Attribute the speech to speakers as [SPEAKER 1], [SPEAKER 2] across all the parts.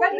[SPEAKER 1] Yeah,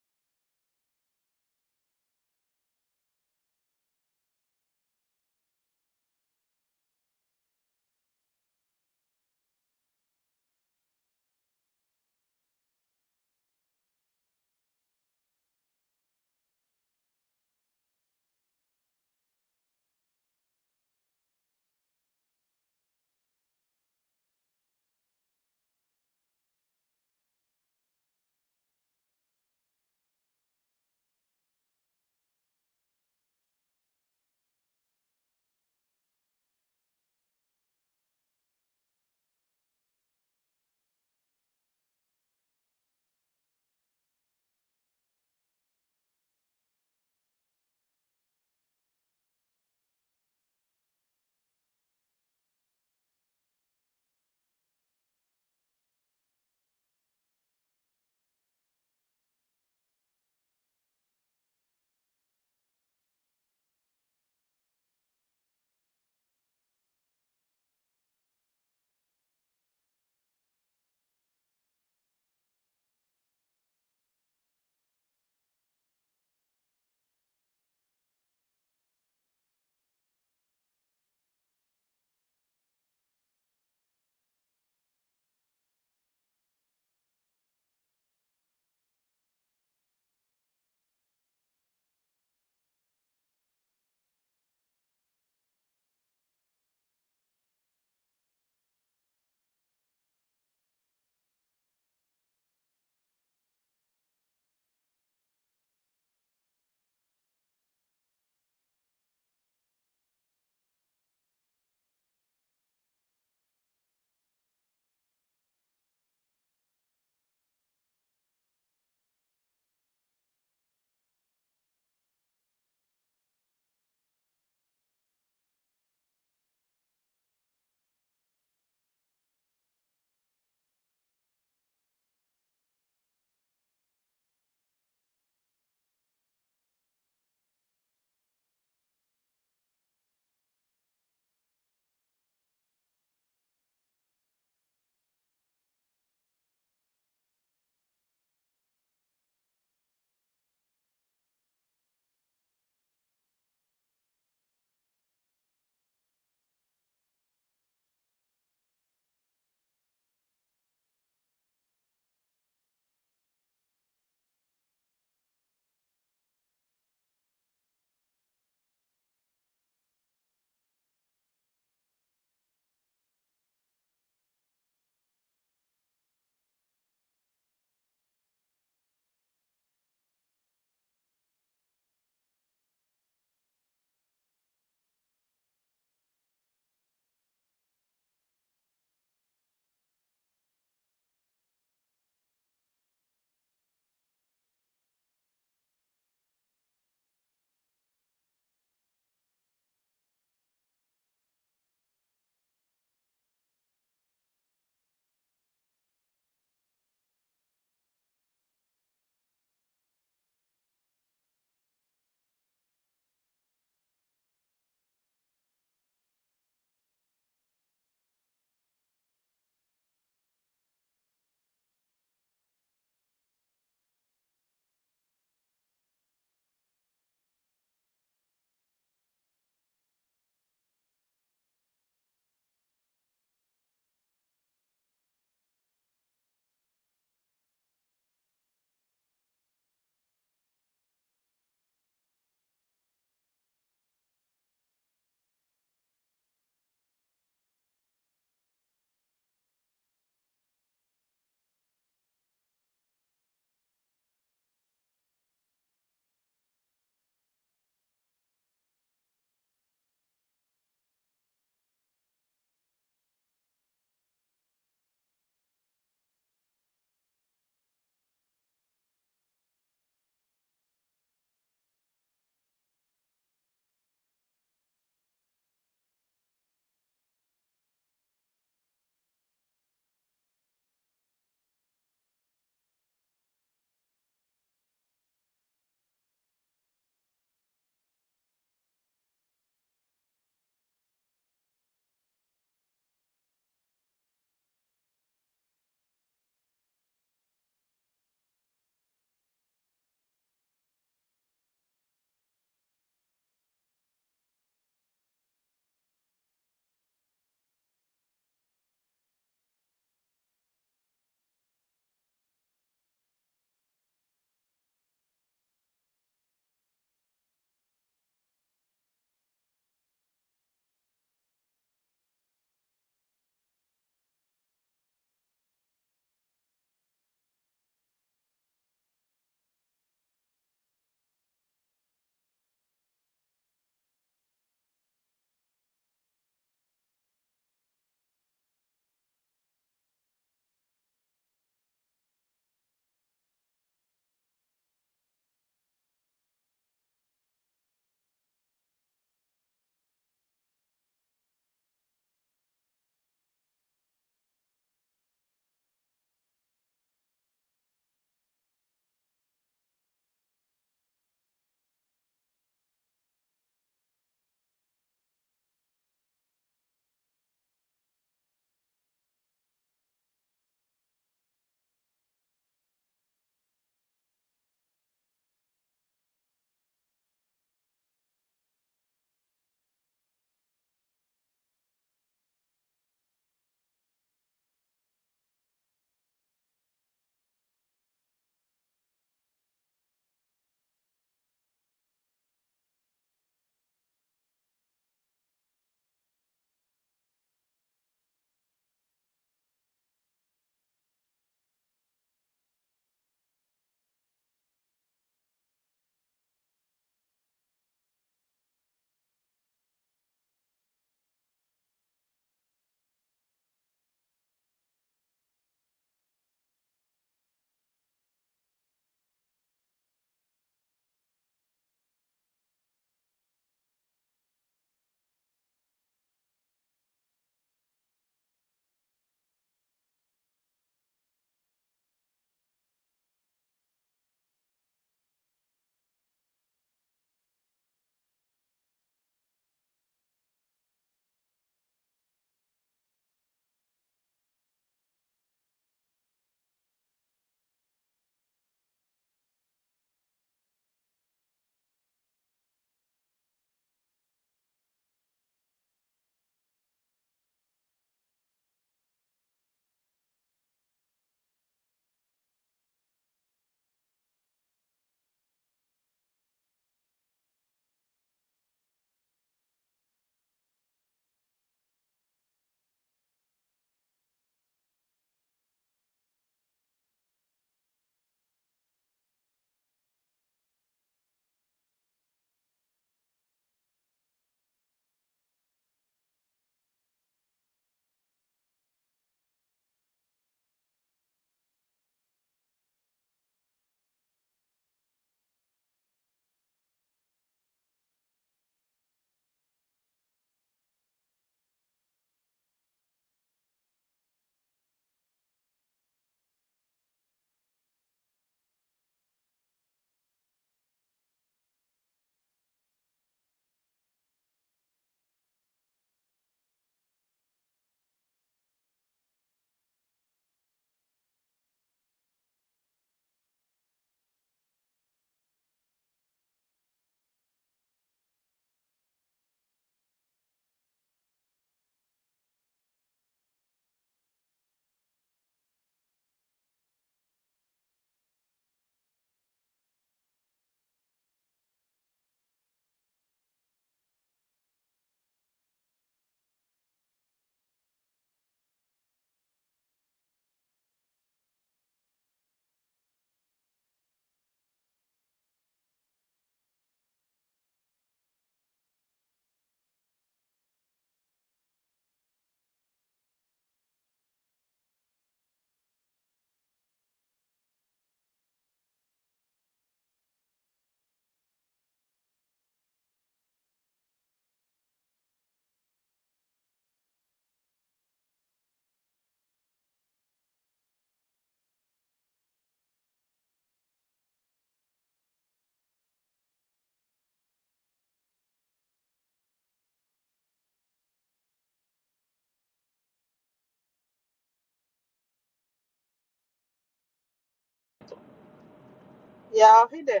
[SPEAKER 1] how are you?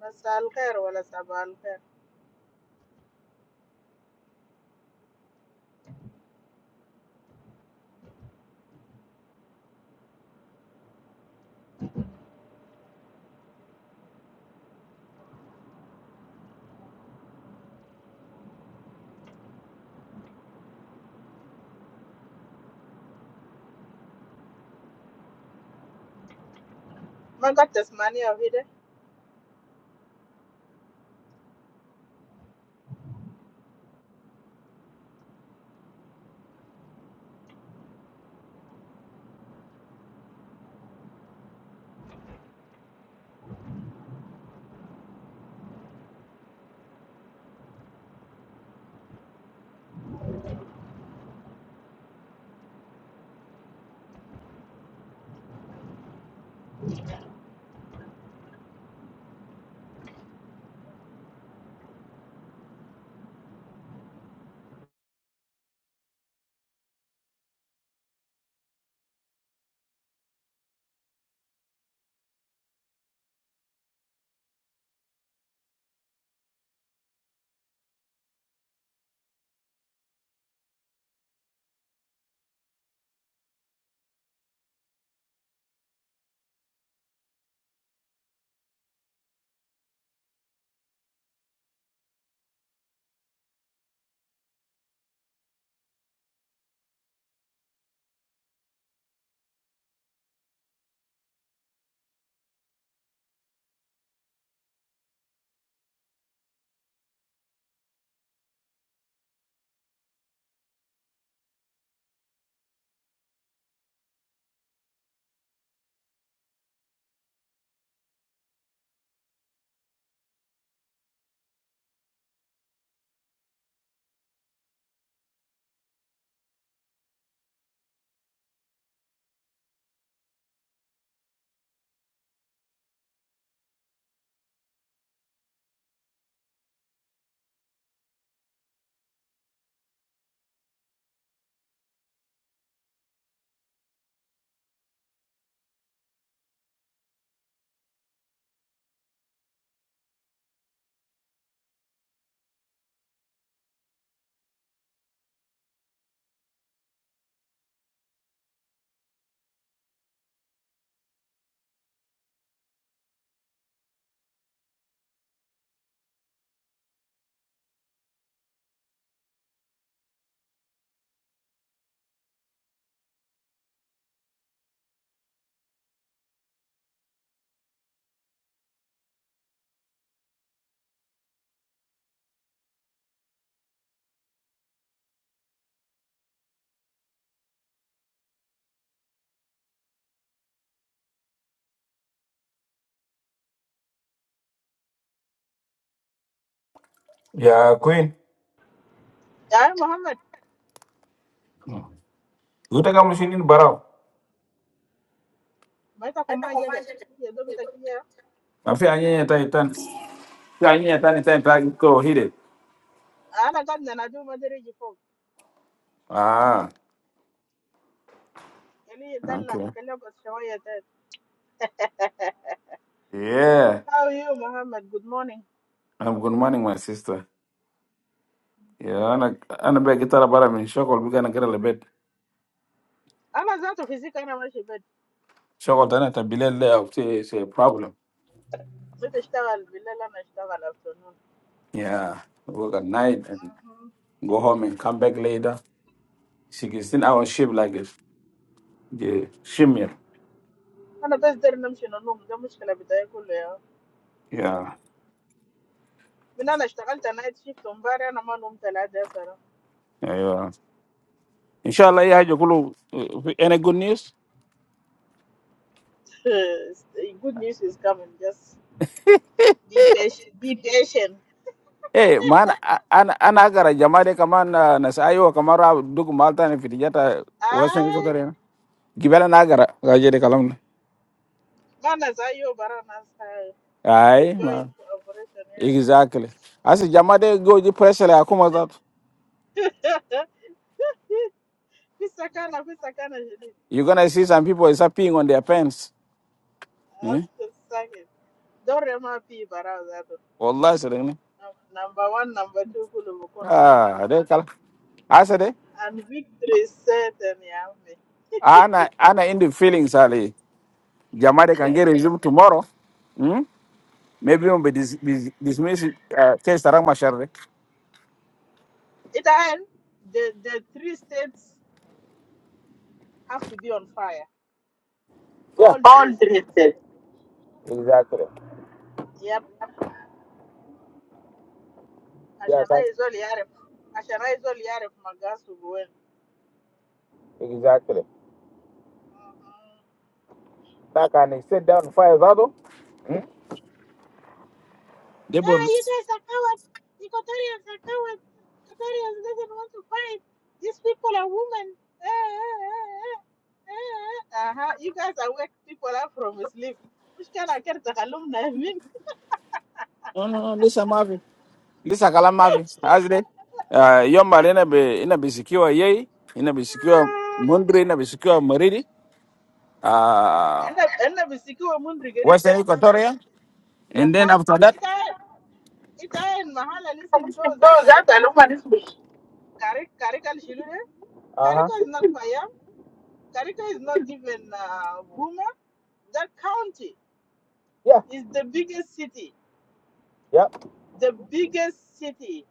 [SPEAKER 1] Masal kair, wala sabal kair. Mangot esmani, how are you?
[SPEAKER 2] ya queen
[SPEAKER 1] I'm Muhammad.
[SPEAKER 2] utaka mshindini barau
[SPEAKER 1] Where are you from? Where do you live?
[SPEAKER 2] afi anyenya tani tani fi anyenya tani tani tani go hit it
[SPEAKER 1] I'm from Nadiu, Madereji.
[SPEAKER 2] ah okay yeah
[SPEAKER 1] How are you, Muhammad? Good morning.
[SPEAKER 2] I'm good morning my sister yeah ana ana be gitara bara min shokol biga na gara lebet
[SPEAKER 1] I'm not doing physics anymore, sir.
[SPEAKER 2] shokol tana ta bilal le of say say problem
[SPEAKER 1] I'm working. I'm not working this
[SPEAKER 2] yeah work at night and go home and come back later 16 hour shift like this yeah shimmer.
[SPEAKER 1] afternoon. I'm not doing chemistry anymore.
[SPEAKER 2] yeah
[SPEAKER 1] I'm having some problems. I'm not working. I'm going to shift on Monday. I'm not going to school today, sir.
[SPEAKER 2] yeah yeah. inshallah yeah jokulu any good news
[SPEAKER 1] Yes, the good news is coming. Just be patient. Be patient.
[SPEAKER 2] Eh, man, an an agara jamade de kaman ah, na sayo kamara duk malta ne fitijata western ko
[SPEAKER 1] Ah,
[SPEAKER 2] na. Gibela na agara gaje de kalam na.
[SPEAKER 1] manas are you bananas? The
[SPEAKER 2] Ai,
[SPEAKER 1] joint operation,
[SPEAKER 2] exactly. As jama jamade go ji pressure akuma kuma zat.
[SPEAKER 1] yeah. Pisa Kana, sakana, Kana, sakana,
[SPEAKER 2] You gonna see some people is peeing on their pants. Eh?
[SPEAKER 1] ask the second. Don't remember pi barazato.
[SPEAKER 2] Wallahi sare
[SPEAKER 1] Number one, number two, kulu bukontu
[SPEAKER 2] Ah,
[SPEAKER 1] mahalo.
[SPEAKER 2] de kala. Asa de
[SPEAKER 1] And victory is certain, yeah. me.
[SPEAKER 2] ana ana in the feelings ali. Jama can get resume tomorrow. Hmm? Maybe we'll be dis, dis, dismissed uh, case tarang mashar
[SPEAKER 1] It all the the three states have to be on fire. All three states.
[SPEAKER 2] Exactly.
[SPEAKER 1] Yep. عشان
[SPEAKER 2] Exactly.
[SPEAKER 1] هاي زول يعرف عشان هاي زول يعرف مقاصه وين
[SPEAKER 2] Exactly. Like and sit down and fire zado. They
[SPEAKER 1] Ah,
[SPEAKER 2] were
[SPEAKER 1] you guys are coward. Equatorians are coward. Equatorians doesn't want to fight. These people are women. Ah, ah, ah, ah. Uh-huh. You guys are wake people up from sleep. مش كان أكير تخلوهم نايمين.
[SPEAKER 2] no no no listen Mavi. Listen Kalam Mavi. As they uh yom bal ina be ina be secure yei, ina be secure
[SPEAKER 1] آه.
[SPEAKER 2] Mundri, ina be secure Maridi, uh
[SPEAKER 1] أنا أنا بسيكو من رجريب جاس
[SPEAKER 2] Western
[SPEAKER 1] كوساكي.
[SPEAKER 2] Equatoria.
[SPEAKER 1] The
[SPEAKER 2] And then
[SPEAKER 1] whole
[SPEAKER 2] after that
[SPEAKER 1] إتا إتا إن محل الاسم تو ذات الأمة Karika Karika Shilure.
[SPEAKER 2] Uh-huh.
[SPEAKER 1] Karika is not Payam. Karika is not even uh, Buma. That county
[SPEAKER 2] Yeah,
[SPEAKER 1] is the biggest city,
[SPEAKER 2] yep,
[SPEAKER 1] the biggest city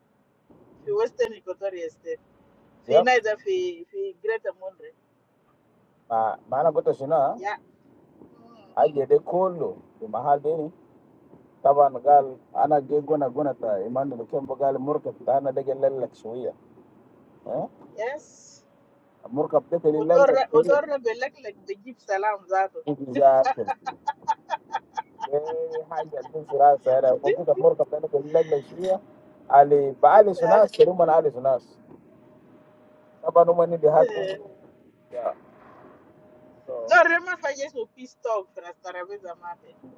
[SPEAKER 1] in Western Equatoria State. في
[SPEAKER 2] yep.
[SPEAKER 1] نايدا في في Greater Monterey.
[SPEAKER 2] Ma mana goto sina
[SPEAKER 1] Yeah. Mm.
[SPEAKER 2] I get a cool the mahal dini. Taban gal ana ge gona gona ta imandu kembo gal murka ta ana dege lelak shuya. Eh?
[SPEAKER 1] Yes.
[SPEAKER 2] Murka bteke lelak
[SPEAKER 1] ودور ودور like لك بجيب سلام Zato.
[SPEAKER 2] exactly دي حاجة بنمشي راسها أنا موجودة في المركب أنا بنلجلج فيها علي بعالج ناس كلهم أنا أعالج ناس طبعا هم إني بيهاجموا Yeah. So,
[SPEAKER 1] دور ما فاجئ في peace talk في راس ترابيزة ماتي.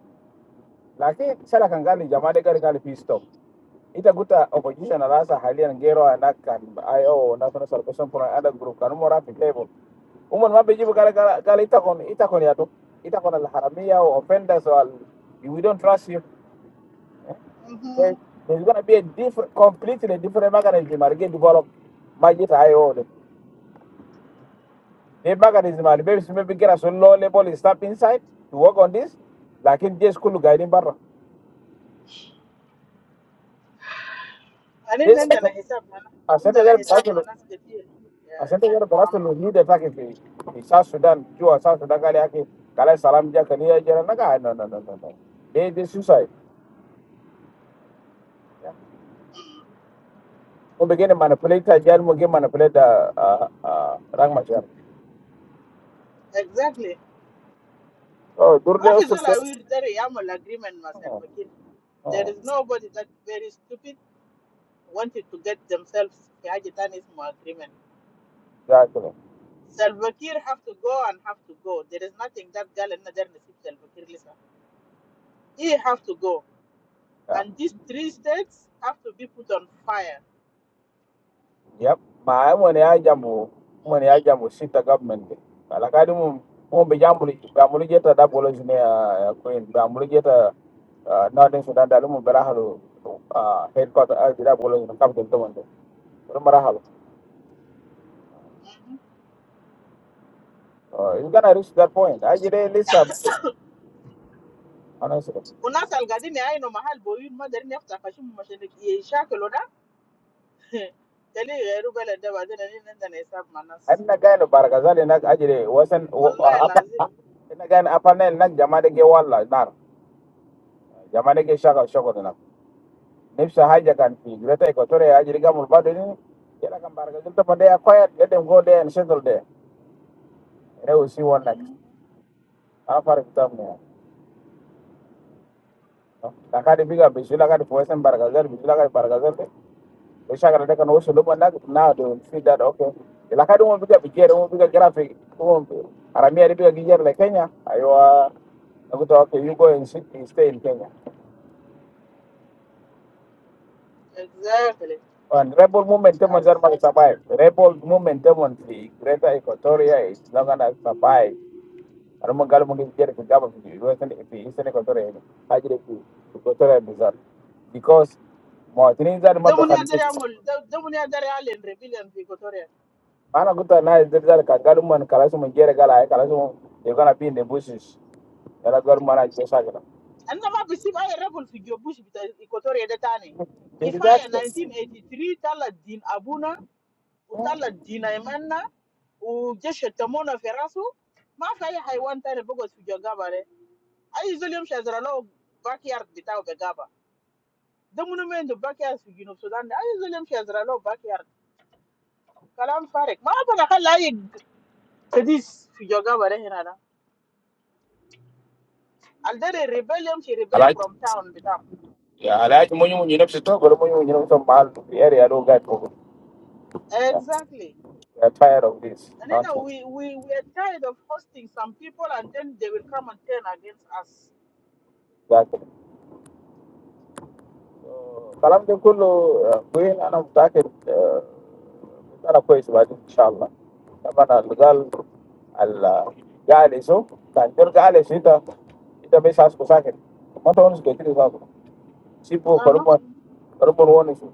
[SPEAKER 2] lakini sala kangali jamade gari kali pisto itakuta opposition na rasa halia ngero anakan io na tuna salvation kuna ada group kanu mora fi table umon mabe jibu kala kala kala itakon itakon ya to itakon al haramia o offenders o al we don't trust you There- There's gonna be a different, completely different mechanism are going to develop budget high order. The mechanism are maybe maybe get us a so low level step inside to work on this. Like in this school guiding barra.
[SPEAKER 1] I didn't
[SPEAKER 2] This
[SPEAKER 1] understand the calculation.
[SPEAKER 2] a
[SPEAKER 1] I
[SPEAKER 2] center
[SPEAKER 1] didn't
[SPEAKER 2] here Barasolo,
[SPEAKER 1] understand
[SPEAKER 2] a center here Barasolo lead attack in South Sudan, you are South Sudan Kaliaki, Kala Salam Jakalia Jaranaga. No, no, no, no, no. They they suicide. Yeah. We begin to manipulate the jail, we manipulate the uh, uh, Rangmachar.
[SPEAKER 1] the calculation. Exactly.
[SPEAKER 2] Oh, Durle
[SPEAKER 1] Because
[SPEAKER 2] also
[SPEAKER 1] all
[SPEAKER 2] said,
[SPEAKER 1] I will do is I'm the agreement myself.
[SPEAKER 2] oh,
[SPEAKER 1] Because there
[SPEAKER 2] oh,
[SPEAKER 1] is nobody that very stupid wanted to get themselves to have the Tanzanian agreement.
[SPEAKER 2] exactly.
[SPEAKER 1] Salva Kir has to go and have to go. There is nothing that girl and there is no Salva Kir. He has to go,
[SPEAKER 2] Yeah.
[SPEAKER 1] and these three states have to be put on fire.
[SPEAKER 2] Yep. Ma ai mwane ya jambo mwane ya jambo sita government Alakadi Ala kadi mum mum be jambo li jeta da bolo jine ya queen ba mulu jeta ah, northern sudan da mum berahalu. Ah headquarter Ah jira bolo jine capital to mande. Rum bara halu. You gonna reach that point. I jire lisa honestly.
[SPEAKER 1] Unasal gadi nei no mahal boi ma there ni afsa fashimu machene yisha kloda. Kali gairu bala da ba zan yi
[SPEAKER 2] I'm not going to Baragazali nak I jire wasn't
[SPEAKER 1] Wallahi lazim.
[SPEAKER 2] ina apanel nak jamade de ke walla nar jama de ke shaka shoko no. nefsa haja kan fi greta equatoria ya jirga mul bado ni kila kan barga junta pande ya quiet let them go there and settle there and we see one next afar kitam ne la kadi biga bisula kadi poesen barga zer bisula kadi barga zer de shagara de kan wosu lumo nag now they will see that okay la kadi mo biga bigere mo biga graphic mo aramia de biga gijer le kenya aywa akuta okay you go and sit, you stay in kenya
[SPEAKER 1] Exactly.
[SPEAKER 2] and rebel movement demon
[SPEAKER 1] Yes.
[SPEAKER 2] survive rebel movement demon the greater equatoria is not gonna survive Anamwa ngalo mungi mjere kujaba fiji. Iwe sene ifi isene kotore yenu. Hajire fi kotore bizar. Because mwatini zari mabe
[SPEAKER 1] Damun ya dare
[SPEAKER 2] khalisi.
[SPEAKER 1] amul, damun ya dare alen rebellion fi Equatoria.
[SPEAKER 2] Ana kuta na zari zari ka galu man kalasu mjere gala ay kalasu you're gonna be in the bushes. Yala galu man ay jesa gala.
[SPEAKER 1] An ma bisi ba ya rebel fi bush bita Equatoria detani. tane. Kifaya
[SPEAKER 2] Exactly.
[SPEAKER 1] 1983 tala din abuna, u tala din aimanna, u jeshe tamona ferasu. Ma fa ya haiwan tare bugos fi Jogaba re. Ayi zulim shazralo backyard bitaw be gaba. Damun men do backyard fi Junub Sudan. Ayi zulim shazralo backyard. كلام فارغ. ما أبغى أخلي تديس في جوجا ولا هنا لا. عندنا rebellion she rebel
[SPEAKER 2] Alaji.
[SPEAKER 1] from town بتاعه.
[SPEAKER 2] Yeah, alaji munyu munyu nafsi to galu munyu munyu nafsi mahal. Yeri yalu gait kogo. Yeah.
[SPEAKER 1] Exactly,
[SPEAKER 2] We are tired of this
[SPEAKER 1] and you know
[SPEAKER 2] nonsense.
[SPEAKER 1] we we we are tired of forcing some people, and then they will come and turn against us.
[SPEAKER 2] Exactly. الكلام ده كله وين انا متاكد آه، انا كويس بعدين ان شاء الله. طبعا اللي قال اللي قال يسو كان جور قال يسو انت انت بس اسكو ساكت ما تونس كتير ساكت سيبو
[SPEAKER 1] Uh huh.
[SPEAKER 2] كرمون كرمون ونسو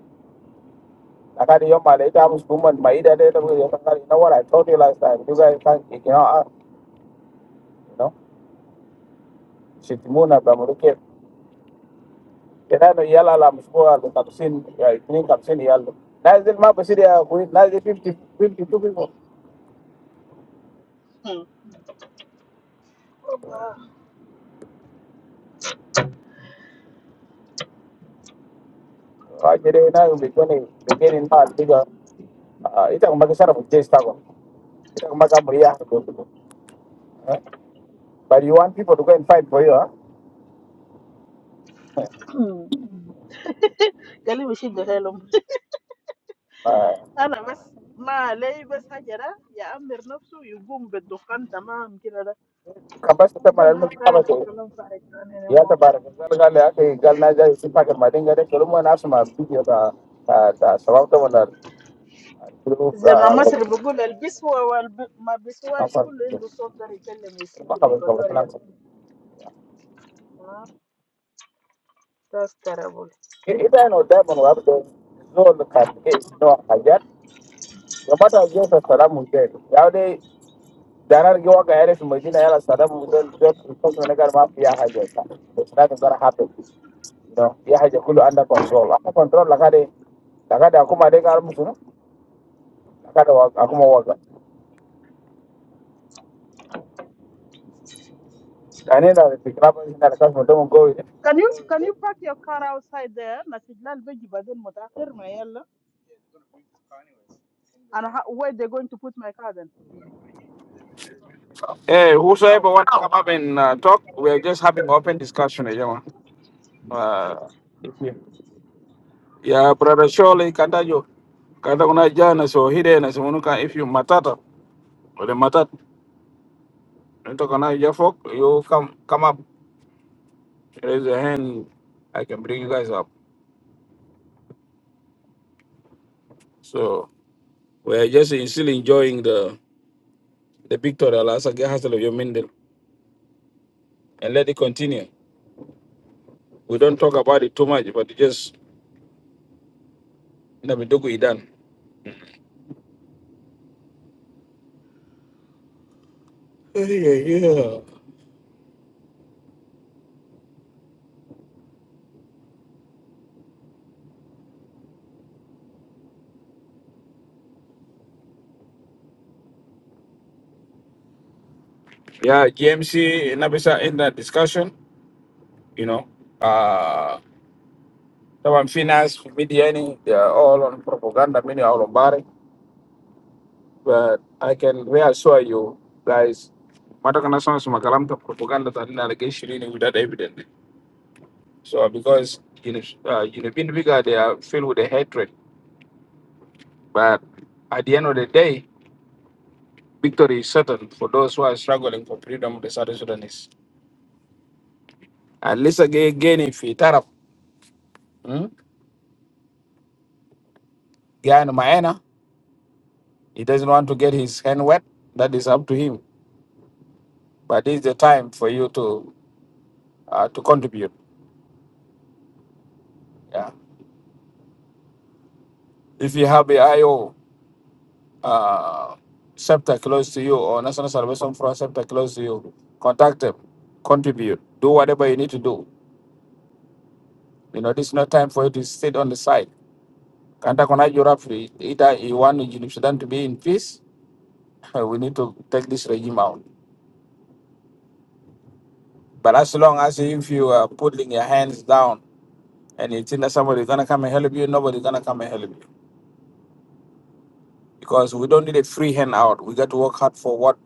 [SPEAKER 2] لكن يوم ما لقيت عم سكومن ما يدا ده ده يوم قال you know what I told you last time. You guys can't ignore us. You know, sit down and be a monkey. كان عيال على مشروع بتاعتين اثنين خمسين عيال نازل ما بصير يا اخوي نازل خمسين خمسين تشوفوا
[SPEAKER 1] From the. Uh
[SPEAKER 2] اجري هنا بيكون بيجي الناس بيجا ايتك ما كسروا الجيش تاعهم ايتك ما كان مريح but you want people to go and fight for you
[SPEAKER 1] huh. Can we shift the helm? I know, but my labor salary, yeah, my enough to you go and buy the can, Tamam, Kirada.
[SPEAKER 2] كبس
[SPEAKER 1] We
[SPEAKER 2] تمر
[SPEAKER 1] don't have time for
[SPEAKER 2] المكتبه
[SPEAKER 1] Kalonfarek
[SPEAKER 2] يا
[SPEAKER 1] anymore.
[SPEAKER 2] تبارك الله قال يا اخي قال نازل يسمعك بعدين قال كل ما ناس ما فيديو تاع تاع سبعة ولا جروب
[SPEAKER 1] زي ما مصر بيقول البسوا وما بيسواش كله عنده
[SPEAKER 2] ما
[SPEAKER 1] صوت ده يكلم الست ميكوتوريا
[SPEAKER 2] خبر
[SPEAKER 1] آه، that's terrible
[SPEAKER 2] إذا أنا دائما وأبدا زول كان إيش نوع حاجات وبعد أجيب السلام مجد يعني دارار جوا كهرب في مدينة يلا السلام مجد زود كنت من قال ما فيها حاجة بس لا تقدر حاطط no في حاجة كله عندك كنترول أنا كنترول لكذا لكذا أكو ما ديك عارف مسنا لكذا أكو ما واقع يعني لا تكلم هنا لكذا مدام قوي
[SPEAKER 1] can you can you park your car outside there ما تجلال بيجي بعدين متأخر ما يلا أنا ه- where they going to put my car then
[SPEAKER 2] Hey,
[SPEAKER 1] how
[SPEAKER 2] whoever wants to come up and uh, talk, we're just having an open discussion here, man. ya brother Shole kanda jo kanda kuna jana so hide na so munuka if you matata wale matat nito kana ya folk you come come up raise a hand I can bring you guys up so we are just still enjoying the the victory last again hustle of your mindel and let it continue we don't talk about it too much but it just na midogo idan yeah yeah yeah GMC na bisa in that discussion you know Uh طبعا في ناس في media يعني they are all on propaganda many are on bari but I can reassure you guys mata kana sana suma kalam ta propaganda ta nina like shirini without evidence so because you know uh, you know being bigger they are filled with the hatred but at the end of the day victory is certain for those who are struggling for freedom of the South Sudanese at least again if he tarap hmm? Gyan Maena he doesn't want to get his hand wet that is up to him but this is the time for you to uh, to contribute Yeah. If you have a IO uh, scepter close to you or National Salvation Front scepter close to you, contact them, contribute, do whatever you need to do. You know, this is not time for you to sit on the side. Kanta kona Europe, either you want Junub Sudan to be in peace, we need to take this regime out. But as long as if you are putting your hands down and you think that somebody's gonna come and help you, nobody's gonna come and help you. Because we don't need a free hand out. We got to work hard for what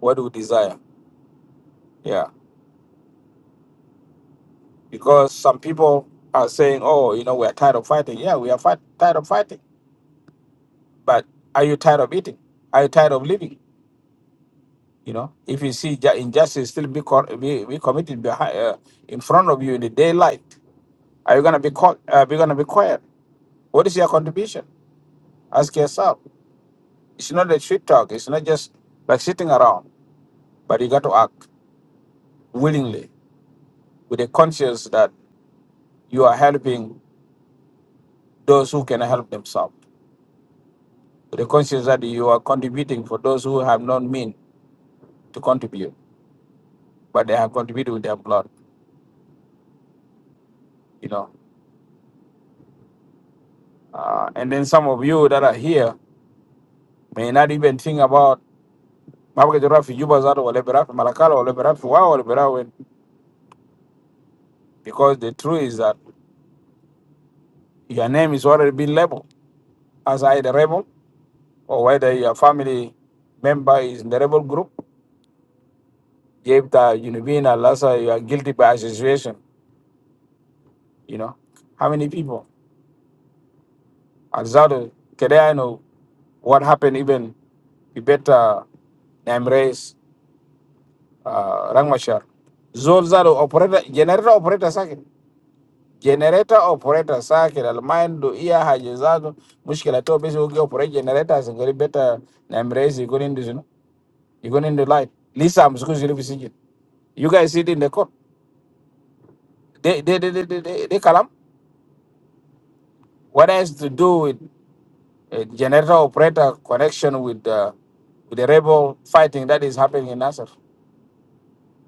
[SPEAKER 2] what we desire. Yeah. because some people are saying, "Oh, you know, we are tired of fighting." Yeah, we are fight, tired of fighting, but are you tired of eating? Are you tired of living? You know, if you see ju- injustice still be, co- be, be committed behind, uh, in front of you in the daylight, are you gonna be caught? Uh, be gonna be quiet? What is your contribution? Ask yourself. It's not a shit talk. It's not just like sitting around, but you got to act willingly with a conscience that you are helping those who can help themselves. the conscience that you are contributing for those who have not mean to contribute, but they have contributed with their blood, you know. Uh, and then some of you that are here may not even think about "Mabaka Jarafi, Yuba Zato, Wale Berafi, Malakala, Wale Berafi, Wa, Wale Berafi," because the truth is that your name is already been labeled as either rebel or whether your family member is in the rebel group. Jepta, Univina, Lassa, you are guilty by association, you know. How many people? Alzado, Kedeano What happened even Kibeta Embrace uh, Rangmashar. Zolzalo operator generator operator second. Generator operator second. Almaindo iya hajizado. Mushkila to basi uki operate generator singeri better na Embrace you going in this you know. You going in the light. Lisa I'm supposed to be You guys sit in the court. They they they they they, they, they kalam. What has to do with uh, generator operator connection with uh, with the rebel fighting that is happening in Nasser?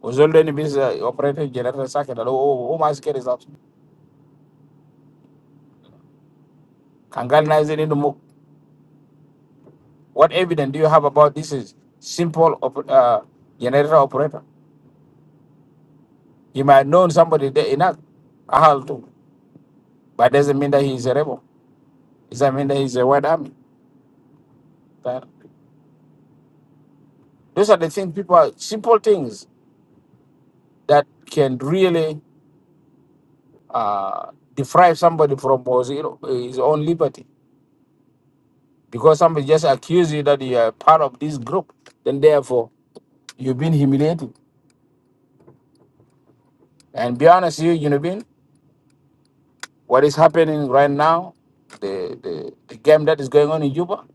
[SPEAKER 2] Uzolde ni busy operating generator circuit. Alo, oh, oh, my scare is out. Kangal in the muk. What evidence do you have about this is simple op- uh, generator operator? He might have known somebody there in Ag- Ahal too, but doesn't mean that he is a rebel. It doesn't mean that he's a white army. That- Those are the things people, are, simple things that can really uh, deprive somebody from was, you know, his own liberty. Because somebody just accuse you that you are part of this group, then therefore you've been humiliated. And be honest, you, you know, what is happening right now, the, the the game that is going on in Juba,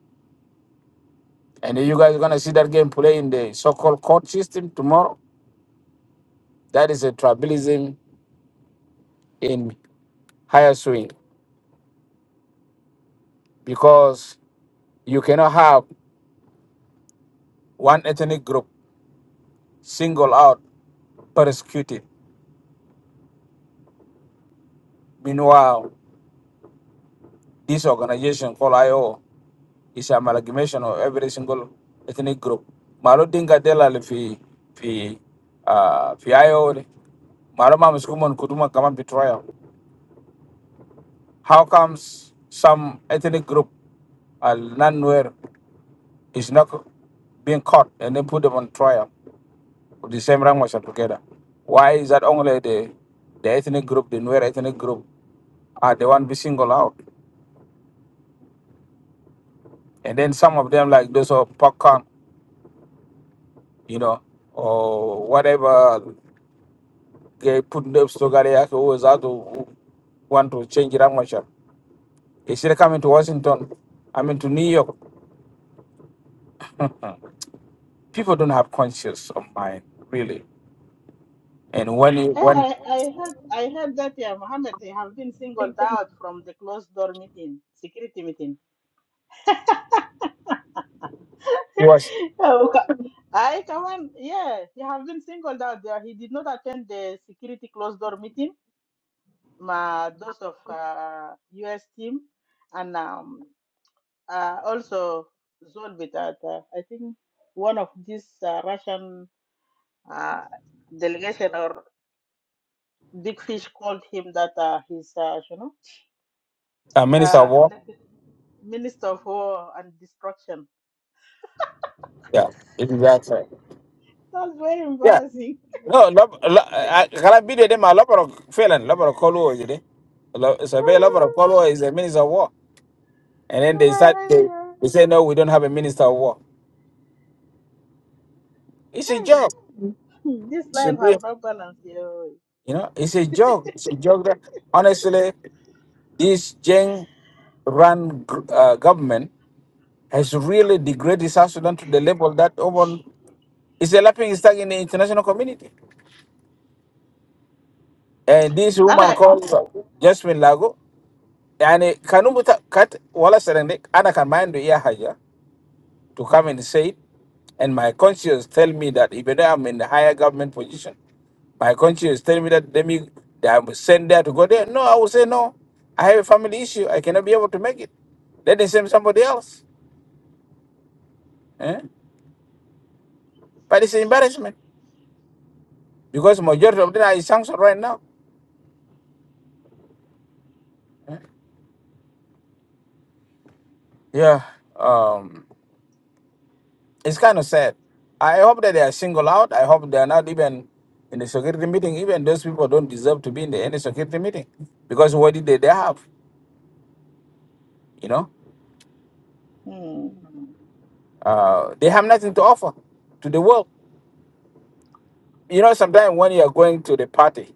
[SPEAKER 2] and you guys are gonna see that game play in the so-called court system tomorrow. That is a tribalism in higher swing because you cannot have one ethnic group single out persecuted. Meanwhile, this organization called IO is an amalgamation of every single ethnic group. Malo dinga dela le fi fi uh, fi IO de. Malo ma muskumon kuduma kama betrayal. How comes some ethnic group al Nanwer is not being caught and then put them on trial with the same language altogether? Why is that only the the ethnic group, the Nuer ethnic group, are the one be singled out? And then some of them like those of popcorn, you know, or whatever They put them so that always out to want to change language. They still coming to Washington. I mean to New York. People don't have conscience of mind, really. And when he
[SPEAKER 1] Hey,
[SPEAKER 2] when
[SPEAKER 1] I, I heard I heard that yeah, Mohammed they have been singled out from the closed door meeting security meeting
[SPEAKER 2] he was
[SPEAKER 1] Oh, ca- I come on, yeah, he have been singled out there. He did not attend the security closed door meeting my those of uh, US team and um, uh, also Zolbit at uh, I think one of these uh, Russian uh, delegation or big fish called him that uh, he's uh, you know
[SPEAKER 2] a minister
[SPEAKER 1] uh,
[SPEAKER 2] of war,
[SPEAKER 1] like minister of war and destruction.
[SPEAKER 2] yeah, exactly.
[SPEAKER 1] That's very
[SPEAKER 2] Yeah.
[SPEAKER 1] embarrassing.
[SPEAKER 2] No, lob lo- I can't be them a lover of felon, lover of Kolo, you colo It's a very lover of colo is a minister of war. And then they start they, they say no, we don't have a minister of war. It's a joke.
[SPEAKER 1] hey, this
[SPEAKER 2] It's a
[SPEAKER 1] life have
[SPEAKER 2] real,
[SPEAKER 1] no balance here.
[SPEAKER 2] you know, it's a joke. It's a joke that honestly This Jeng run gr- uh, government has really degraded South Sudan to the level that even is a laughing stock in the international community. And this
[SPEAKER 1] All
[SPEAKER 2] woman
[SPEAKER 1] right.
[SPEAKER 2] called Jasmine Lago, and Kanumuta Kat Wala Serendek, Ana Kamando Yahaja, to come and say it. And my conscience tell me that even though I'm in the higher government position, my conscience tell me that let me that I was sent there to go there. No, I will say no. I have a family issue. I cannot be able to make it. Let them send somebody else. Eh? But it's embarrassment because majority of them are sanctioned right now. Yeah, um, it's kind of sad. I hope that they are singled out. I hope they are not even in the security meeting. Even those people don't deserve to be in the, any security meeting because what did they, they have? You know,
[SPEAKER 1] Hmm.
[SPEAKER 2] uh, they have nothing to offer to the world. You know, sometimes when you are going to the party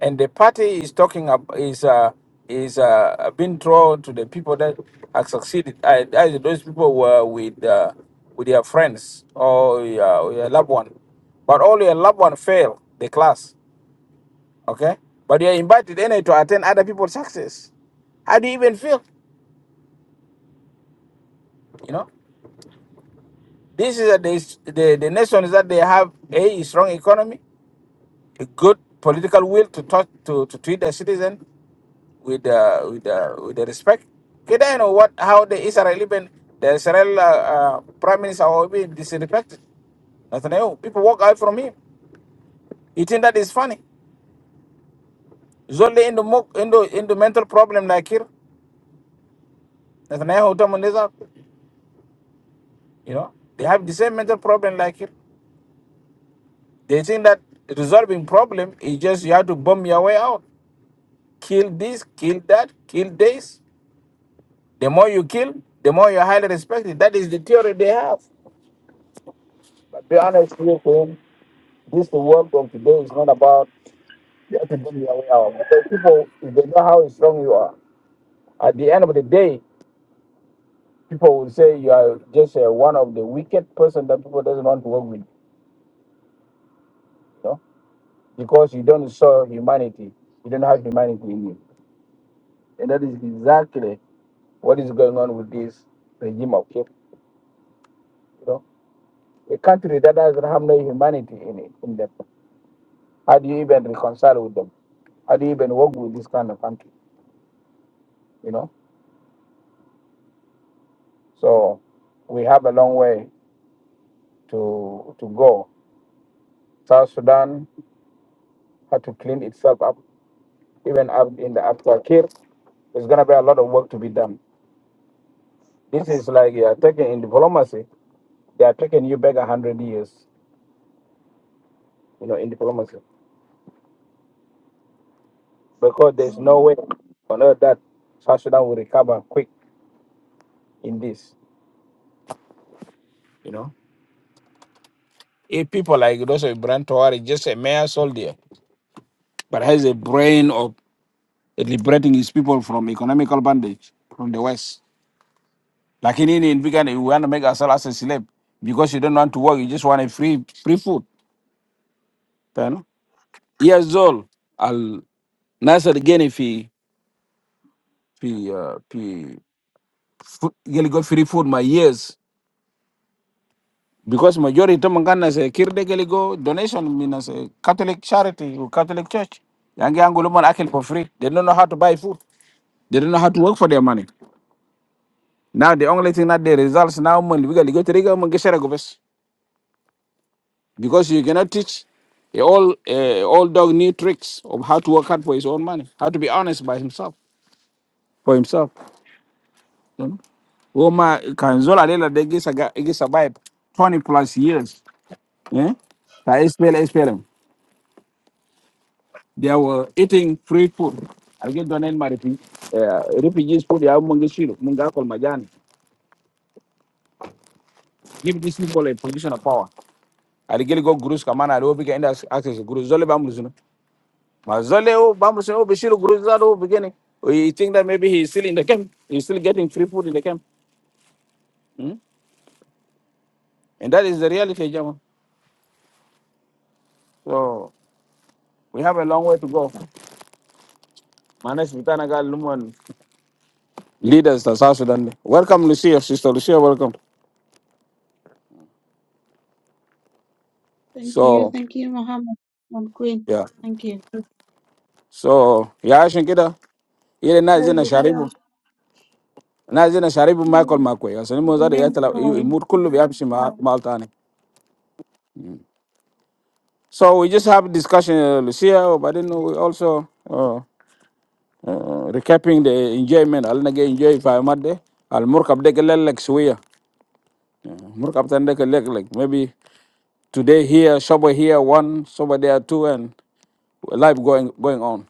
[SPEAKER 2] and the party is talking about is uh is uh being drawn to the people that have succeeded. I, I, those people were with uh, with their friends or your, your loved one, but all your loved one fail the class. Okay, but you are invited anyway to attend other people's success. How do you even feel? You know, this is a, this, the the nation is that they have a strong economy, a good political will to talk to to treat their citizen, with uh, with uh, with the respect. Kita you know what how the Israeli been the Israel uh, uh, prime minister will be disrespected. Nathaniel, people walk out from him. You think that is funny? Zolde in the mo in the in the mental problem like here. Nathaniel Tamuniza. you know, they have the same mental problem like here. They think that resolving problem is just you have to bomb your way out. Kill this, kill that, kill this. The more you kill, the more you're highly respected. That is the theory they have. But be honest with him. This the world of today is not about you have to do your way out. Because people, if they know how strong you are, at the end of the day, people will say you are just uh, one of the wicked person that people doesn't want to work with. You know? Because you don't show humanity. You don't have humanity in you. And that is exactly what is going on with this regime of Cape. You know, a country that doesn't have no humanity in it, in them. How do you even reconcile with them? How do you even work with this kind of country? You know. So we have a long way to to go. South Sudan had to clean itself up, even up in the after Kir. There's gonna be a lot of work to be done. This is like you are taking in diplomacy. They are taking you back a hundred years, you know, in diplomacy, because there's no
[SPEAKER 1] Hmm.
[SPEAKER 2] way on earth that South Sudan will recover quick in this. You know, if people like those of Brent Tawari, just a mere soldier, but has a brain of liberating his people from economical bondage from the West. Like in India, in Uganda, you want to make ourselves as a slave because you don't want to work. You just want a free free food. You know? Years old. al will again if he he uh he fu- gonna go free food my years because majority of Mangana say kirde gonna go donation mean a Catholic charity or Catholic church. Young young woman acting for free. They don't know how to buy food. They don't know how to work for their money. Now the only thing that they results now money we gotta go to the government. because you cannot teach a old uh, old dog new tricks of how to work hard for his own money, how to be honest by himself for himself. You know, Roma Kanzola Lela they get saga- they get survive twenty plus years. Yeah, I spell SPLM. They were eating free food. I get donate my refu- uh, refugees food. Yeah, Mungishiru, Mungakol Majani. Give these people a position of power. I get go gurus kamana. I don't get access to gurus. Zole ba muzuna. Mazole, oh, Bambo, say, oh, oh, beginning. Oh, think that maybe he's still in the camp? He's still getting free food in the camp. Hmm? And that is the reality, Jama. So we have a long way to go. Manas Vitanaga Luman leaders of South Sudan. Welcome, Lucia, sister Lucia, welcome.
[SPEAKER 3] Thank you,
[SPEAKER 2] So,
[SPEAKER 3] thank you, Mohammed and Queen.
[SPEAKER 2] yeah.
[SPEAKER 3] Thank you.
[SPEAKER 2] So, yeah, I think it. ile na
[SPEAKER 1] Hey,
[SPEAKER 2] zina
[SPEAKER 1] Lucia.
[SPEAKER 2] sharibu na zina sharibu michael
[SPEAKER 3] Mm,
[SPEAKER 2] makwe asani mo zada ya
[SPEAKER 3] Zubair,
[SPEAKER 2] tala
[SPEAKER 3] how are you?
[SPEAKER 2] imur kullu bi amshi ma maltani so we just have discussion uh, lucia but then we also uh, Uh, recapping the enjoyment I'll nage enjoy if I'm at there. fa madde al murkab de lek suya Work up de lek like like maybe today here sober here one sober there two and life going going on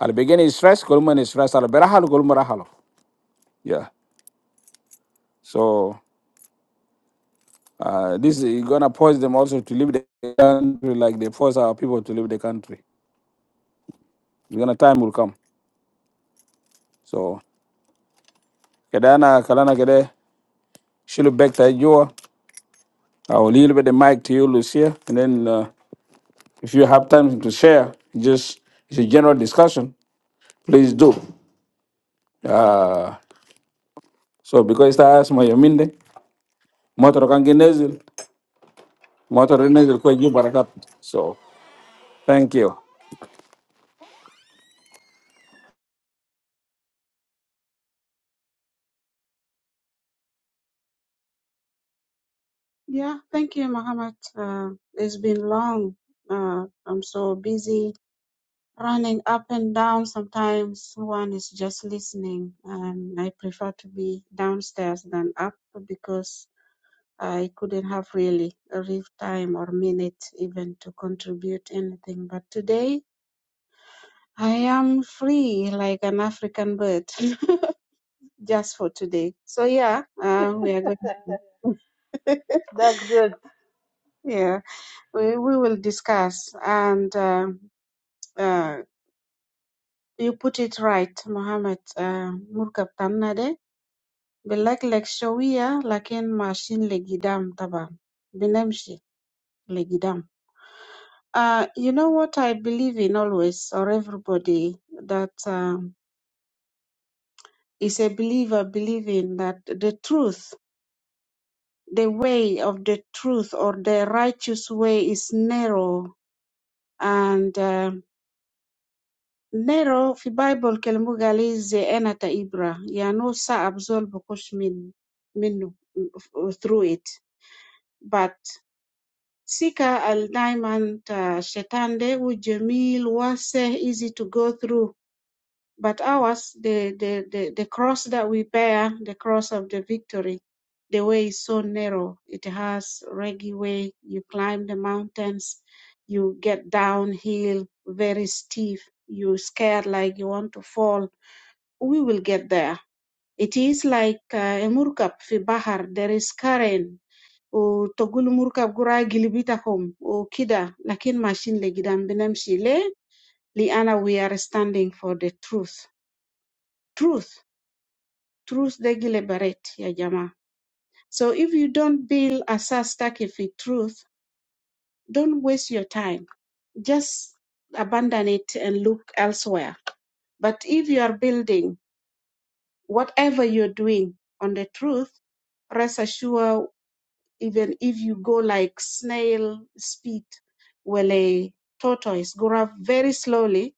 [SPEAKER 2] al beginning is stress kolman is stress al berahal kolman rahalo yeah so uh, this is gonna force them also to leave the country like they force our people to leave the country it's gonna time will come so Kedana kalana Kede, kade shilu back to you i will leave the mic to you lucia and then uh, If you have time to share, just it's a general discussion, please do. Uh, so because ita my yaminde, motor kangi nezil, motor nezil kwa juu barakat. So thank you.
[SPEAKER 3] Yeah, thank you, Mohammed. Uh, it's been long. Uh, I'm so busy running up and down. Sometimes one is just listening, and I prefer to be downstairs than up because I couldn't have really a real time or minute even to contribute anything. But today I am free like an African bird. just for today. So yeah, uh, we are going to
[SPEAKER 1] That's good.
[SPEAKER 3] yeah we, we will discuss and uh, uh, you put it right, Mohammed. Uh, مركب تمنا ده بنلكلك شوية لكن ماشيين لقدام طبعا بنمشي لقدام. Uh, you know what I believe in always, or everybody that um, is a believer believe in that the truth, the way of the truth or the righteous way is narrow and uh, nero fi bible kelemu gal i zeena ta ibra yani sa'ab zol bukush min minnu through it but sika al daiman ta shetan de u jamil easy to go through But ours, the, the, the, the cross that we bear, the cross of the victory, the way is so narrow. It has reggy way. You climb the mountains, you get downhill, very steep. you scared like you want to fall. We will get there. It is like uh, a murkab fi bahar. There is current. وتقول مركب قراءة o kida. Lakin machine لقدام بنمشي ليه؟ liana. we are standing for the truth. Truth. truth degi liberate ya jamaa so if you don't build asas stuck في truth don't waste your time just abandon it and look elsewhere but if you are building whatever you're doing on the truth rest assured even if you go like snail speed well a tortoise go up very slowly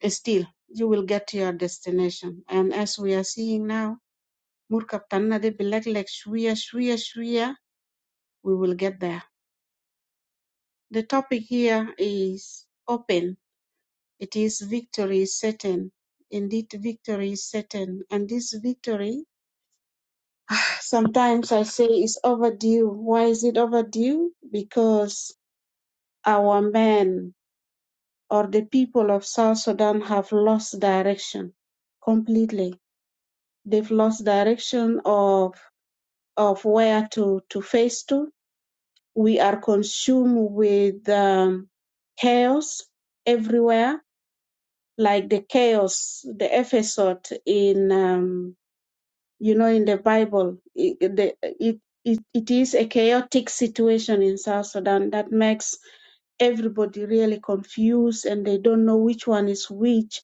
[SPEAKER 3] eh, still you will get to your destination and as we are seeing now murkab tanna de bileg leg shwiya shwiya we will get there. The topic here is open. It is victory is certain. Indeed, victory is certain. And this victory, sometimes I say, is overdue. Why is it overdue? Because our men or the people of South Sudan have lost direction completely. They've lost direction of of where to, to face to. We are consumed with um, chaos everywhere like the chaos, the episode in um, you know in the Bible. It, the, it it it is a chaotic situation in South Sudan that makes everybody really confused and they don't know which one is which.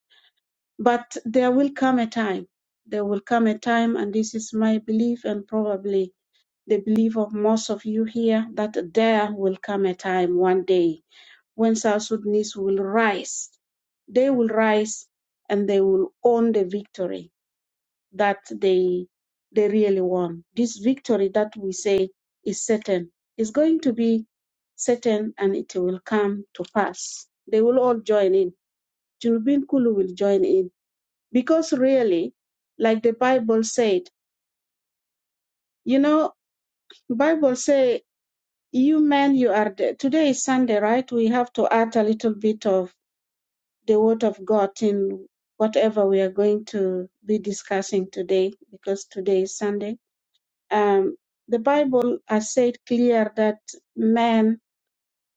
[SPEAKER 3] But there will come a time. There will come a time, and this is my belief, and probably the belief of most of you here, that there will come a time one day when South Sudanese will rise. They will rise and they will own the victory that they they really won. This victory that we say is certain is going to be certain and it will come to pass. They will all join in. Junubin Kulu will join in because really, like the Bible said, you know, Bible say you men you are the, today is Sunday, right? We have to add a little bit of the word of God in whatever we are going to be discussing today, because today is Sunday. Um, the Bible has said clear that man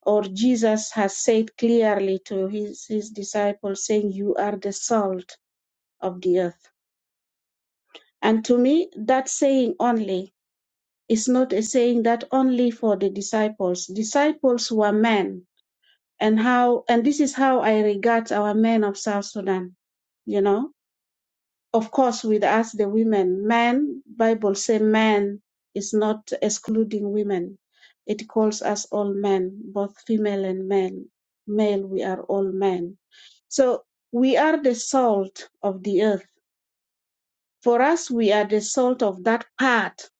[SPEAKER 3] or Jesus has said clearly to his, his disciples, saying, You are the salt of the earth. And to me, that saying only is not a saying that only for the disciples. Disciples were men. And how and this is how I regard our men of South Sudan, you know. of course with us the women men bible say men is not excluding women it calls us all men both female and male male we are all men so we are the salt of the earth for us we are the salt of that part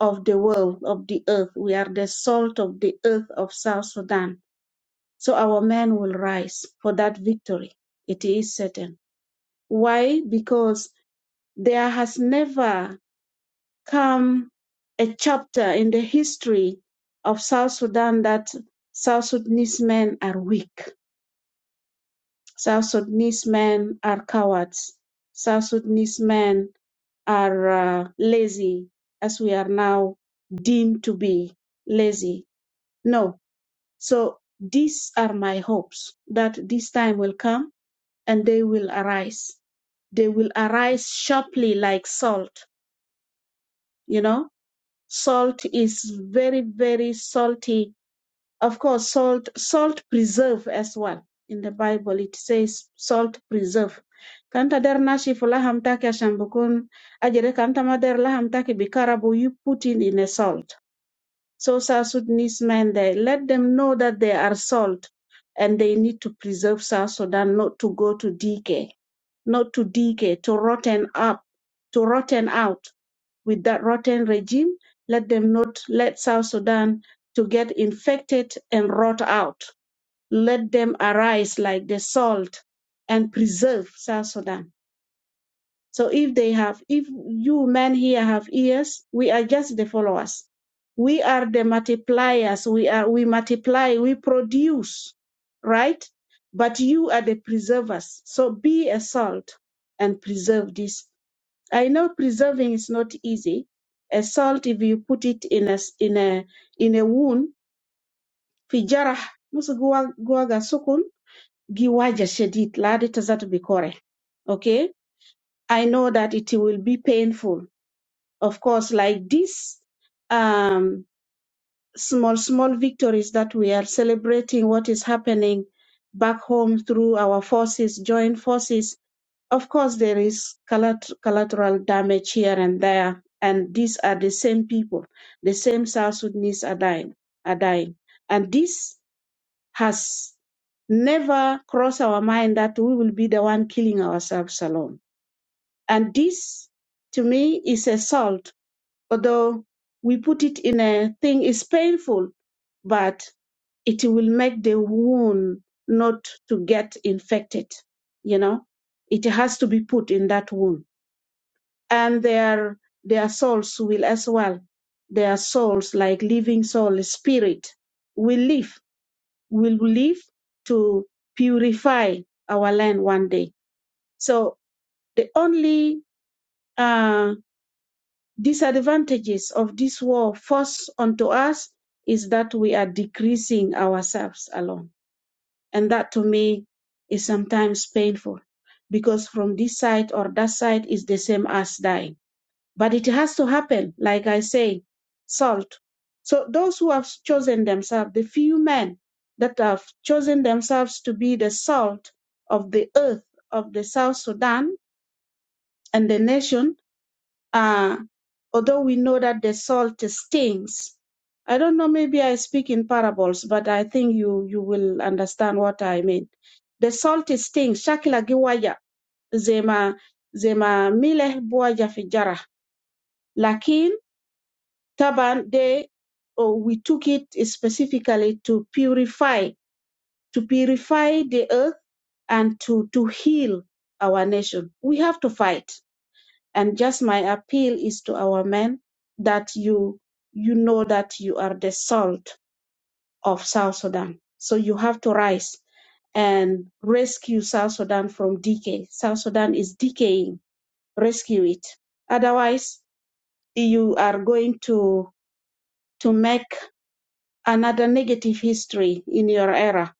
[SPEAKER 3] of the world of the earth we are the salt of the earth of south sudan so our men will rise for that victory it is certain why because there has never come a chapter in the history of South Sudan that South Sudanese men are weak. South Sudanese men are cowards. South Sudanese men are uh, lazy, as we are now deemed to be lazy. No. So these are my hopes that this time will come and they will arise. They will arise sharply like salt, you know Salt is very, very salty. Of course, salt, salt preserve as well. In the Bible, it says salt preserve. Kanta der nashi fulaham take ashambukun ajere kanta mader laham taki bikarabu, you put it in a salt. So South Sudanese men, they let them know that they are salt and they need to preserve South Sudan not to go to decay, not to decay, to rotten up, to rotten out with that rotten regime. Let them not let South Sudan to get infected and rot out. Let them arise like the salt and preserve South Sudan. So if they have, if you men here have ears, we are just the followers. We are the multipliers. We are, we multiply, we produce, right? But you are the preservers. So be a salt and preserve this. I know preserving is not easy. A salt, if you put it in a s- in a in a wound, في جرح مش جوا جوا سكون جواجة شديد لا دي تزات بكورة. Okay, I know that it will be painful. Of course, like this, um, small small victories that we are celebrating. What is happening back home through our forces, joint forces Of course, there is collat- collateral damage here and there, and these are the same people, the same South Sudanese are dying, are dying, and this has never crossed our mind that we will be the one killing ourselves alone. And this, to me, is assault. Although we put it in a thing, it's painful, but it will make the wound not to get infected. You know, it has to be put in that wound and their their souls will as well their souls like living soul spirit will live will live to purify our land one day so the only uh, disadvantages of this war forced onto us is that we are decreasing ourselves alone and that to me is sometimes painful because from this side or that side is the same as dying But it has to happen, like I say, salt. So those who have chosen themselves, the few men that have chosen themselves to be the salt of the earth of the South Sudan and the nation, uh, although we know that the salt stings. I don't know, maybe I speak in parables, but I think you, you will understand what I mean. The salt stings, shakila giwaya, zema, zema mileh buaya fijara. Lakin Taban they oh, we took it specifically to purify, to purify the earth and to, to heal our nation. We have to fight. And just my appeal is to our men that you, you know that you are the salt of South Sudan. So you have to rise and rescue South Sudan from decay. South Sudan is decaying. Rescue it. Otherwise, you are going to to make another negative history in your era,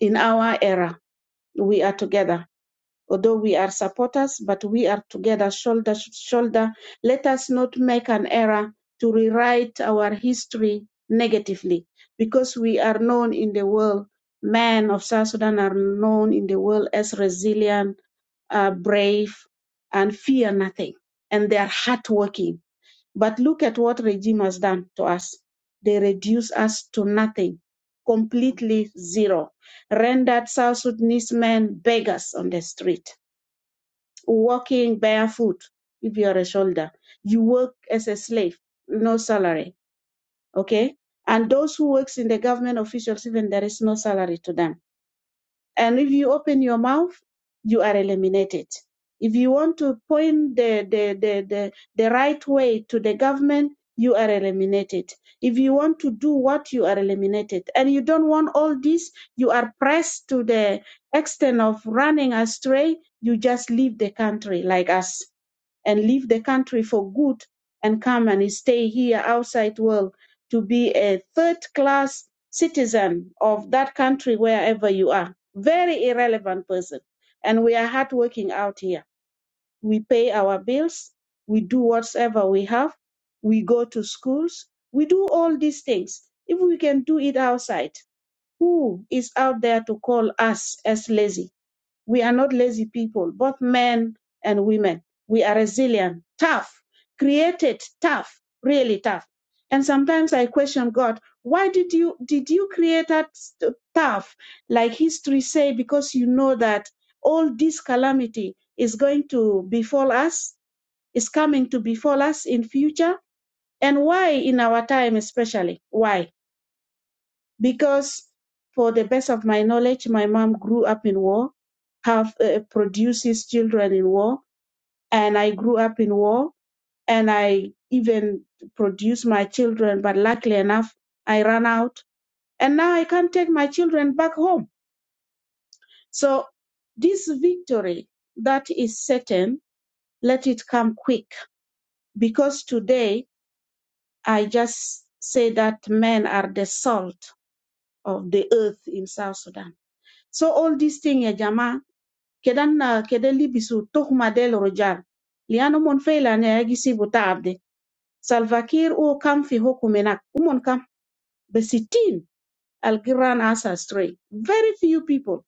[SPEAKER 3] in our era. We are together. Although we are supporters, but we are together, shoulder to shoulder. Let us not make an error to rewrite our history negatively, because we are known in the world. Men of South Sudan are known in the world as resilient, uh, brave, and fear nothing, and they are hardworking but look at what regime has done to us. They reduce us to nothing, completely zero, rendered South Sudanese men beggars on the street, walking barefoot. If you are a soldier, you work as a slave, no salary. Okay, and those who works in the government officials, even there is no salary to them and if you open your mouth, you are eliminated. If you want to point the, the, the, the, the right way to the government, you are eliminated. If you want to do what, you are eliminated. And you don't want all this, you are pressed to the extent of running astray, you just leave the country like us and leave the country for good and come and stay here outside world to be a third class citizen of that country wherever you are very irrelevant person and we are hardworking out here we pay our bills we do whatever we have we go to schools we do all these things if we can do it outside who is out there to call us as lazy we are not lazy people, both men and women. We are resilient, tough, created tough, really tough. And sometimes I question God, why did you did you create us t- tough like history say because you know that all this calamity is going to befall us, is coming to befall us in future? And why in our time especially? Why? because for the best of my knowledge my mom grew up in war have uh, produces children in war and i grew up in war and i even produced my children but luckily enough i ran out and now i can't take my children back home so this victory that is certain let it come quick because today i just say that men are the salt of the earth in south sudan so all these things, Jama, كده كده لبسوا التهمة دي للرجال لأنهم فعلا يجسبوا تعب دي سلفاكير هو كم في حكم هناك هم كم بستين الجيران as astray very few people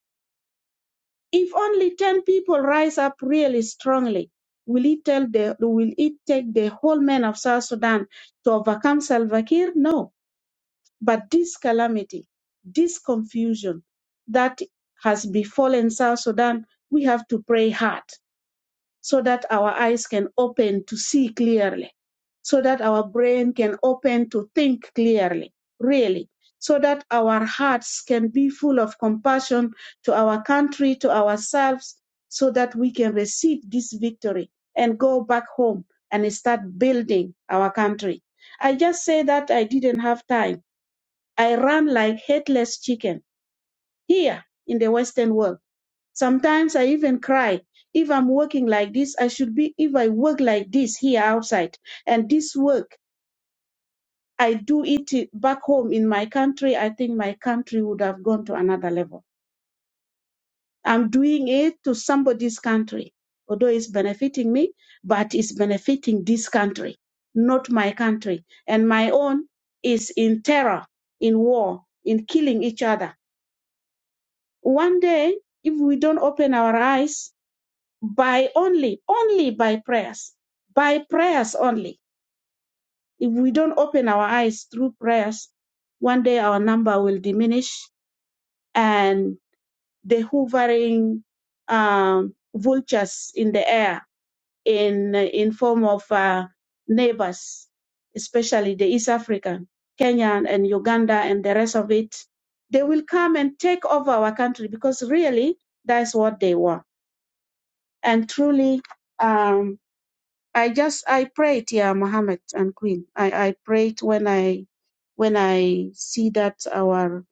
[SPEAKER 3] if only 10 people rise up really strongly will it tell the will it take the whole men of South Sudan to overcome Salva Kiir? no but this calamity this confusion that has befallen South Sudan we have to pray hard so that our eyes can open to see clearly, so that our brain can open to think clearly, really, so that our hearts can be full of compassion to our country, to ourselves, so that we can receive this victory and go back home and start building our country. I just say that I didn't have time. I ran like headless chicken here in the Western world Sometimes I even cry. If I'm working like this, I should be, if I work like this here outside, and this work, I do it back home in my country, I think my country would have gone to another level. I'm doing it to somebody's country, although it's benefiting me, but it's benefiting this country, not my country. And my own is in terror, in war, in killing each other. One day, if we don't open our eyes, by only only by prayers by prayers only if we don't open our eyes through prayers one day our number will diminish and the hovering um, vultures in the air in in form of uh, neighbors especially the east african kenyan and uganda and the rest of it they will come and take over our country because really that's what they want and truly um, I just I prayed, yeah, Muhammad and Queen. I I prayed when I when I see that our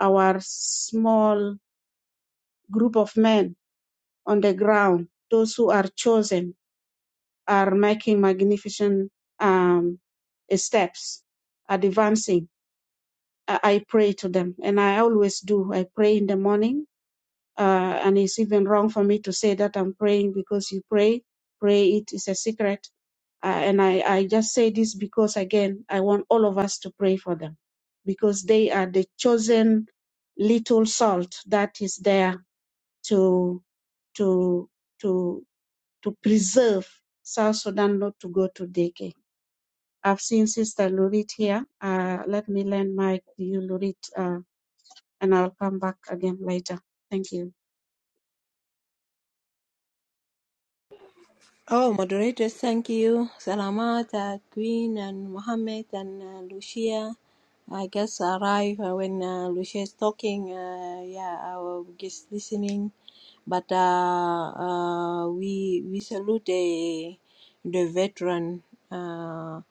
[SPEAKER 3] our small group of men on the ground, those who are chosen, are making magnificent um steps, advancing. I, I pray to them, and I always do. I pray in the morning, uh, and it's even wrong for me to say that I'm praying because you pray. Pray it is a secret Uh, and I, I just say this because, again, I want all of us to pray for them because they are the chosen little salt that is there to, to, to, to preserve South Sudan not to go to decay. I've seen Sister Lurit here. Uh, let me lend my to you, Lurit, uh, and I'll come back again later. Thank you.
[SPEAKER 4] Oh, moderators, thank you. Salamat, uh, Queen, and Mohammed, and uh, Lucia. I guess I arrived uh, when uh, Lucia is talking. Uh, yeah, I was just listening. But uh, uh, we we salute the, the veteran uh,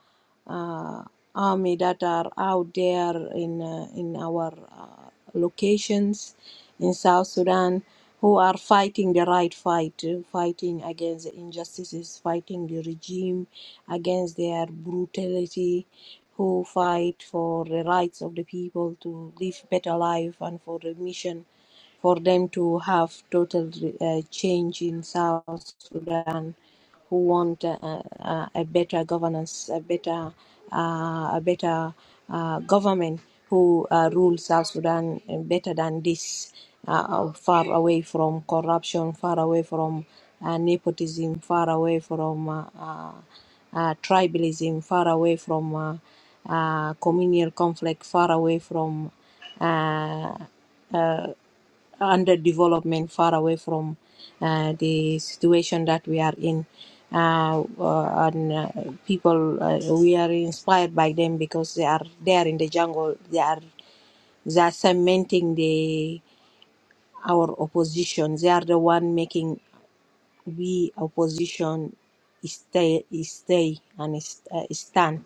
[SPEAKER 4] uh, army that are out there in uh, in our uh, locations in South Sudan who are fighting the right fight, uh, fighting against the injustices, fighting the regime, against their brutality, who fight for the rights of the people to live better life and for remission for them to have total uh, change in South Sudan, who want uh, uh, a better governance, a better, uh, a better uh, government who uh, rule South Sudan better than this, uh, far away from corruption, far away from uh, nepotism, far away from uh, uh, uh, tribalism, far away from uh, uh, communal conflict, far away from uh, under development, far away from uh, the situation that we are in. Uh, uh, and uh, people, uh, we are inspired by them because they are there in the jungle. They are they are cementing the our opposition. They are the one making we opposition stay stay and is- uh, stand.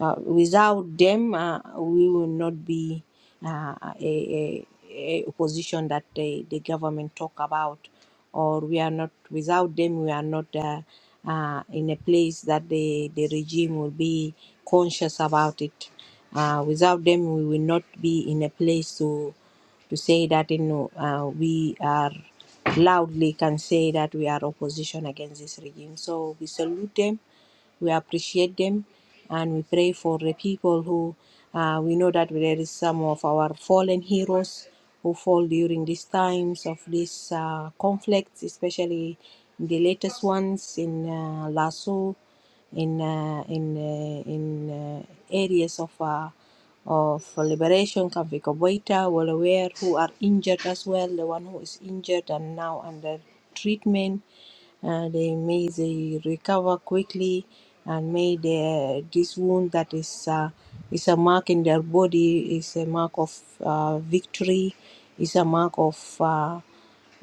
[SPEAKER 4] Uh, without them, uh, we will not be uh, a, a, a opposition that the, the government talk about, or we are not. Without them, we are not uh, uh, in a place that the, the regime will be conscious about it. Uh, without them, we will not be in a place to to say that you know uh, we are loudly can say that we are opposition against this regime. So we salute them, we appreciate them, and we pray for the people who uh, we know that there is some of our fallen heroes who fall during these times of these uh, conflicts, especially the latest ones in uh, Lasso, in uh, in uh, in uh, areas of. Uh, of liberation, Kavik Obwaita, well aware, who are injured as well, the one who is injured and now under treatment. Uh, they may they recover quickly and may the, this wound that is uh, is a mark in their body is a mark of uh, victory, is a mark of uh,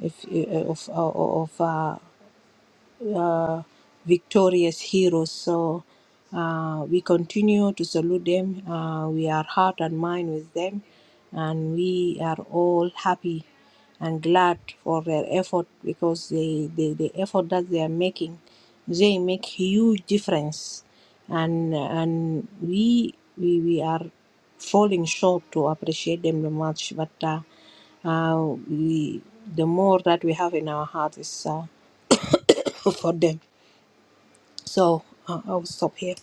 [SPEAKER 4] if, of, of, uh, of uh, uh, victorious heroes. So uh, we continue to salute them. Uh, we are heart and mind with them, and we are all happy and glad for their effort because they, they the effort that they are making, they make huge difference, and and we we, we are falling short to appreciate them that much, but. Uh, uh, we the more that we have in our heart is uh, for them. So, uh, I will stop here.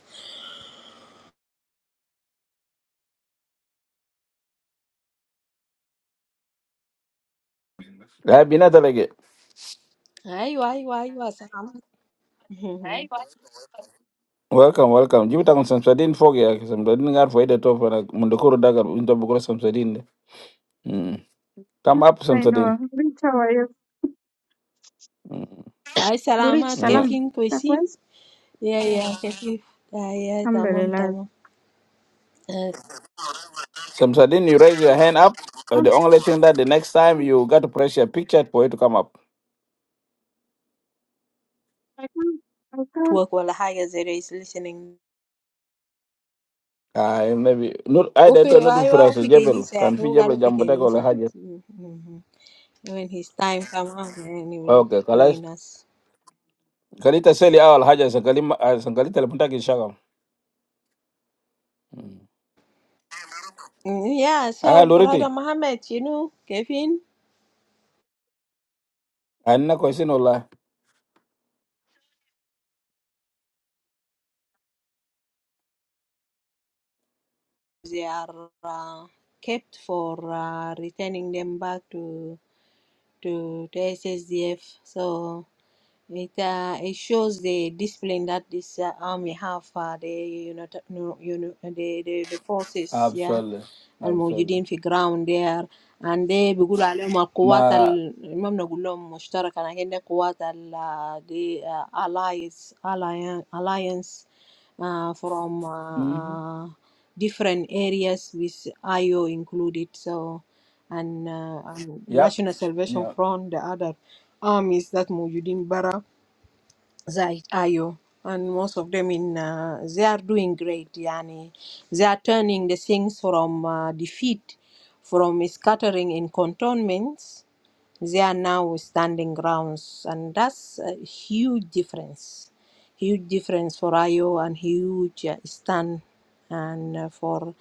[SPEAKER 2] Gai binata lagi.
[SPEAKER 4] Hi, hi, hi, hi. Salamat.
[SPEAKER 2] Welcome, welcome. Jibita kung samsadin fogi ya, samsadin ngar fwa ide na mundukuru daga into bukura samsadin de. Mm. Come up
[SPEAKER 3] I
[SPEAKER 2] samsadin.
[SPEAKER 3] know. Lurit, how are you?
[SPEAKER 2] Mm.
[SPEAKER 4] Hi,
[SPEAKER 3] Lurit,
[SPEAKER 4] salamat,
[SPEAKER 2] No.
[SPEAKER 3] salam.
[SPEAKER 4] Kevin,
[SPEAKER 3] That
[SPEAKER 4] Kaysin.
[SPEAKER 3] was?
[SPEAKER 4] Yeah, yeah, thank you. Yeah, yeah, tamam,
[SPEAKER 3] Alhamdulillah.
[SPEAKER 4] tamam. Uh,
[SPEAKER 2] Samsadin, you raise
[SPEAKER 3] I
[SPEAKER 2] your hand up. Uh, the
[SPEAKER 3] can't,
[SPEAKER 2] only thing that the next time you got to press your picture for it to come up.
[SPEAKER 3] I can't,
[SPEAKER 4] to work while he is listening.
[SPEAKER 2] Ay, maybe. Nur, I
[SPEAKER 4] Oh, for
[SPEAKER 2] don't know
[SPEAKER 4] hi, hi.
[SPEAKER 2] not
[SPEAKER 4] Oh,
[SPEAKER 2] phrase
[SPEAKER 4] for
[SPEAKER 2] Jebel.
[SPEAKER 4] Kenisa.
[SPEAKER 2] Can
[SPEAKER 4] He
[SPEAKER 2] fi
[SPEAKER 4] will
[SPEAKER 2] Jebel
[SPEAKER 4] go to
[SPEAKER 2] jambo take wala
[SPEAKER 4] Kenisa.
[SPEAKER 2] haja.
[SPEAKER 4] When his time comes, and he will
[SPEAKER 2] Okay, kalas.
[SPEAKER 4] join us.
[SPEAKER 2] Kalita seli awal haja sa kalima sa kalita lepunta ki shaka.
[SPEAKER 4] Mm, Yeah.
[SPEAKER 2] Ay,
[SPEAKER 4] So, brother
[SPEAKER 2] loriti.
[SPEAKER 4] Muhammad, you know, Kevin.
[SPEAKER 2] Ay, na question wala.
[SPEAKER 4] they are uh, kept for uh, returning them back to to, to SSDF. So it uh, it shows the discipline that this uh, army have. Uh, the you know, no, you know the, the the forces. Yeah.
[SPEAKER 2] Absolutely. Absolutely.
[SPEAKER 4] الموجودين في ground there and they بيقولوا عليهم القوات
[SPEAKER 2] Ma,
[SPEAKER 4] ال... ما بنقول لهم مشتركة لكن دي قوات ال دي allies alliance alliance uh, from uh,
[SPEAKER 2] mm-hmm.
[SPEAKER 4] uh, different areas with IO included. So, and, uh, and
[SPEAKER 2] Yep.
[SPEAKER 4] National Salvation
[SPEAKER 2] Yeah.
[SPEAKER 4] Front, the other armies that Mujudin Bara, Zai IO, and most of them in uh, they are doing great. Yani, they are turning the things from uh, defeat, from scattering in cantonments. They are now standing grounds, and that's a huge difference. Huge difference for IO and huge uh, stand and uh, for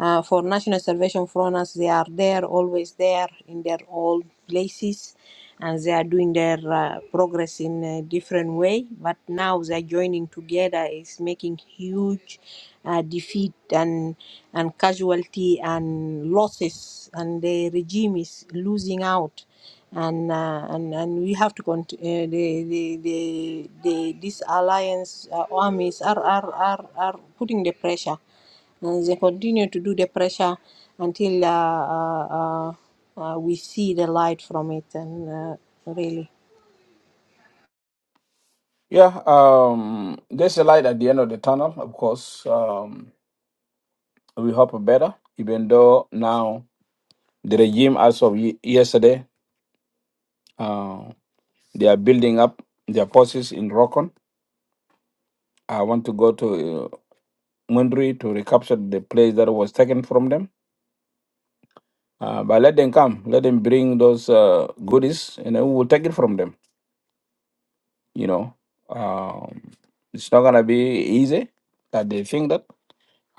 [SPEAKER 4] uh, for National Salvation Front, us, they are there, always there in their old places, and they are doing their uh, progress in a different way. But now they are joining together is making huge uh, defeat and and casualty and losses, and the regime is losing out and uh, and and we have to continue. Uh, the, the the the these alliance uh, armies are, are are are putting the pressure, and they continue to do the pressure until uh, uh, uh, uh, we see the light from it. And uh, really.
[SPEAKER 2] Yeah, um, there's a light at the end of the tunnel, of course. Um, we hope better, even though now the regime, as of ye- yesterday, uh, they are building up their forces in Rokon I want to go to uh, Mundri to recapture the place that was taken from them. Uh, but let them come. Let them bring those uh, goodies, and then we will take it from them. You know, um, it's not gonna be easy. That they think that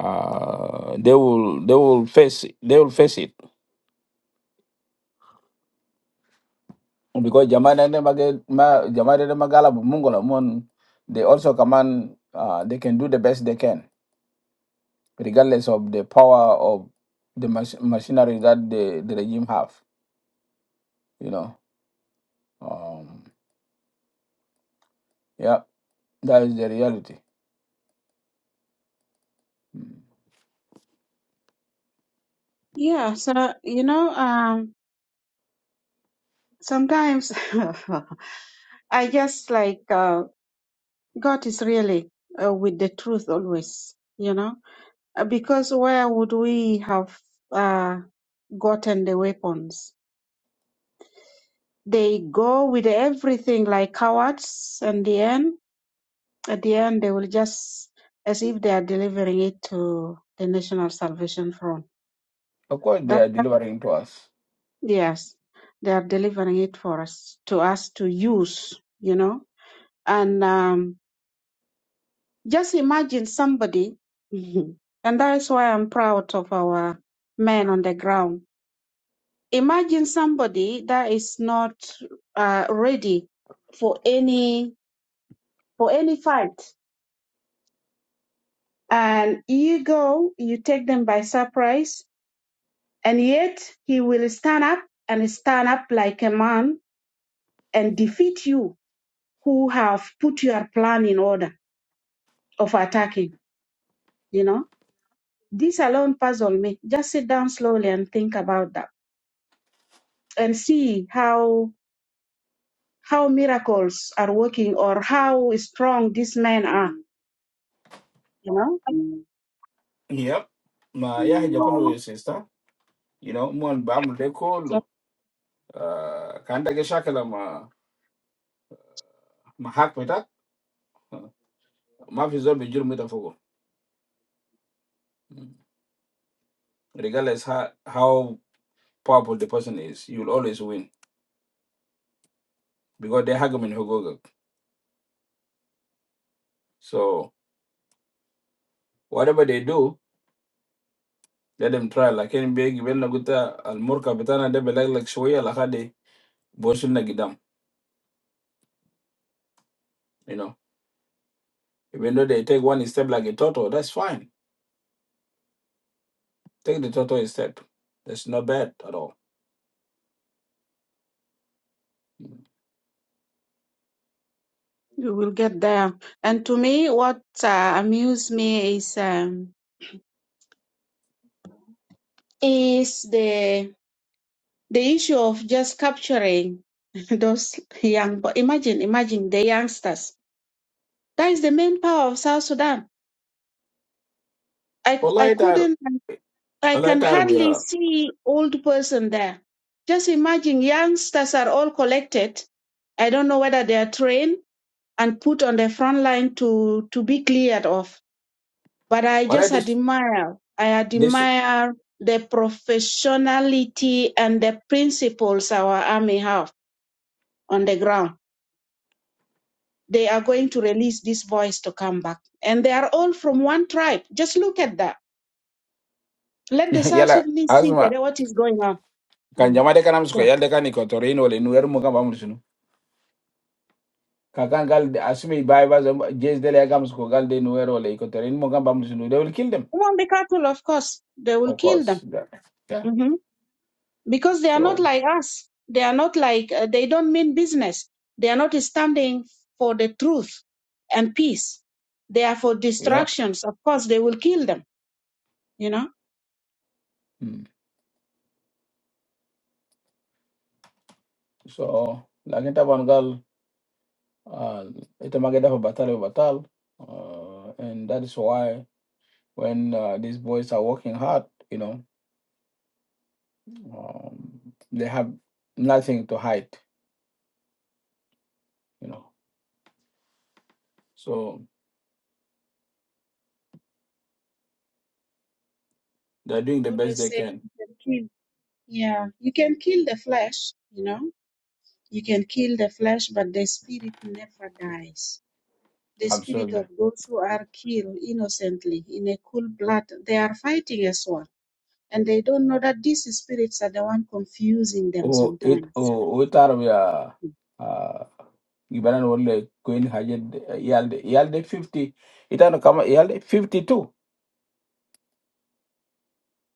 [SPEAKER 2] uh, they will, they will face, it. they will face it because Jamaica and them aga- ma- Jamaica and them Mungola, Mun, they also command. Uh, they can do the best they can, regardless of the power of the mach- machinery that the, the regime have. You know Um, yeah, that is the reality. Mm.
[SPEAKER 3] Yeah, so you know, um, sometimes I just like uh, God is really uh, with the truth always, you know, Uh, because where would we have uh, gotten the weapons? They go with everything like cowards, and the end, at the end, they will just as if they are delivering it to the National Salvation Front.
[SPEAKER 2] Of course, they
[SPEAKER 3] That
[SPEAKER 2] are delivering to us.
[SPEAKER 3] yes, they are delivering it for us to us to use, you know And um, just imagine somebody, and that is why I'm proud of our men on the ground. Imagine somebody that is not uh, ready for any for any fight, and you go, you take them by surprise, and yet he will stand up and stand up like a man and defeat you who have put your plan in order of attacking. You know This alone puzzled me. Just sit down slowly and think about that and see how how miracles are working or how strong these men are, you know?
[SPEAKER 2] Yep. Ma ya haja kulu sister, you know, mon bam de
[SPEAKER 3] So
[SPEAKER 2] kulu. Uh, kanda ke shakala ma ma hak betak. Ma fizo be juru mita fogo. Mm. Regardless how how powerful the person is, you'll always win because they hag min hugoga. So whatever they do, let them try. Like Lakini begi bela guta al murka betana de belag like shoya lakade bosun na gidam. You know. Even though they take one step like a turtle, that's fine. Take the turtle step. That's not bad at all.
[SPEAKER 3] you will get there. And to me, what uh, amused me is um, is the the issue of just capturing those young. But imagine, imagine the youngsters. That is the main power of South Sudan. I, cou- I
[SPEAKER 2] Wallahi tar,
[SPEAKER 3] couldn't I
[SPEAKER 2] wallahi
[SPEAKER 3] can
[SPEAKER 2] tar
[SPEAKER 3] hardly
[SPEAKER 2] bira.
[SPEAKER 3] see old person there. Just imagine youngsters are all collected. I don't know whether they are trained and put on the front line to, to be cleared off. But I
[SPEAKER 2] Wallahi
[SPEAKER 3] just
[SPEAKER 2] this
[SPEAKER 3] admire, I
[SPEAKER 2] this
[SPEAKER 3] admire the professionality and the principles our army have on the ground. They are going to release these boys to come back. And they are all from one tribe. Just look at that. Let the South
[SPEAKER 2] yala
[SPEAKER 3] Sudanese see
[SPEAKER 2] asma
[SPEAKER 3] what is going on.
[SPEAKER 2] kan
[SPEAKER 3] Mm.
[SPEAKER 2] jama de kanam suko
[SPEAKER 3] Yeah.
[SPEAKER 2] yalla de kan ikotorin wala nuer mo kan bamul sunu. Kakan gal de- asmi bai ba zam jes de le gam suko gal de nuer wala ikotorin mo kan bamul sunu. They will kill them.
[SPEAKER 3] Among the cattle, of course, they will
[SPEAKER 2] Of
[SPEAKER 3] kill them
[SPEAKER 2] course. Yeah. yeah.
[SPEAKER 3] hmm because they are not
[SPEAKER 2] So,
[SPEAKER 3] like us. They are not like, uh, they don't mean business. They are not standing for the truth and peace. They are for
[SPEAKER 2] yeah.
[SPEAKER 3] distractions. Of course, they will kill them, you know.
[SPEAKER 2] Mm. So, lakin taban gal uh, ita mageda fa batal wa batal. Uh, and that is why when uh, these boys are working hard, you know, um, they have nothing to hide, you know. So they're doing
[SPEAKER 3] I
[SPEAKER 2] the best
[SPEAKER 3] Always
[SPEAKER 2] they
[SPEAKER 3] say,
[SPEAKER 2] can.
[SPEAKER 3] you can kill. Yeah, you can kill the flesh, you know. You can kill the flesh, but the spirit never dies. The spirit
[SPEAKER 2] Absolutely.
[SPEAKER 3] of those who are killed innocently in a cool blood, they are fighting as well and they don't know that these spirits are the one confusing them
[SPEAKER 2] Oh, it
[SPEAKER 3] sometimes.
[SPEAKER 2] oh, we thought we are. Uh, Gibaran wale Queen Hajed Yalde Yalde fifty. It had come Yalde fifty two.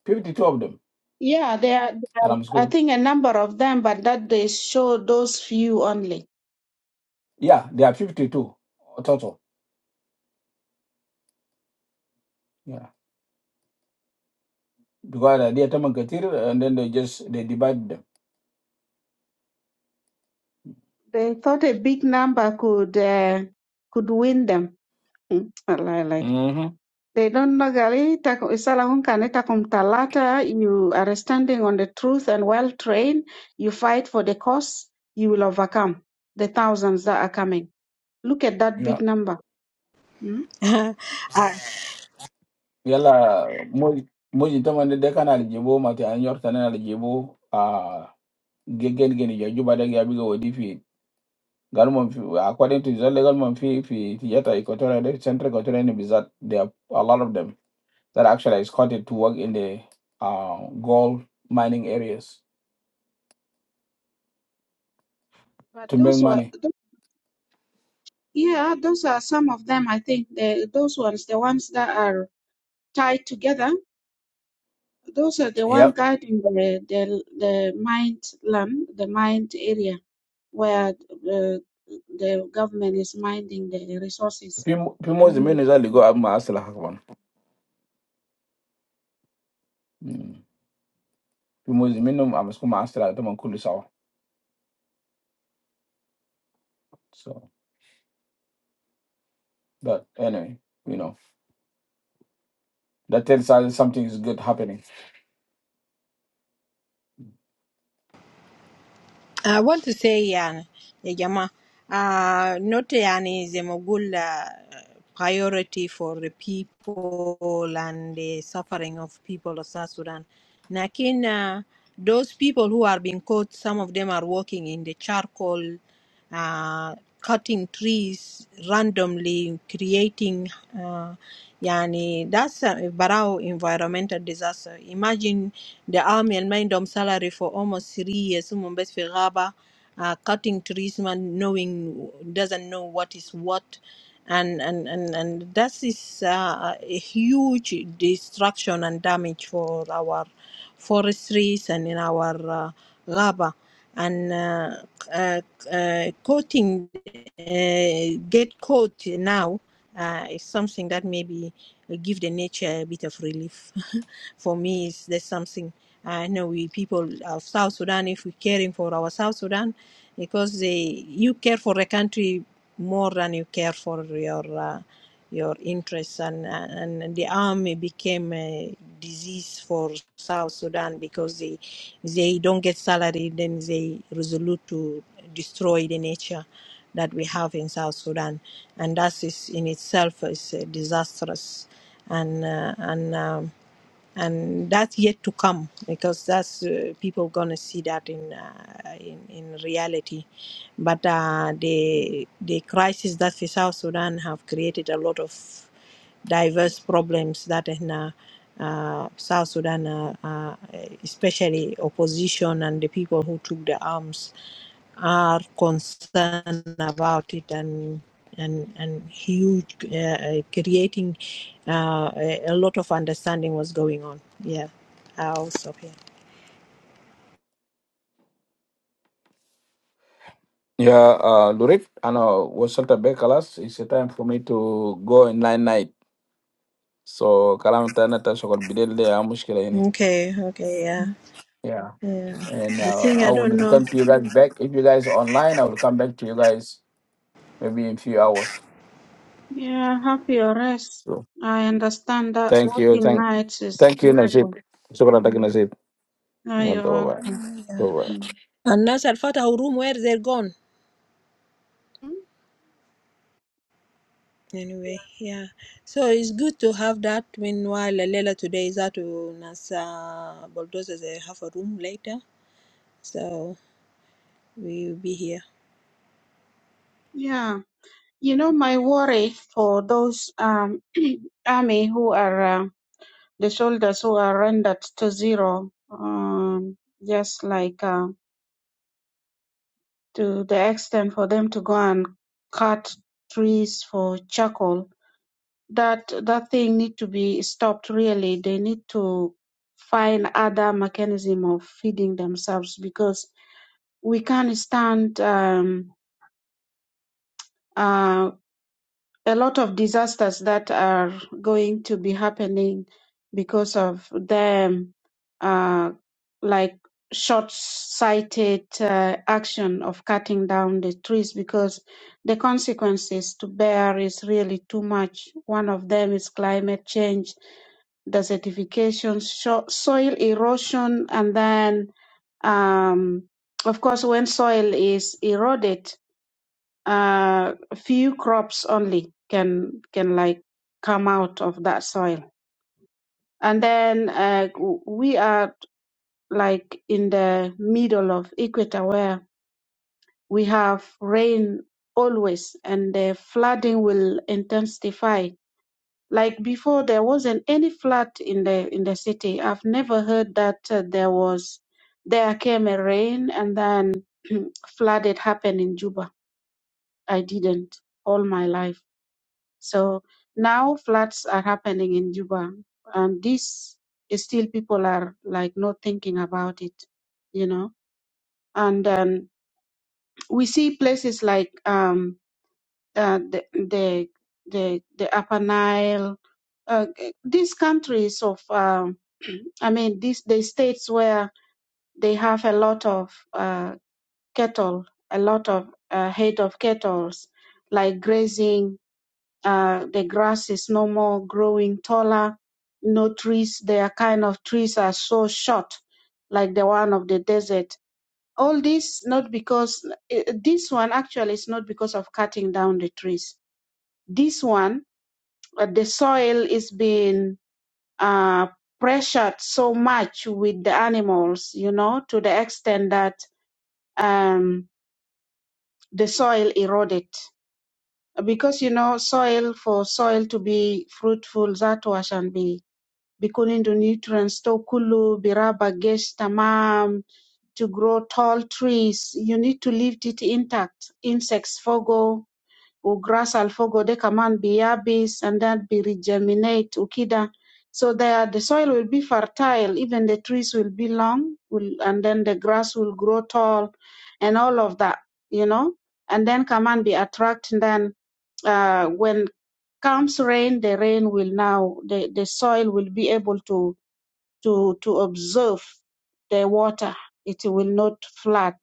[SPEAKER 2] Fifty two of them.
[SPEAKER 3] Yeah, there are, there
[SPEAKER 2] And i
[SPEAKER 3] are I
[SPEAKER 2] school.
[SPEAKER 3] think a number of them, but that they show those few only.
[SPEAKER 2] Yeah, they are fifty two total. Yeah. Because uh, they are Tamankatir and then they just they divide them.
[SPEAKER 3] They thought a big number could uh, could win them. Mm, I like
[SPEAKER 2] Mm-hmm.
[SPEAKER 3] they don't know Gary taku- Sala hunka ne takum talata. You are standing on the truth and well trained. You fight for the cause. You will overcome the thousands that are coming. Look at that big number. Mm?
[SPEAKER 4] I
[SPEAKER 2] yala moy moy to man de kana jibo mate an yorta na jibo a gegen geni ya juba de ya bigo wodi fi gal mon fi according to the legal mon fi fi tiyata equatorial de central equatorial ni bizat there are a lot of them that actually is coded to work in the uh, gold mining areas
[SPEAKER 3] But
[SPEAKER 2] to make
[SPEAKER 3] those were
[SPEAKER 2] money
[SPEAKER 3] Yeah, those are some of them. I think the, those ones, the ones that are tied together, those are the one
[SPEAKER 2] yep
[SPEAKER 3] guiding the the, the mind land, the mind area where uh, the government is minding the resources.
[SPEAKER 2] pimo
[SPEAKER 3] I
[SPEAKER 2] pimo
[SPEAKER 3] mean,
[SPEAKER 2] zimeno za ligo amma asla hakban Mm. pimo zimeno am skuma asla to man kulu sawa so but anyway you know that tells us something is good happening
[SPEAKER 4] Ah, I want to say yani ya jama uh, not yani is a mogul uh, priority for the people and the suffering of people of South Sudan. Nakin uh, those people who are being caught, some of them are working in the charcoal uh, cutting trees randomly, creating, uh, yani, that's a barao environmental disaster. Imagine the army and mindom salary for almost three years, um, best في غابة, uh, cutting trees, man, knowing, doesn't know what is what. And, and, and, and that is uh, a huge destruction and damage for our forestries and in our uh, ghaba and uh, uh, uh, quoting uh, get caught now uh, is something that maybe give the nature a bit of relief. For me, is there's something I know we people of South Sudan, if we're caring for our South Sudan, because they you care for the country more than you care for your uh, your interests, and uh, and the army became a disease for South Sudan because they they don't get salary, then they resolute to destroy the nature that we have in South Sudan, and that is in itself is uh, disastrous, and uh, and. Um, and that's yet to come because that's uh, people gonna see that in uh, in, in reality but uh, the the crisis that the south sudan have created a lot of diverse problems that uh, uh, South Sudan, uh, uh, especially opposition and the people who took the arms, are concerned about it and and and huge uh, uh, creating uh, a a lot of understanding what's going on. Yeah, I'll stop here.
[SPEAKER 2] Yeah, uh, Lurik, I know وصلت بيه خلاص. It's time for me to go in night night. So كلام تاني تشغل بالليل ده مشكلة يعني.
[SPEAKER 4] Okay, okay, yeah,
[SPEAKER 2] Yeah,
[SPEAKER 4] yeah.
[SPEAKER 2] and
[SPEAKER 4] I
[SPEAKER 2] uh,
[SPEAKER 4] think
[SPEAKER 2] I
[SPEAKER 4] I
[SPEAKER 2] will
[SPEAKER 4] don't know.
[SPEAKER 2] return to you guys back. If you guys are online, I will come back to you guys maybe in few hours.
[SPEAKER 3] yeah, have your rest.
[SPEAKER 2] So
[SPEAKER 3] I understand that
[SPEAKER 2] thank you,
[SPEAKER 3] working
[SPEAKER 2] thank,
[SPEAKER 3] nights is
[SPEAKER 2] thank you, Nasib.
[SPEAKER 3] difficult.
[SPEAKER 2] شكرا لك
[SPEAKER 3] Mm.
[SPEAKER 2] Nasib.
[SPEAKER 3] Oh,
[SPEAKER 2] Bye
[SPEAKER 3] you're welcome.
[SPEAKER 2] bye.
[SPEAKER 3] Mm.
[SPEAKER 4] Unless Al Fatah room where they're gone.
[SPEAKER 3] Mm,
[SPEAKER 4] Anyway, yeah. So it's good to have that. Meanwhile, Leila today is out to Nasa bulldozers. They have a room later, so we'll be here.
[SPEAKER 3] Yeah, you know, my worry for those um army who are. uh, the soldiers who are rendered to zero, um, just like uh, to the extent for them to go and cut trees for charcoal. That that thing need to be stopped. Really, they need to find other mechanism of feeding themselves because we can't stand um, uh, a lot of disasters that are going to be happening because of them, uh, like short-sighted uh, action of cutting down the trees because the consequences to bear is really too much. One of them is climate change, desertification, sho- soil erosion, and then, um, of course, when soil is eroded, uh, few crops only can can like come out of that soil and then uh, we are like in the middle of equator where we have rain always and the flooding will intensify like before there wasn't any flood in the in the city i've never heard that uh, there was there came a rain and then flooded happened in juba i didn't all my life So now floods are happening in Juba, and this is still people are like not thinking about it, you know. And um, we see places like um, uh, the the the the Upper Nile, uh, these countries of, um, I mean, these the states where they have a lot of uh, cattle, a lot of uh, head of cattle, like grazing Uh, the grass is no more growing taller. No trees, their kind of trees are so short, like the one of the desert. All this not because eh, this one actually is not because of cutting down the trees. This one, uh, the soil is being uh, pressured so much with the animals, you know, to the extent that um, the soil eroded because you know soil for soil to be fruitful that was and be. Bikunindu nutrients to kulu biraba gesh tamam to grow tall trees. You need to leave it intact. Insects fogo or grass alfogo they kaman be yabis and then be regeminate ukida. So there the soil will be fertile, even the trees will be long, will, and then the grass will grow tall and all of that, you know. And then kaman be attract and then uh, when comes rain, the rain will now the, the soil will be able to to to observe the water. It will not flood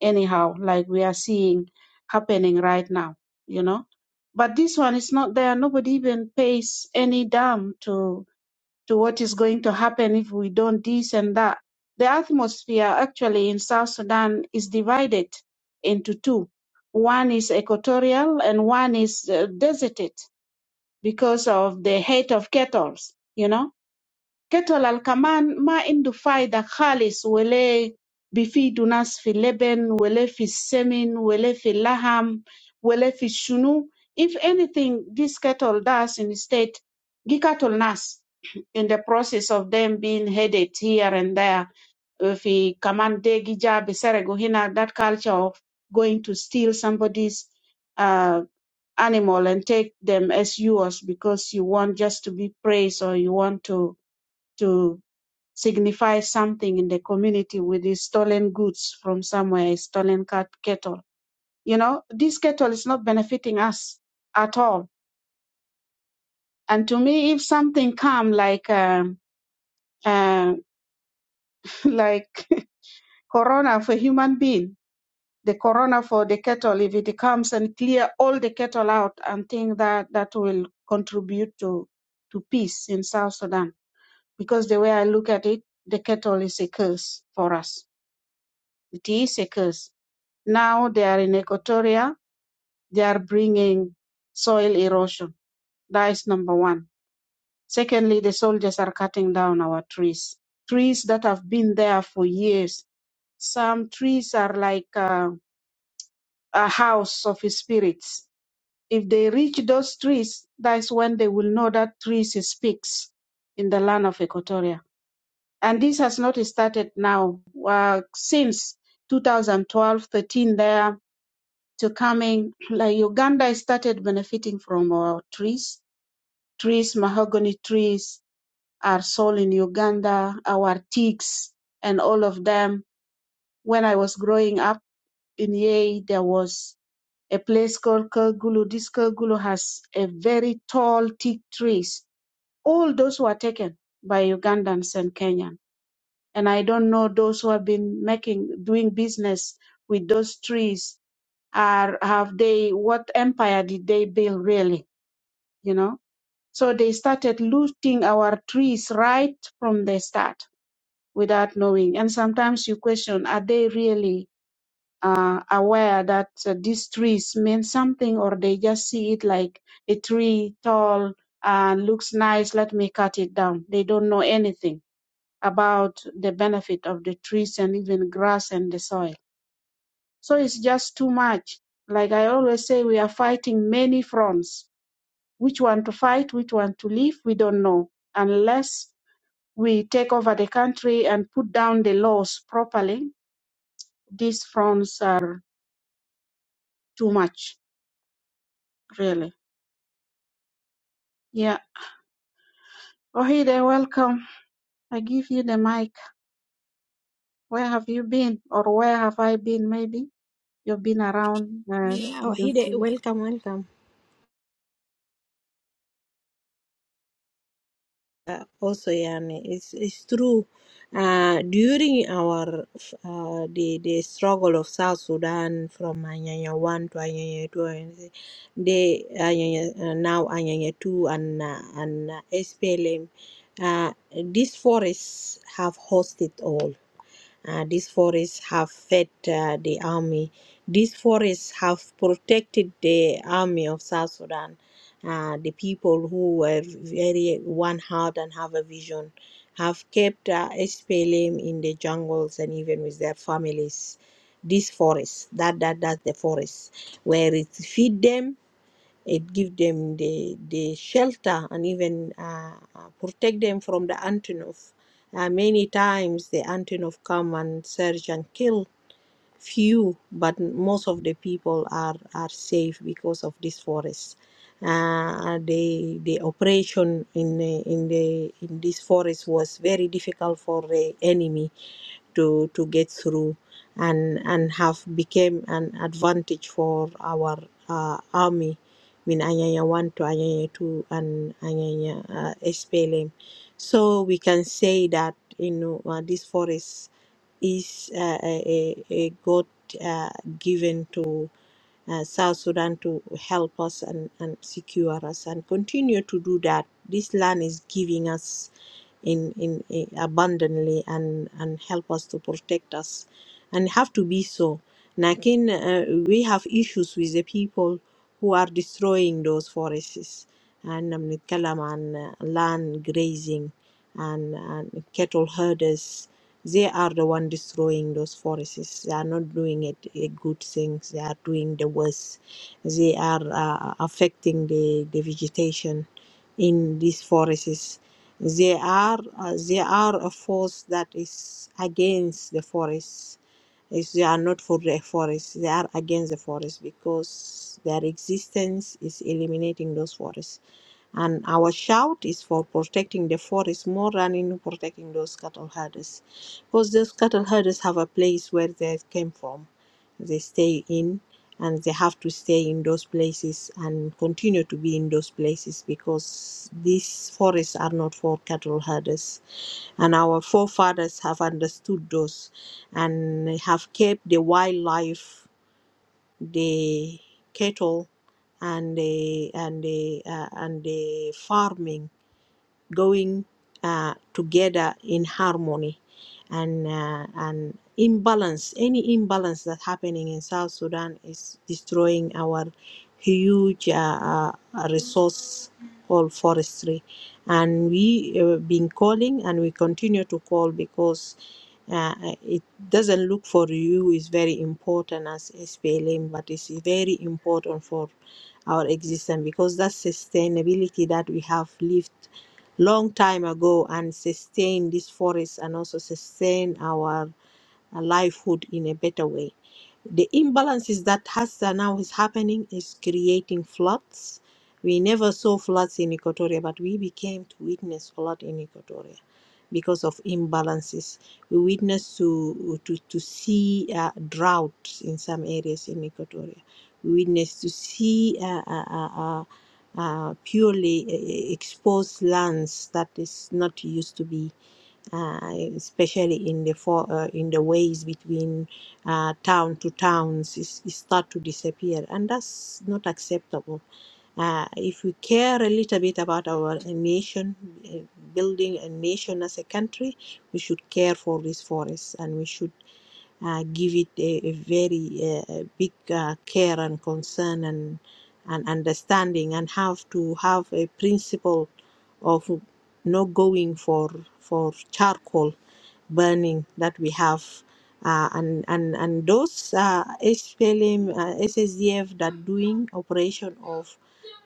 [SPEAKER 3] anyhow, like we are seeing happening right now. You know, but this one is not there. Nobody even pays any damn to to what is going to happen if we don't this and that. The atmosphere actually in South Sudan is divided into two. One is equatorial and one is uh, deserted because of the hate of kettles, you know كتل كمان ما عنده فايدة خالص ولا بيفيدوا ناس في اللبن ولا في السمن ولا في اللحم ولا في الشنو if anything this cattle does instead gi cattle nas in the process of them being headed here and there في كمان ده جي جاب سرقوا that culture of going to steal somebody's uh, animal and take them as yours because you want just to be praised or you want to to signifies something in the community with his stolen goods from somewhere, his stolen cat, cattle. You know, this cattle is not benefiting us at all. And to me, if something come like um, uh, like corona for human being, the corona for the cattle, if it comes and clear all the cattle out, and think that that will contribute to to peace in South Sudan. Because the way I look at it, the cattle is a curse for us tea seekers. Now they are in Equatoria, they are bringing soil erosion. That is number one. Secondly, the soldiers are cutting down our trees, trees that have been there for years. Some trees are like uh, a house of spirits. If they reach those trees, that is when they will know that trees speaks in the land of Equatoria. And this has not started now. Uh, since 2012, 13 there, to coming like Uganda started benefiting from our trees. Trees, mahogany trees are sold in Uganda, our teaks and all of them. When I was growing up in Yei, there was a place called Kergulu. This Kergulu has a very tall teak trees. All those were taken by Ugandans and Kenyan. And I don't know those who have been making doing business with those trees Are have they? What empire did they build really? You know. So they started looting our trees right from the start without knowing. And sometimes you question: Are they really uh, aware that uh, these trees mean something, or they just see it like a tree tall and looks nice? Let me cut it down. They don't know anything about the benefit of the trees and even grass and the soil so it's just too much. Like I always say, we are fighting many fronts. Which one to fight, which one to leave, we don't know. Unless we take over the country and put down the laws properly, these fronts are too much, really. Yeah. Ohide, welcome. I give you the mic. Where have you been? Or where have I been, maybe? You've been around, uh,
[SPEAKER 4] Yeah,
[SPEAKER 3] didn't
[SPEAKER 4] Wahide,
[SPEAKER 3] see.
[SPEAKER 4] welcome, welcome. uh, also yani it's it's true uh, during our uh, the the struggle of South Sudan from Anyanya one to Anyanya two and they Anyanya uh, now Anyanya two and uh, and uh, SPLM uh, these forests have hosted all uh, these forests have fed uh, the army. These forests have protected the army of South Sudan, uh, the people who were very one heart and have a vision, have kept uh, SPLM in the jungles and even with their families. These forests, that that that's the forest where it feed them it give them the the shelter and even uh, uh, protect them from the antelope. Uh, many times the antelope come and search and kill few, but most of the people are are safe because of this forest. Uh, the the operation in the, in the in this forest was very difficult for the enemy to to get through and and have became an advantage for our uh, army min anyanya 1 to anyanya 2 and anyanya uh, SPLM so we can say that you know uh, this forest is uh, a, a a god uh, given to uh, South Sudan to help us and, and secure us and continue to do that. This land is giving us in, in, in abundantly and, and help us to protect us and have to be so. Nakin, uh, we have issues with the people who are destroying those forests. And I'm um, land grazing and, and cattle herders they are the one destroying those forests. They are not doing it a good things. They are doing the worst. They are uh, affecting the, the vegetation in these forests. They are uh, they are a force that is against the forests is they are not for the forest they are against the forest because their existence is eliminating those forests and our shout is for protecting the forest more than in protecting those cattle herders because those cattle herders have a place where they came from, they stay in, and they have to stay in those places and continue to be in those places because these forests are not for cattle herders. And our forefathers have understood those and have kept the wildlife, the cattle, and the and the uh, and the farming going uh, together in harmony and uh, and imbalance any imbalance that's happening in south sudan is destroying our huge uh, uh, resource called forestry and we have been calling and we continue to call because uh, it doesn't look for you is very important as SPLM, but it's very important for our existence because that sustainability that we have lived long time ago and sustain this forest and also sustain our a livelihood in a better way. The imbalances that has uh, now is happening is creating floods. We never saw floods in Equatoria, but we became to witness flood in Equatoria because of imbalances. We witnessed to to, to see uh, droughts in some areas in Equatoria. We witnessed to see uh, uh, uh, uh, uh, purely uh, exposed lands that is not used to be uh, especially in the for, uh, in the ways between uh, town to towns is, is start to disappear and that's not acceptable uh, if we care a little bit about our nation uh, building a nation as a country we should care for these forests and we should uh, give it a, a very uh, uh, big uh, care and concern and, and understanding and have to have a principle of not going for for charcoal burning that we have uh, and and and those uh, SPLM uh, SSDF that doing operation of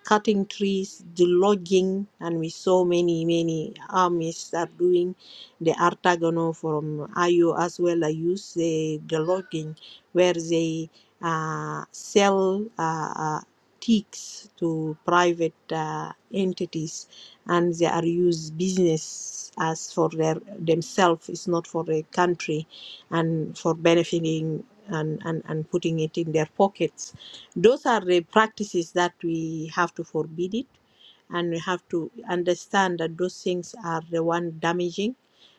[SPEAKER 4] cutting trees, the logging, and we saw many many armies are doing the Artagono from Ayo as well. I use the the logging where they uh, sell uh, uh, ticks to private uh, entities and they are used business as for their themselves it's not for the country and for benefiting and, and, and putting it in their pockets those are the practices that we have to forbid it and we have to understand that those things are the one damaging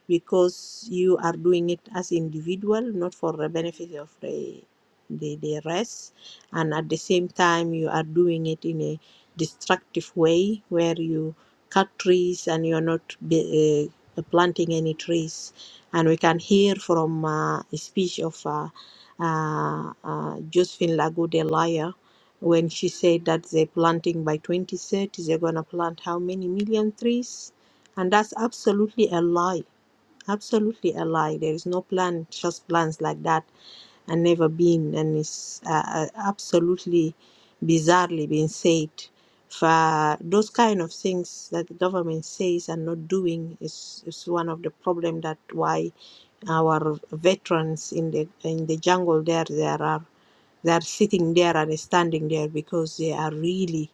[SPEAKER 4] because you are doing it as individual not for the benefit of the the, the rest and at the same time you are doing it in a destructive way where you cut trees and you're not be, uh, planting any trees and we can hear from uh, a speech of uh, uh, uh, Josephine Lagude Laya when she said that they're planting by 2030 they're going to plant how many million trees and that's absolutely a lie Absolutely a lie. There is no plan, just plans like that and never been. And it's uh, uh, absolutely bizarrely being said. For those kind of things that the government says and not doing is, is one of the problem that why our veterans in the in the jungle there there are they are sitting there and standing there because they are really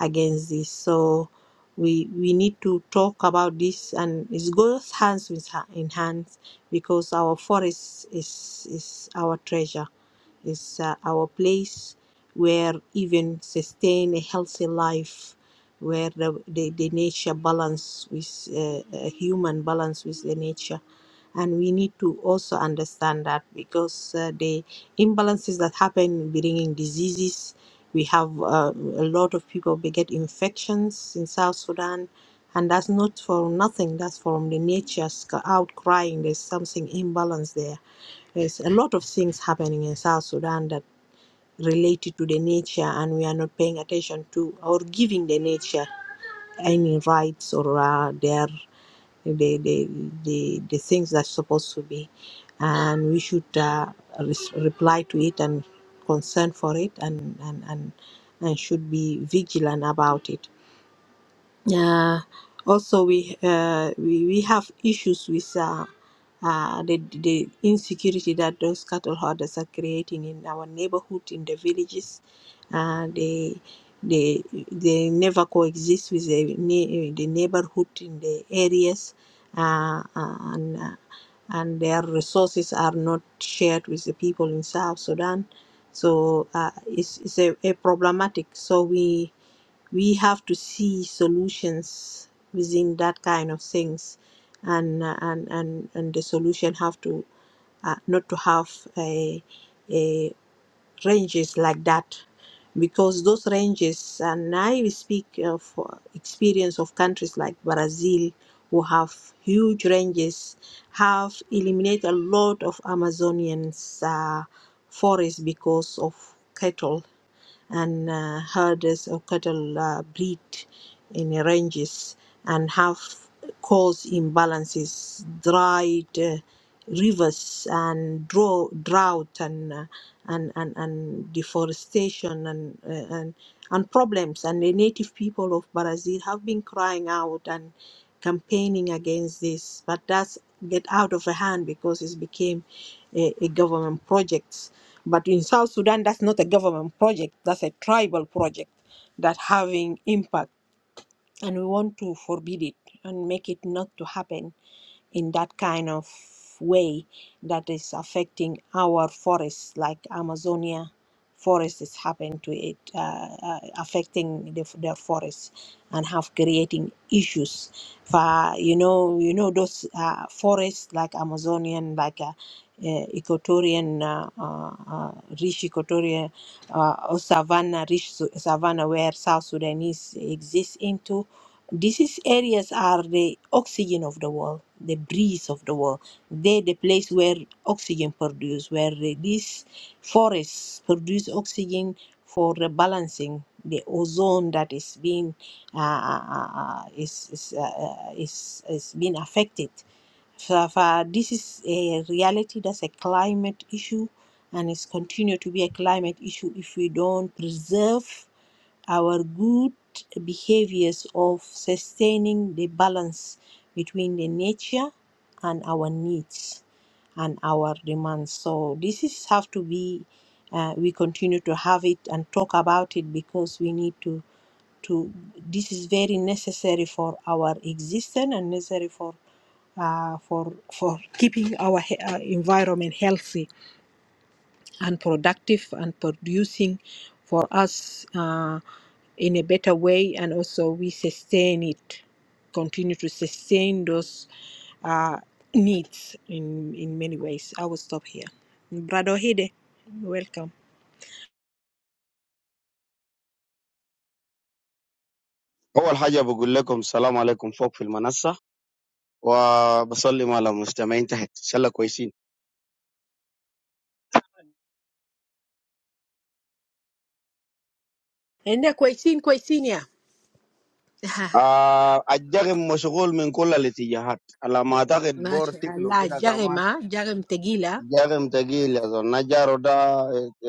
[SPEAKER 4] against this. So we we need to talk about this, and it goes hands with ha- in hands because our forest is is our treasure. It's uh, our place where even sustain a healthy life, where the, the, the nature balance with uh, uh, human balance with the nature, and we need to also understand that because uh, the imbalances that happen bringing diseases. We have um, a lot of people they get infections in South Sudan, and that's not for nothing. That's from the nature's outcrying. There's something imbalance there. There's a lot of things happening in South Sudan that related to the nature, and we are not paying attention to or giving the nature any rights or uh, their the the, the, the things that's supposed to be and we should uh, res- reply to it and concern for it and and, and and should be vigilant about it yeah. Also, we uh, we, we have issues with uh, uh, the the insecurity that those cattle herders are creating in our neighborhood, in the villages. Uh, they they they never coexist with the ne- the neighborhood in the areas, uh, uh, and uh, and their resources are not shared with the people in South Sudan. So uh, it's it's a, a problematic. So we we have to see solutions within that kind of things and uh, and and, and the solution have to uh, not to have a, a ranges like that because those ranges and i speak of uh, experience of countries like brazil who have huge ranges have eliminated a lot of amazonians uh, forest because of cattle and uh, herds of cattle uh, breed in ranges and have caused imbalances, dried uh, rivers, and draw, drought, and, uh, and, and, and deforestation, and, uh, and, and problems. And the native people of Brazil have been crying out and campaigning against this. But that's get out of hand because it became a, a government project. But in South Sudan, that's not a government project. That's a tribal project that having impact and we want to forbid it and make it not to happen in that kind of way that is affecting our forests like amazonia forest is happening to it uh, uh, affecting the, their forests and have creating issues for you know you know those uh, forests like amazonian like uh, uh, equatorian uh, uh, uh, rich equatorian uh, or savanna rich su- savanna where south sudanese exists into Disease areas are the oxygen of the world, the breeze of the world. They're the place where oxygen produced, where the- these forests produce oxygen for rebalancing the ozone that is being uh, uh, uh, uh, is is, uh, uh, is is being affected. So, far, this is a reality. That's a climate issue, and it's continue to be a climate issue if we don't preserve our good behaviors of sustaining the balance between the nature and our needs and our demands. So this is have to be. Uh, we continue to have it and talk about it because we need to to. This is very necessary for our existence and necessary for uh, for for keeping our he- uh, environment healthy and productive and producing for us uh, in a better way and also we sustain it continue to sustain those uh, needs in in many ways i will stop here brother hide welcome
[SPEAKER 5] أول حاجة بقول لكم السلام عليكم فوق في المنصة وبسلم على المستمعين تحت إن شاء الله كويسين
[SPEAKER 4] and the question question yeah
[SPEAKER 5] آه الجرم مشغول من كل الاتجاهات على ما أعتقد بور
[SPEAKER 4] Masha
[SPEAKER 5] تكلو
[SPEAKER 4] Allah,
[SPEAKER 5] كده كمان
[SPEAKER 4] jarema jarem tegila
[SPEAKER 5] الجرم تقيل يا زول نجارو ده آه، آه،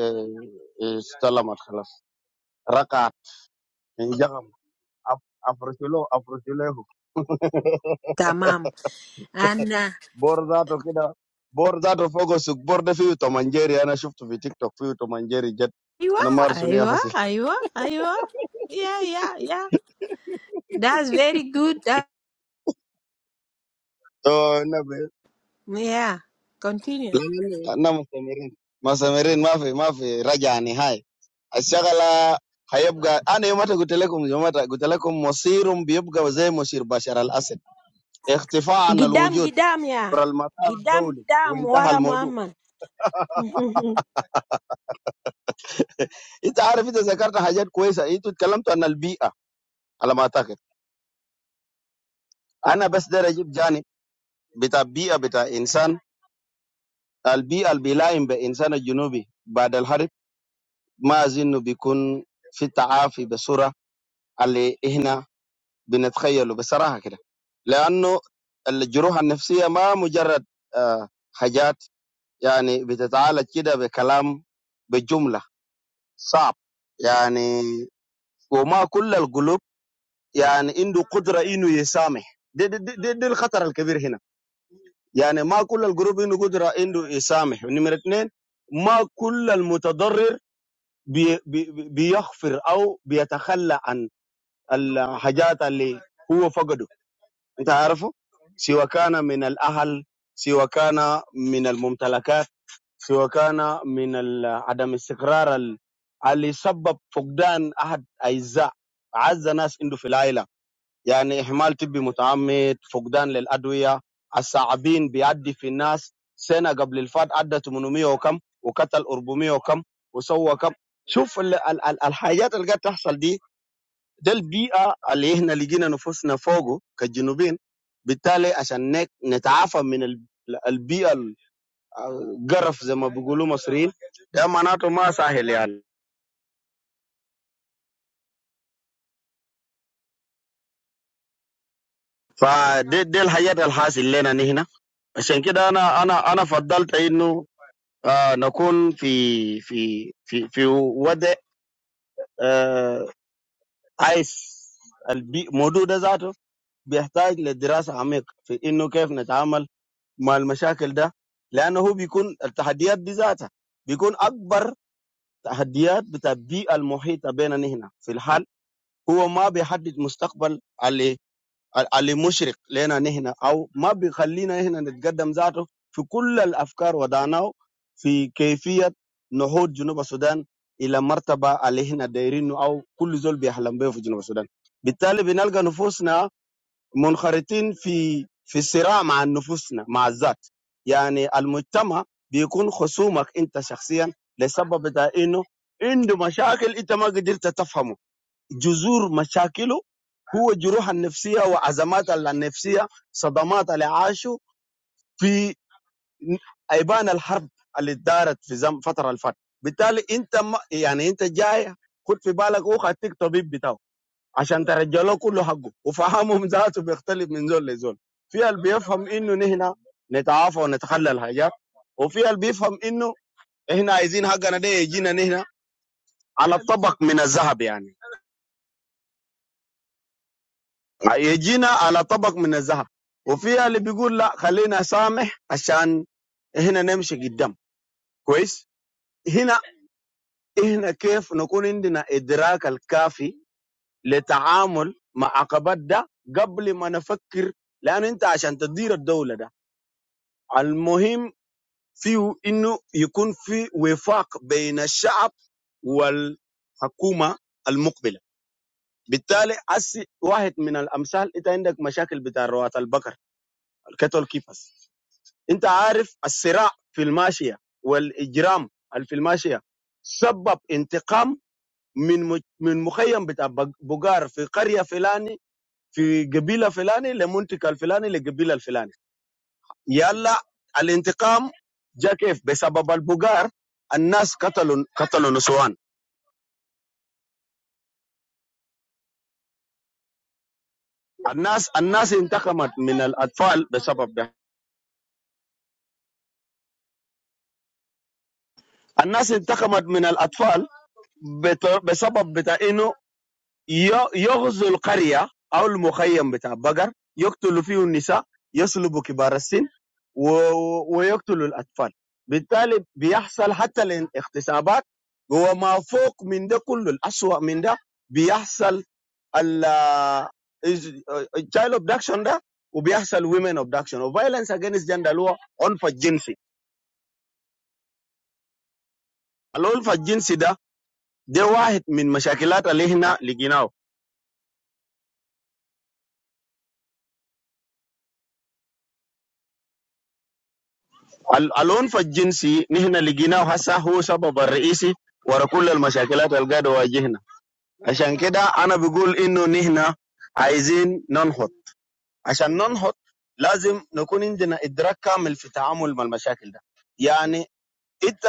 [SPEAKER 5] آه، استلمت خلاص رقعت انجرم أفرشلو أفرشلو
[SPEAKER 4] tamam and uh,
[SPEAKER 5] بور ذاته كده بور ذاته فوق السوق بور ده فيه تومنجيري أنا شفته في تيك توك فيه تومنجيري جد
[SPEAKER 4] aywa
[SPEAKER 5] أنا مارسوني يا
[SPEAKER 4] aywa
[SPEAKER 5] خسي
[SPEAKER 4] aywa aywa yeah yeah yeah that's very good
[SPEAKER 5] أنا
[SPEAKER 4] Yeah. Continue.
[SPEAKER 5] لاننا مستمرين مستمرين ما في ما في رجعه نهائي الشغله هيبقى انا يوم قلت لكم يوم قلت لكم مصيرهم بيبقى زي مصير بشر الاسد اختفاء عن
[SPEAKER 4] Gidam
[SPEAKER 5] الوجود
[SPEAKER 4] Gidam yeah.
[SPEAKER 5] عبر المسار
[SPEAKER 4] Gidam
[SPEAKER 5] الدولي
[SPEAKER 4] Gidam
[SPEAKER 5] وانتهى
[SPEAKER 4] Wara
[SPEAKER 5] الموضوع
[SPEAKER 4] Muhammad.
[SPEAKER 5] انت عارف انت ذكرت حاجات كويسه انتوا اتكلمتوا عن البيئه على ما اعتقد انا بس ده اجيب جانب بتاع البيئه بتاع انسان البيئه اللي بيلائم بانسان الجنوبي بعد الحرب ما اظن بيكون في تعافي بصوره اللي هنا بنتخيله بصراحه كده لانه الجروح النفسيه ما مجرد آه، حاجات يعني بتتعالج كده بكلام بجمله صعب يعني وما كل القلوب يعني عنده قدره انه يسامح دي, دي, دي, دي, دي الخطر الكبير هنا يعني ما كل القلوب عنده قدره انه يسامح ونمره اثنين ما كل المتضرر بي بي بي- بيغفر او بيتخلى عن الحاجات اللي هو فقده انت عارفه سوى كان من الاهل سوى كان من الممتلكات سوى كان من ال- عدم استقرار ال- اللي سبب فقدان احد اجزاء اعز ناس عنده في العائله يعني اهمال طبي متعمد فقدان للادويه الصعبين بيعدي في الناس سنه قبل الفات عدى 800 وكم وقتل 400 وكم وسوى كم شوف ال- ال- ال- الحاجات اللي قاعد تحصل دي ده البيئه اللي احنا لقينا نفوسنا فوقه كجنوبين بالتالي عشان نك- نتعافى من ال- البيئه ال- القرف زي ما بيقولوا مصريين ده معناته ما سهل يعني فدي دي الحاجات الحاصل لنا هنا عشان كده انا انا انا فضلت انه آه نكون في في في في وضع آه عايز البي- الموضوع ده ذاته بيحتاج لدراسه عميقه في انه كيف نتعامل مع المشاكل ده لانه هو بيكون التحديات دي ذاتها بيكون اكبر تحديات بتاع البيئه المحيطه بيننا نحن في الحال هو ما بيحدد مستقبل اللي اللي مشرق لنا نحن او ما بيخلينا نحن نتقدم ذاته في كل الافكار وضعناه في كيفيه نهوض جنوب السودان الى مرتبه اللي احنا دايرينه او كل زول بيحلم به في جنوب السودان بالتالي بنلقى نفوسنا منخرطين في في صراع مع نفوسنا مع الذات يعني المجتمع بيكون خصومك انت شخصيا لسبب بتاع انه عنده مشاكل انت ما قدرت تفهمه جذور مشاكله هو جروح النفسيه وازمات النفسيه صدمات اللي عاشوا في ايبان الحرب اللي دارت في زم فتره الفتره بالتالي انت ما يعني انت جاي خد في بالك اخ اديك طبيب بتاعه عشان ترجع له كله حقه وفهمهم ذاته بيختلف من زول لزول في اللي بيفهم انه نحن نتعافى ونتخلى الحاجات وفي اللي بيفهم انه احنا عايزين حقنا ده يجينا نحن على طبق من الذهب يعني يجينا على طبق من الذهب وفي اللي بيقول لا خلينا سامح عشان احنا نمشي قدام كويس هنا احنا كيف نكون عندنا ادراك الكافي للتعامل مع عقبات ده قبل ما نفكر لان انت عشان تدير الدوله ده المهم فيه انه يكون في وفاق بين الشعب والحكومه المقبله بالتالي أسي واحد من الامثال انت عندك مشاكل بتاع روات البقر الكتل كيفس انت عارف الصراع في الماشيه والاجرام اللي في الماشيه سبب انتقام من مج- من مخيم بتاع بق- بقار في قريه فلاني في قبيله فلاني لمنطقه الفلاني لقبيله الفلاني يلا الانتقام جاء كيف بسبب البقار الناس قتلوا قتلوا نسوان الناس الناس انتقمت من الاطفال بسبب ده الناس انتقمت من الاطفال بت- بسبب بتاع انه ي- يغزو القريه او المخيم بتاع بقر يقتلوا فيه النساء يسلبوا كبار السن و- ويقتلوا الاطفال بالتالي بيحصل حتى الاغتصابات وما فوق من ده كله الاسوأ من ده بيحصل ال آه، is uh, child abduction ده وبيحصل women abduction و violence against gender اللي هو عنف الجنسي العنف الجنسي ده ده واحد من مشاكلات اللي هنا لقيناه ال- العنف الجنسي نحن لقيناه هسه هو سبب الرئيسي ورا كل المشاكلات اللي قاعده واجهنا عشان كده انا بقول انه نحن عايزين ننهض عشان ننهض لازم نكون عندنا ادراك كامل في التعامل مع المشاكل ده يعني انت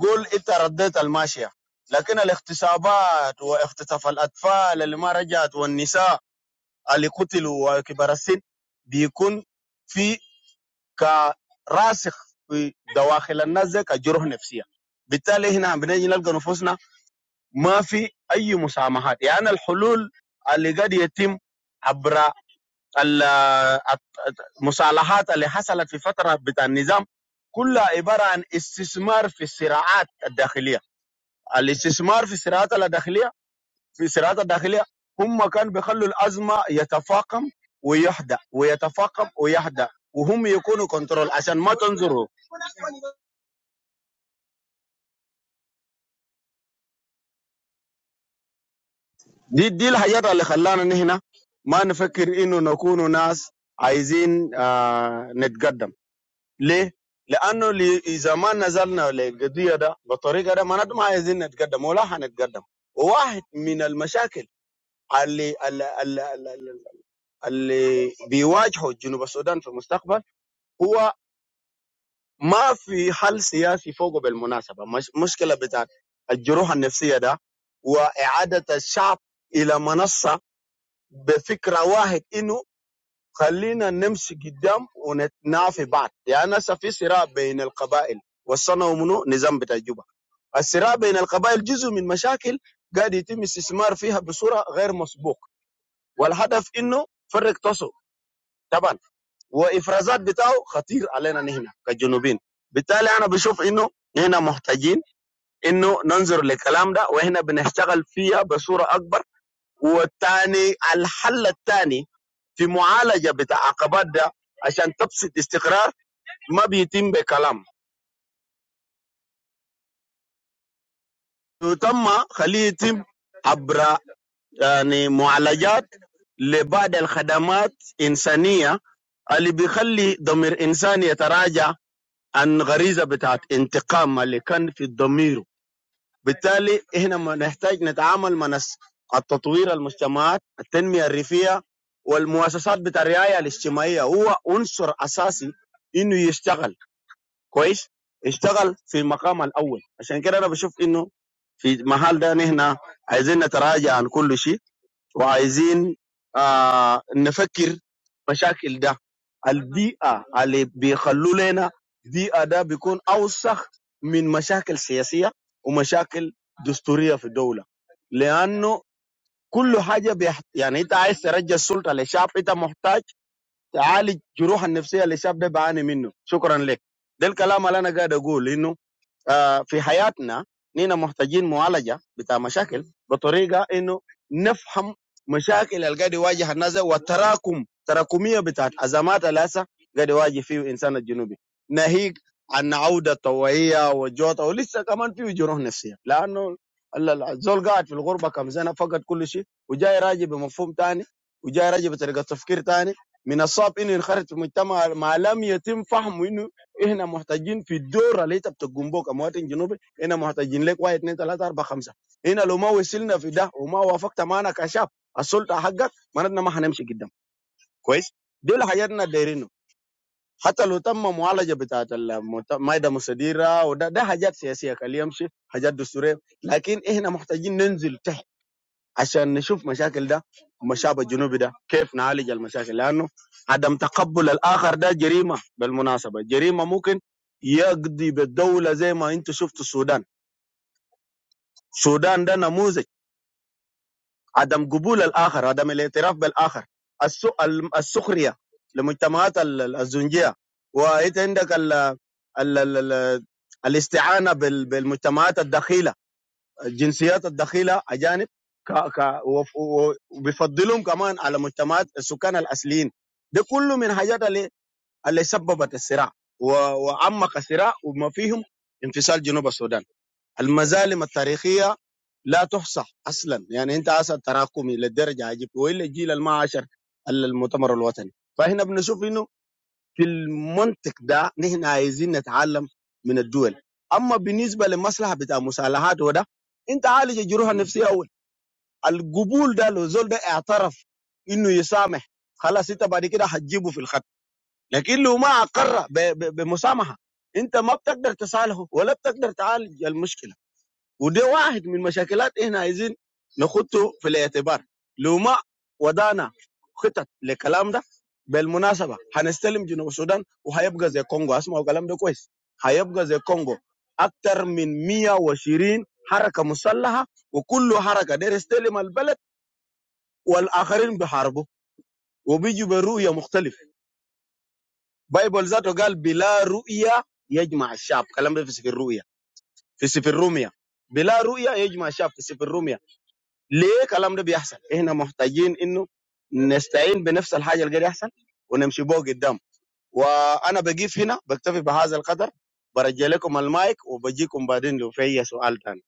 [SPEAKER 5] قول انت رديت الماشيه لكن الاغتصابات واغتصاف الاطفال اللي ما رجعت والنساء اللي قتلوا وكبار السن بيكون في كراسخ في دواخل الناس ده كجروح نفسيه بالتالي هنا بنيجي نلقى نفوسنا ما في اي مسامحات يعني الحلول اللي قد يتم عبر ال- المصالحات اللي حصلت في فتره بتاع النظام كلها عباره عن استثمار في الصراعات الداخليه الاستثمار في الصناعات الداخليه في الصناعات الداخليه هم كانوا بيخلوا الازمه يتفاقم ويحدى ويتفاقم ويحدى وهم يكونوا كنترول عشان ما تنظروا دي دي الحاجات اللي خلانا نحن ما نفكر انه نكون ناس عايزين آه نتقدم ليه؟ لانه لي- اذا ما نزلنا للقضيه ده بالطريقه ده ما ما عايزين نتقدم ولا حنتقدم وواحد من المشاكل اللي اللي بيواجهه جنوب السودان في المستقبل هو ما في حل سياسي فوقه بالمناسبه مش مشكله بتاع الجروح النفسيه ده واعاده الشعب الى منصه بفكره واحد انه خلينا نمشي قدام ونتنافي بعض يعني هسه في صراع بين القبائل وصلنا منو نظام بتاع جوبا الصراع بين القبائل جزء من مشاكل قاعد يتم استثمار فيها بصوره غير مسبوق والهدف انه فرق تصل طبعا وافرازات بتاعه خطير علينا نحن كجنوبين بالتالي انا بشوف انه هنا محتاجين انه ننظر للكلام ده واحنا بنشتغل فيها بصوره اكبر والتاني الحل الثاني في معالجه بتاع عقبات ده عشان تبسط استقرار ما بيتم بكلام يتم خليه يتم عبر يعني معالجات لبعض الخدمات انسانيه اللي بيخلي ضمير انسان يتراجع عن غريزه بتاعت انتقام اللي كان في ضميره بالتالي احنا ما نحتاج نتعامل مع ناس- التطوير المجتمعات التنميه الريفيه والمؤسسات بتاع الرعايه الاجتماعيه هو عنصر اساسي انه يشتغل كويس يشتغل في المقام الاول عشان كده انا بشوف انه في محل ده نحن عايزين نتراجع عن كل شيء وعايزين آه نفكر مشاكل ده البيئة اللي بيخلوا لنا بيئة ده بيكون أوسخ من مشاكل سياسية ومشاكل دستورية في الدولة لأنه كل حاجة بيحت... يعني أنت عايز ترجع السلطة لشعب أنت محتاج تعالج جروح النفسية اللي الشعب ده بيعاني منه شكرا لك ده الكلام اللي أنا قاعد أقول إنه آه، في حياتنا نحن محتاجين معالجه بتاع مشاكل بطريقه انه نفهم مشاكل اللي قاعد يواجه الناس ده والتراكم تراكميه بتاعت ازمات الاسى قاعد يواجه فيه الانسان الجنوبي ناهيك عن عوده طوعيه وجوطه ولسه كمان فيه جروح نفسيه لانه ال- ال- الزول قاعد في الغربه كم سنه فقد كل شيء وجاي راجع بمفهوم تاني وجاي راجع بطريقه تفكير تاني من الصعب انه ينخرط في مجتمع ما لم يتم فهمه انه احنا محتاجين في الدور اللي انت بتقوم بوك كمواطن جنوبي احنا محتاجين لك واحد اثنين ثلاثه اربعه خمسه هنا لو ما وصلنا في ده وما وافقت معنا كشاب السلطه حقك معناتنا ما هنمشي قدام كويس دول حاجاتنا دايرينه حتى لو تم معالجه بتاعت المت- المايده المستديره وده ده حاجات سياسيه خليه يمشي حاجات دستوريه لكن احنا محتاجين ننزل تحت عشان نشوف مشاكل ده والشعب الجنوبي ده كيف نعالج المشاكل لانه عدم تقبل الاخر ده جريمه بالمناسبه جريمه ممكن يقضي بالدوله زي ما انت شفت السودان السودان ده نموذج عدم قبول الاخر عدم الاعتراف بالاخر السو- ال- السخريه لمجتمعات ال- ال- الزنجيه وانت عندك ال ال ال ال الاستعانه بال- بالمجتمعات الدخيله الجنسيات الدخيله اجانب ك... ك... وف- و- وبيفضلهم كمان على مجتمعات السكان الاصليين ده كله من حاجات اللي اللي سببت الصراع و... وعمق الصراع وما فيهم انفصال جنوب السودان المظالم التاريخيه لا تحصى اصلا يعني انت اصلا تراكمي للدرجه عجيب والا الجيل اللي ما عاشر المؤتمر الوطني فهنا بنشوف انه في المنطق ده نحن عايزين نتعلم من الدول اما بالنسبه للمصلحه بتاع مسالحات وده انت عالج الجروح النفسيه اول القبول ده لو زول ده اعترف انه يسامح خلاص انت بعد كده هتجيبه في الخط لكن لو ما اقر ب- ب- بمسامحه انت ما بتقدر تصالحه ولا بتقدر تعالج المشكله وده واحد من مشاكلات احنا عايزين نخطه في الاعتبار لو ما وضعنا خطط للكلام ده بالمناسبه هنستلم جنوب السودان وهيبقى زي كونغو اسمعوا الكلام ده كويس هيبقى زي كونغو اكثر من 120 حركه مسلحه وكل حركه دير يستلم البلد والاخرين بيحاربوا وبيجوا برؤيه مختلف بايبل ذاته قال بلا رؤيه يجمع الشعب كلام ده في سفر الرؤيا في سفر روميا بلا رؤيه يجمع الشعب في سفر روميا ليه الكلام ده بيحصل احنا محتاجين انه نستعين بنفس الحاجه اللي قاعد يحصل ونمشي بوق قدام وانا بقيف هنا بكتفي بهذا القدر برجع لكم المايك وبجيكم بعدين لو في اي سؤال تاني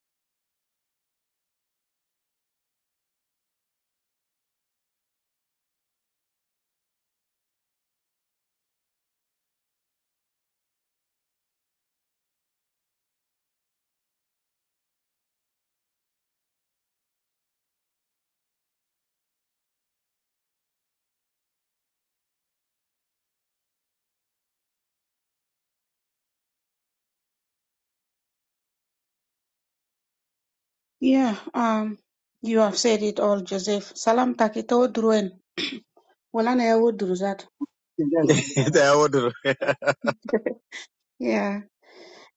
[SPEAKER 3] Yeah, um, you have said it all, Joseph. Salam takito druen. Walana, I would do that.
[SPEAKER 5] انت يا ودر
[SPEAKER 3] Yeah,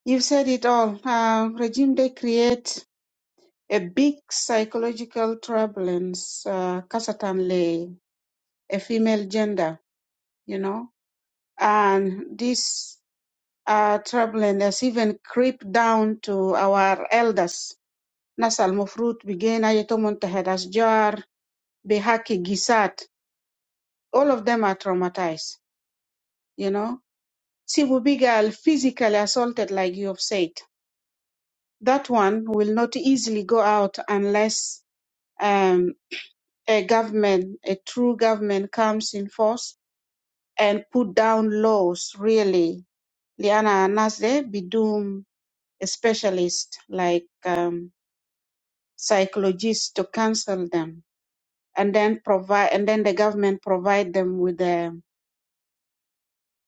[SPEAKER 3] you've said it all. Uh, regime they create a big psychological turbulence, uh, certainly a female gender, you know, and this uh, turbulence has even crept down to our elders. Nasal Mufrut began Ayatomon Tehedas Jar, Behaki Gisat. All of them are traumatized, you know. Sibu Bigal physically assaulted, like you have said that one will not easily go out unless um, a government, a true government, comes in force and put down laws. Really, Liana Nasde Bidum, a specialist like um, psychologists, to counsel them, and then provide, and then the government provide them with the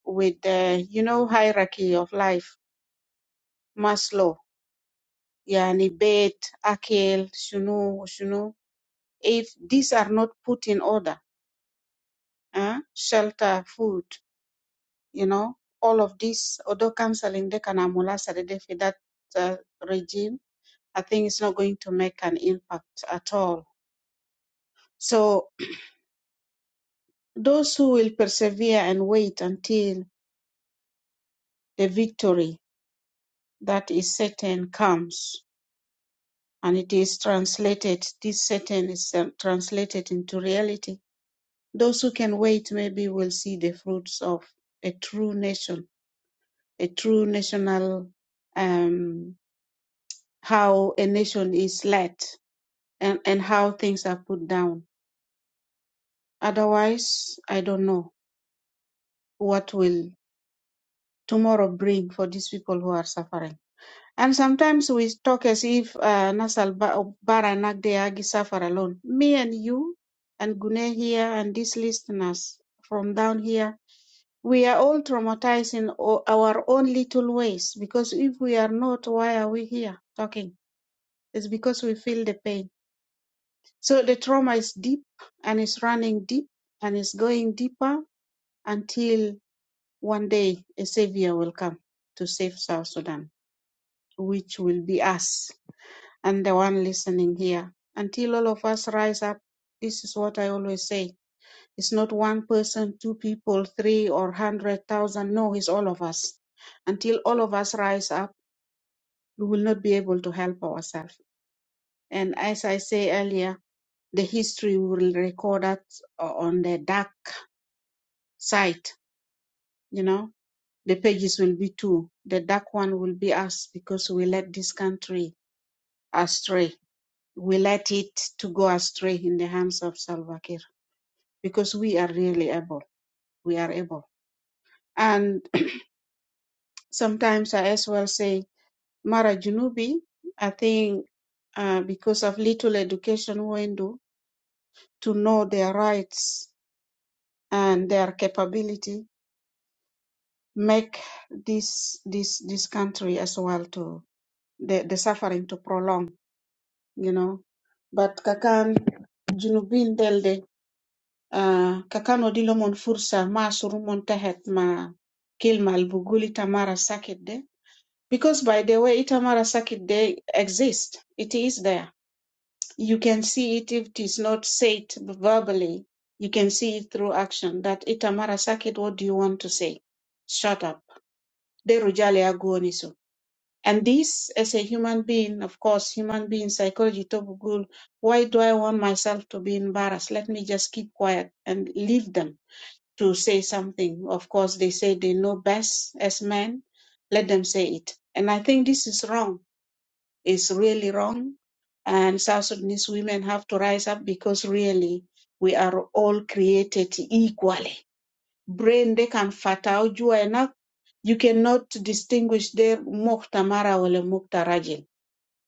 [SPEAKER 3] with the you know hierarchy of life, Maslow, yani Beit, Akil, Shunu, Shunu. If these are not put in order uh, shelter, food, you know, all of this, although counseling they can amulasa with that uh, regime, I think it's not going to make an impact at all. So those who will persevere and wait until the victory that is certain comes, and it is translated, this certain is uh, translated into reality. Those who can wait maybe will see the fruits of a true nation, a true national um, how a nation is led and, and how things are put down. Otherwise, I don't know what will tomorrow bring for these people who are suffering. And sometimes we talk as if uh, Nasal Ba- oh, Bara Nagdeagi suffer alone. Me and you and Gune here and these listeners from down here, we are all traumatized in o- our own little ways because if we are not, why are we here talking? It's because we feel the pain So the trauma is deep and it's running deep and it's going deeper until one day a savior will come to save South Sudan, which will be us and the one listening here. Until all of us rise up, this is what I always say. It's not one person, two people, three or hundred thousand. No, it's all of us. Until all of us rise up, we will not be able to help ourselves. And as I say earlier, the history will record us on the dark site, you know, the pages will be two. The dark one will be us because we let this country astray. We let it to go astray in the hands of Salva Kiir because we are really able. We are able. And sometimes I as well say, Mara Junubi, I think uh, because of little education window to know their rights and their capability, make this this this country as well to the, the suffering to prolong you know but kakan junubin delde uh, kakan wadi lomon fursa ma surumon tahet ma kilma albuguli tamara sakit de because by the way itamara sakit de exist it is there you can see it if it is not said verbally you can see it through action that itamara sakit what do you want to say shut up de rujali aguoniso. And this, as a human being, of course, human being psychology, top Why do I want myself to be embarrassed? Let me just keep quiet and leave them to say something. Of course, they say they know best as men. Let them say it. And I think this is wrong. It's really wrong. And South Sudanese women have to rise up because really we are all created equally. Brain they can fat out you are not. You cannot distinguish their mukta mara wale mukta rajil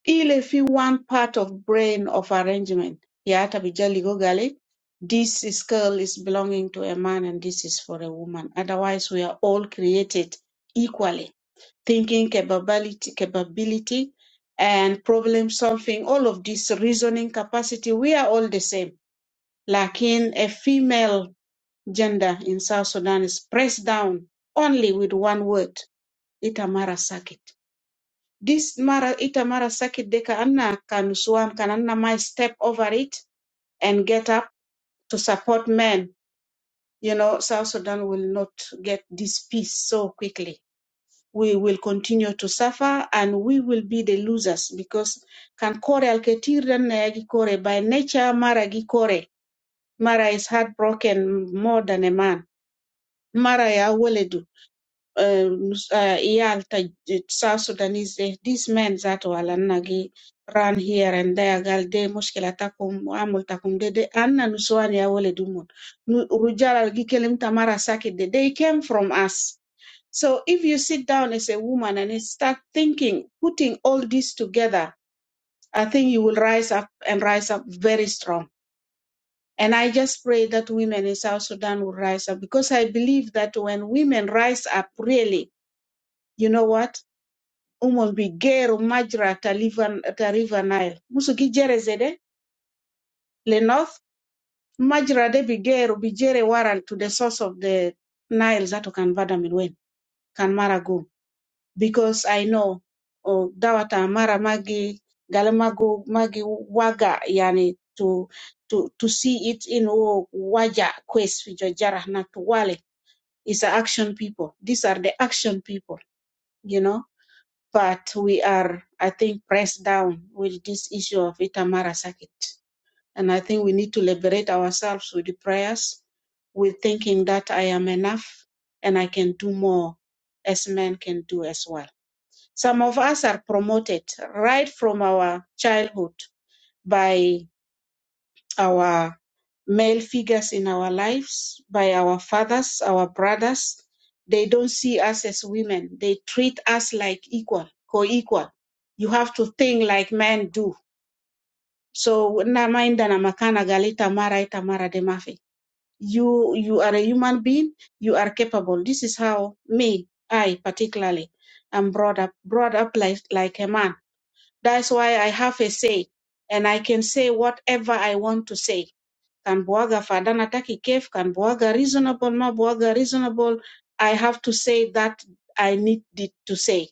[SPEAKER 3] ile fi one part of brain of arrangement ya hata bijali go gale this skull is belonging to a man and this is for a woman otherwise we are all created equally thinking capability capability and problem solving all of this reasoning capacity we are all the same lakin a female gender in south sudan is pressed down only with one word ita this mara ita mara sakit de ka anna kan swan can anna might step over it and get up to support men you know south sudan will not get this peace so quickly we will continue to suffer and we will be the losers because kan kore alketir dan na yagi kore by nature mara gi kore mara is heartbroken more than a man mara ya weledu um, uh, yal ta South Sudanese eh, these men that walanagi run here and there gal de mushkila takum amul takum de de anna nuswani ya wale dumon Nu- rujala gi kelim tamara sakit de they came from us so if you sit down as a woman and you start thinking putting all this together i think you will rise up and rise up very strong and I just pray that women in South Sudan will rise up because I believe that when women rise up, really, you know what? umon bi geru majra ta liver ta river nile musu gi jere zede le north majra de bi geru bi jere waran to the source of the nile zato kan vada min kan mara go because i know oh, dawata mara magi gale magu magi waga yani to to to see it in wo waja quest fi jojara na to wale is a action people these are the action people you know but we are, I think, pressed down with this issue of Itamara Circuit. And I think we need to liberate ourselves with the prayers, with thinking that I am enough and I can do more as men can do as well. Some of us are promoted right from our childhood by our male figures in our lives by our fathers, our brothers. They don't see us as women. They treat us like equal, co-equal. You have to think like men do. So na maenda na makana galita mara ita mara de mafi. You you are a human being. You are capable. This is how me, I particularly, am brought up brought up like like a man. That's why I have a say, and I can say whatever I want to say can Boaga Fadana Taki kef can Boaga reasonable, ma Boaga reasonable. I have to say that I need it to say.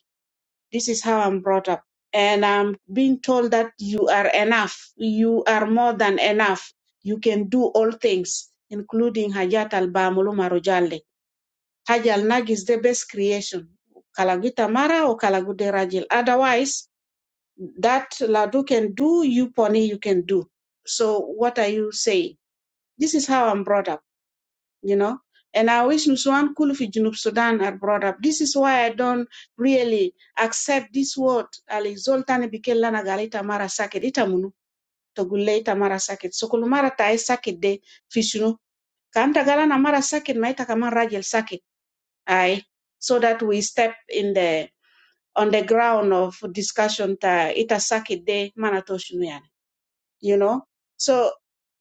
[SPEAKER 3] This is how I'm brought up. And I'm being told that you are enough. You are more than enough. You can do all things, including Hajat al Bamulu Marujale. Haj al Nag is the best creation. Kalagita Mara or Kalagude Rajil. Otherwise, that Ladu can do, you Pony, you can do. So what are you saying? This is how I'm brought up you know. And I wish Nusuan Kulu fi Junub Sudan are brought up. This is why I don't really accept this word. Ali Zoltani Bikella Nagalita Mara Sakit Itamunu, Togule Itamara Sakit. So Kulumara Tai Sakit de Fishunu. Kanta Galana Mara Sakit, Maita Kaman Rajel Sakit. Aye. So that we step in the on the ground of discussion ta ita sakit de manatoshunu yani. You know? So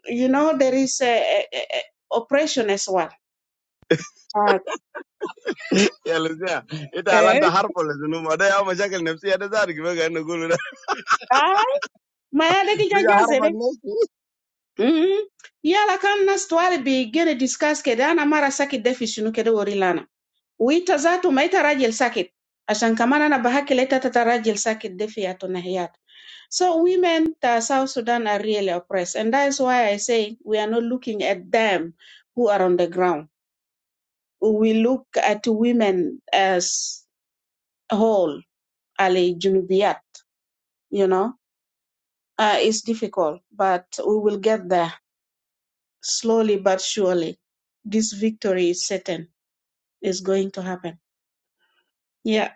[SPEAKER 3] you know there is a, a, a a oppression as well.
[SPEAKER 5] يا لسيا انت على
[SPEAKER 3] Uh,
[SPEAKER 5] انت حرب ولا شنو ما ده يا مشاكل نفسيه ده زارك بقى نقول ده
[SPEAKER 3] Ay, maya deki
[SPEAKER 5] بقى
[SPEAKER 3] jajazere.
[SPEAKER 5] حرب
[SPEAKER 3] Hmm. Yala kan nas twali bi gene discuss kede ana mara sakit defi shunu kede wori lana. Uita zatu maita rajil sakit. Ashan kamana na bahaki leta tata rajil sakit defi yato na hiyat. So women ta South Sudan are really oppressed. And that is why I say we are not looking at them who are on the ground. We look at women as a whole, ali junubiyat, you know. Uh, it's difficult, but we will get there. slowly but surely, this victory is certain, is going to happen. Yeah.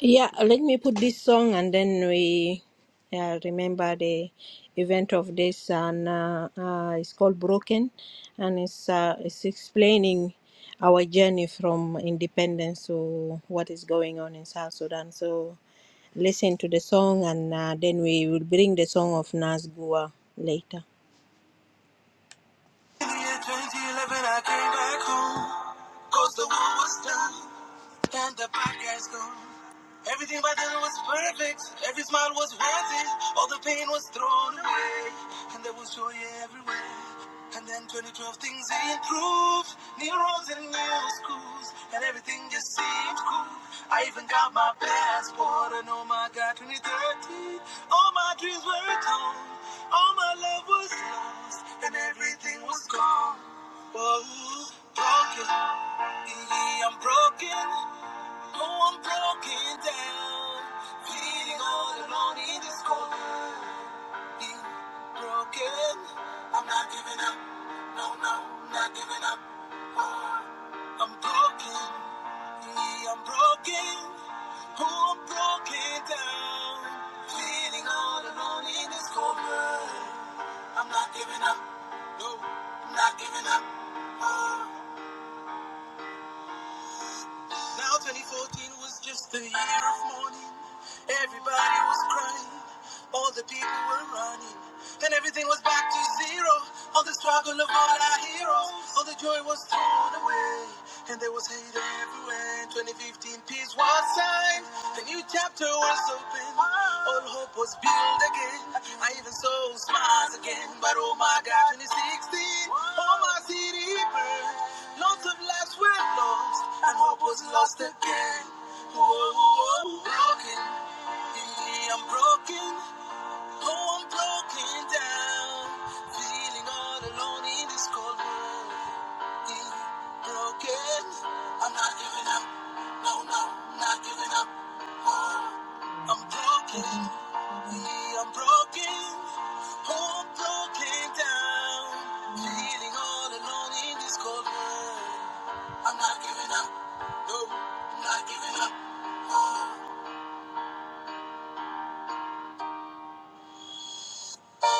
[SPEAKER 4] yeah, let me put this song and then we uh, remember the event of this and uh, uh, it's called Broken and it's uh, it's explaining our journey from independence to what is going on in South Sudan. So listen to the song and uh, then we will bring the song of Nazgua later. the year 2011, I came back home. Cause the war was done and the bad guys gone. Everything by then was perfect. Every smile was worth it. All the pain was thrown away. And there was joy everywhere. And then 2012 things improved. New roads and new schools. And everything just seemed cool. I even got my passport. And oh my God, 2013. All my dreams were gone. All my love was lost collapsed and everything was gone. Whoa, broken. Yeah, I'm broken. Oh, I'm broken down. Feeling all alone in this cold be broken. I'm not giving up. No, no, not giving up. Oh, I'm broken. Yeah, I'm broken. Oh, I'm broken down. Feeling all alone in this cold world. I'm not giving up. No, I'm not giving up. Oh. Now 2014 was just a year of mourning. Everybody was crying. All the people were running. And everything was back to zero. All the struggle of all our heroes. All the joy was thrown away. And there was hate everywhere. 2015, peace was signed. The new chapter was open. All hope was built again. I even saw smiles again. But oh my God, 2016, oh my city burned thousands of lives were lost, and hope was lost again. Whoa, whoa, whoa. Broken, in me I'm broken. Oh, I'm broken down, feeling all alone in this cold world. Broken, I'm not giving up. No, no, not giving up. Oh, I'm broken. Yeah, I'm broken. Oh, I'm broken down, feeling all alone in this cold world. I'm not giving up. No, not giving up. Oh.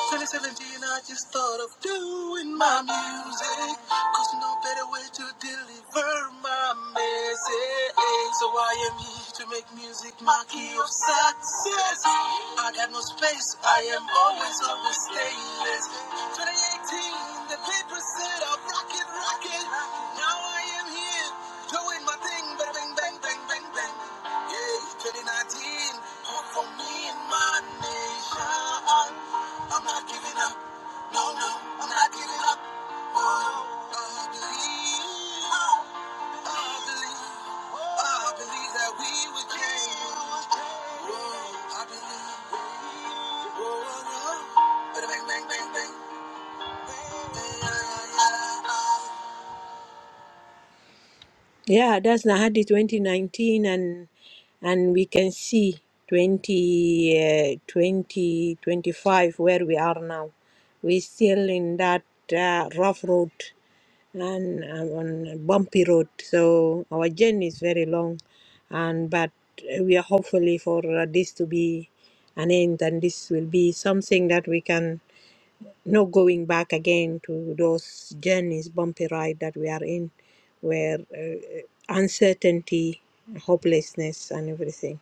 [SPEAKER 4] 2017, I just thought of doing my music, 'cause no better way to deliver my message. So I am here to make music my key of success. I got no space, I am always, on the stainless. 2018, the paper said I'm rockin', rockin'. Now I am here doing my thing, bang, bang, bang. Bang, bang, bang, bang. Yeah, 2019. Come for me and my nation. I'm not giving up. No, no, I'm not giving up. Oh, I believe. oh, I believe. oh, I believe that we will change. Oh, I believe. Oh, oh, oh. Bang, bang, bang, bang. Yeah, yeah, yeah. Yeah, that's Nahadi 2019, and and we can see 20, uh, 20, twenty-five where we are now. We're still in that uh, rough road and um, on a bumpy road, so our journey is very long, and but we are hopefully for uh, this to be an end, and this will be something that we can no going back again to those journeys, bumpy ride that we are in, where uh, uh, uncertainty, hopelessness, and everything.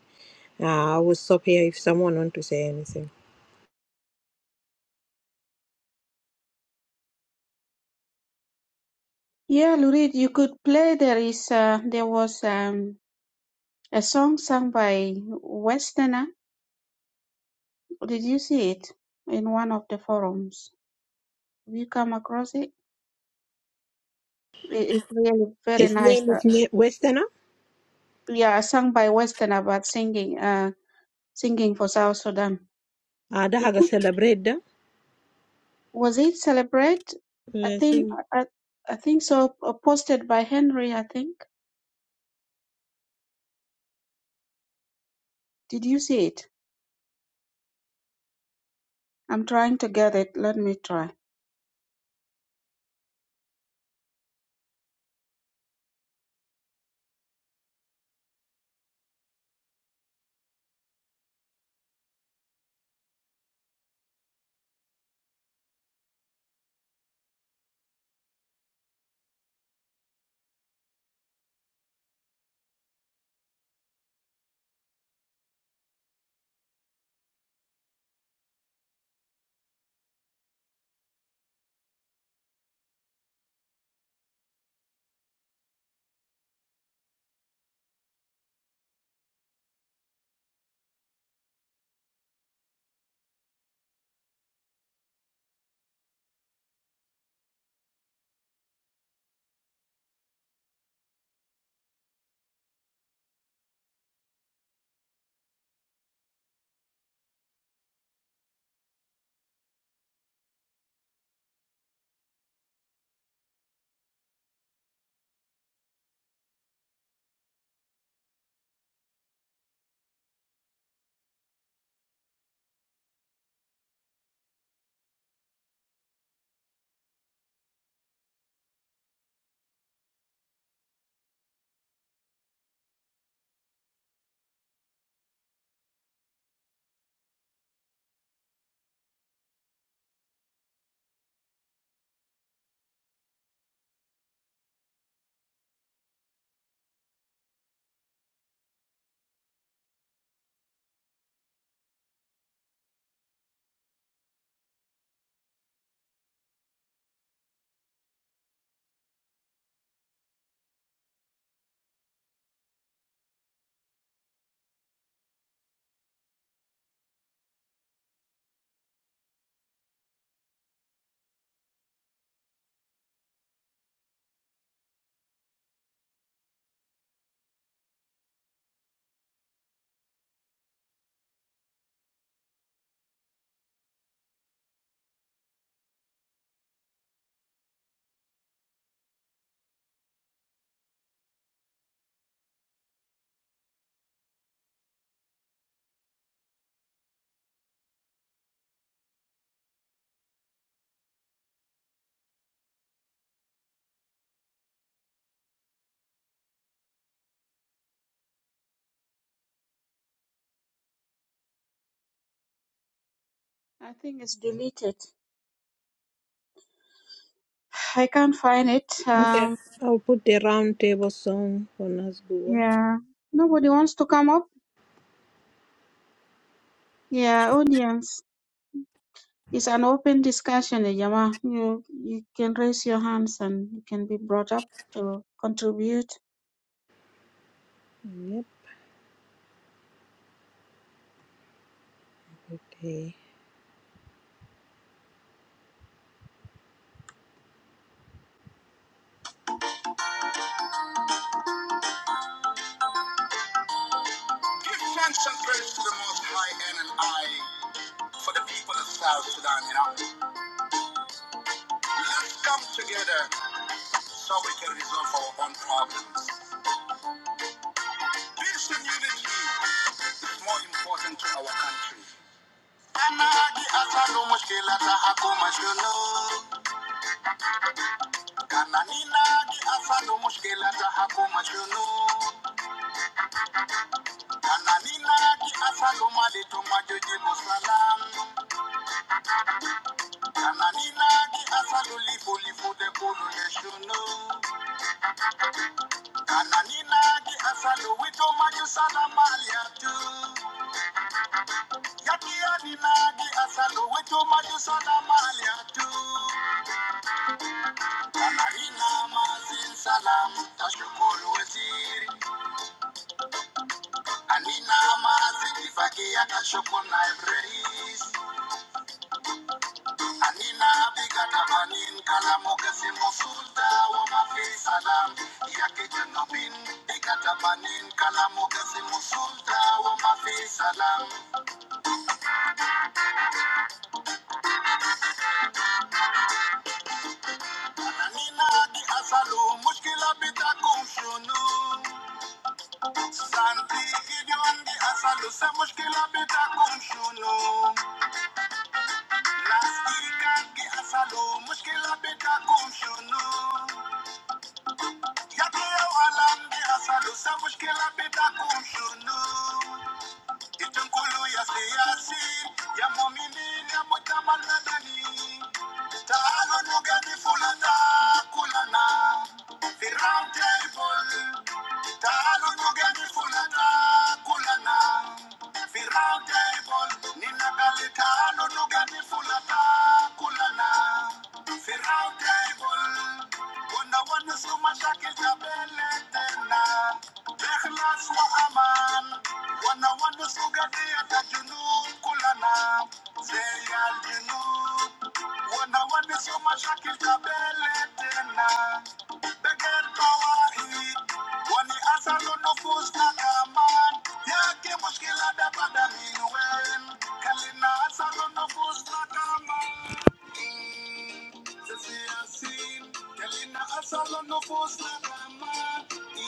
[SPEAKER 4] Uh, I will stop here if someone want to say anything.
[SPEAKER 3] Yeah, Lurid, you could play. There is, uh, there was um, a song sung by Westerner. Did you see it in one of the forums? Have you come across it? it it's really very
[SPEAKER 4] His
[SPEAKER 3] nice.
[SPEAKER 4] name
[SPEAKER 3] Uh,
[SPEAKER 4] is Ne- Westerner.
[SPEAKER 3] yeah, sung by Westerner, but singing, uh, singing for South Sudan.
[SPEAKER 4] Uh, that
[SPEAKER 3] It
[SPEAKER 4] had a
[SPEAKER 3] could-
[SPEAKER 4] celebrate that.
[SPEAKER 3] Was it Celebrate? I
[SPEAKER 4] Uh,
[SPEAKER 3] think,
[SPEAKER 4] sing.
[SPEAKER 3] I, I I think so. uh, Posted by Henry, I think. Did you see it? I'm trying to get it. Let me try. I think it's deleted. I can't find it.
[SPEAKER 4] Okay.
[SPEAKER 3] Um,
[SPEAKER 4] I'll put the round table song for Nasgua.
[SPEAKER 3] yeah. Nobody wants to come up. Yeah, audience. It's an open discussion, eh, Jama. You you can raise your hands and you can be brought up to contribute.
[SPEAKER 4] Yep. Okay. Give thanks and praise to the Most High and an eye for the people of South Sudan. You know, let's come together so we can resolve our own problems. Peace and unity is more important to our country. Kana gi asano mushkila ta hakuma shunu. Kana nina gi asano mushkila ta hakuma shunu. Kana nina gi asano malito majoji musalam. Kana nina gi asano lifu lifu de kulu le shunu. Kana nina gi asano wito maju salam aliatu. Yakiadinagi asalo wetu maju salama aliatu Anarina mazin salam tashukuru waziri Anina mazin kifagia tashukuru naibu rais Anina biga tabanin kalamu kasimo sulta wa mafi salam Yaki janubin biga tabanin kalamu kasimo sulta wa mafi salam Ananina di asalu mushkila bitakum shunu Santi idion di asalu sa muskilabida kunshunu. Naski kagdi asalu muskilabida kunshunu. Yatiyau alam di asalu sa muskilabida kunshunu. Itunkulu ya siyasi ya mwamini ya mwikamana ndani tano nugani fulana kulana the round table tano nugani fulana kulana the round table ninagali tano nugani fulana kulana the round table Wanawana suma shakil aswa aman wanawanusugatia tajunub kulana zeyal junub wanawanisoma shakil kabele tena begel tawahid wani asalu nufus na kaman yake mushkila da badamin wen kalina asalu nufus na kaman Yasin, Kalina Asalo no force na kama,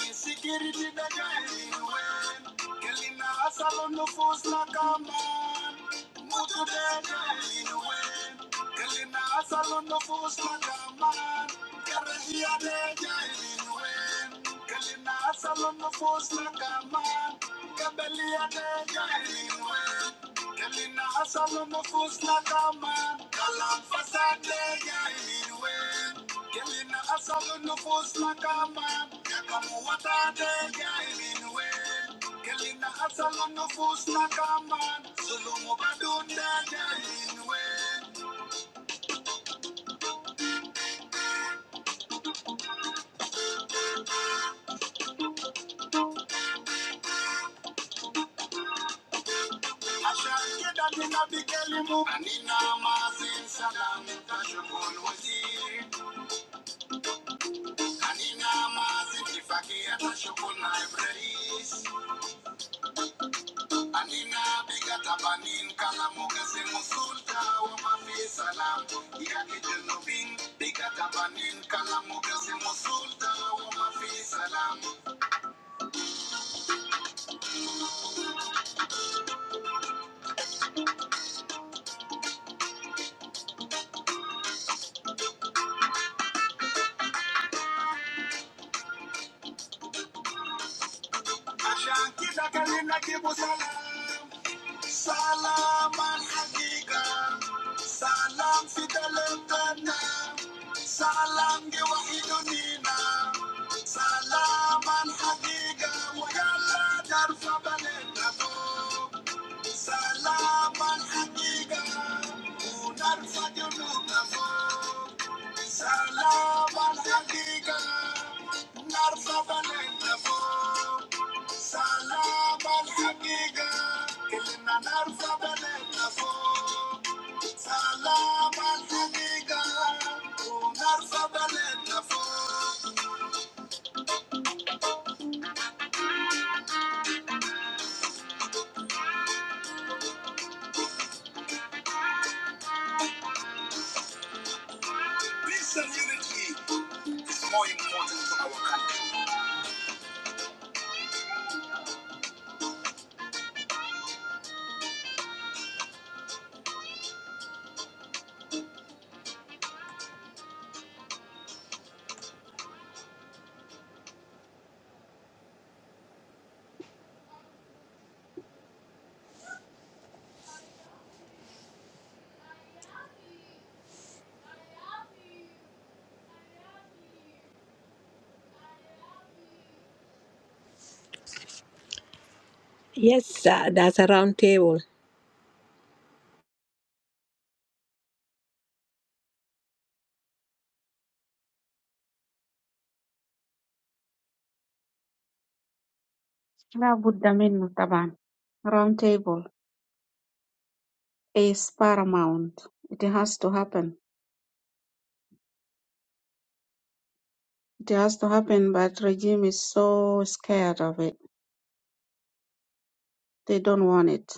[SPEAKER 4] insecurity da gaiwen. Kalina Asalo no force na kama, mutu da gaiwen. Kalina Asalo no force na kama, karagia da gaiwen. Kalina Asalo no force na kama. Kabelia deja ilwe. Kelina hasalo mufus na kama. Kalam fasade ya ilwe. Kelina hasalo nufus na kama. Yakamu watade ya ilwe. Kelina hasalo nufus na kama. Zulumu badunde ya ilwe. Ashanke dani na bikelimu. Anina mazin salam. Tashukul Anina mazi kifaki ata shoko na ebreis. Anina biga tabanin kalamu kese musulta wa mafi salam. Iya kijenubin biga tabanin kalamu kese musulta wa salam. Ashan kita kalina kibu salam. Salamat hagigang salam si daltona salam gawain din na salamat hagigang wala narin sa paninagpo salamat hagigang unar sa kinung na po salamat hagigang narin sa paninagpo. سلام الحقيقة كلنا نرفع بلدنا فوق سلام الحقيقة ونرفع بلدنا فوق Peace and unity is more important to our country. Yes, uh, that's a round table.
[SPEAKER 3] La budda minnu taban. Round table is paramount. It has to happen. It has to happen, but regime is so scared of it. They don't want it.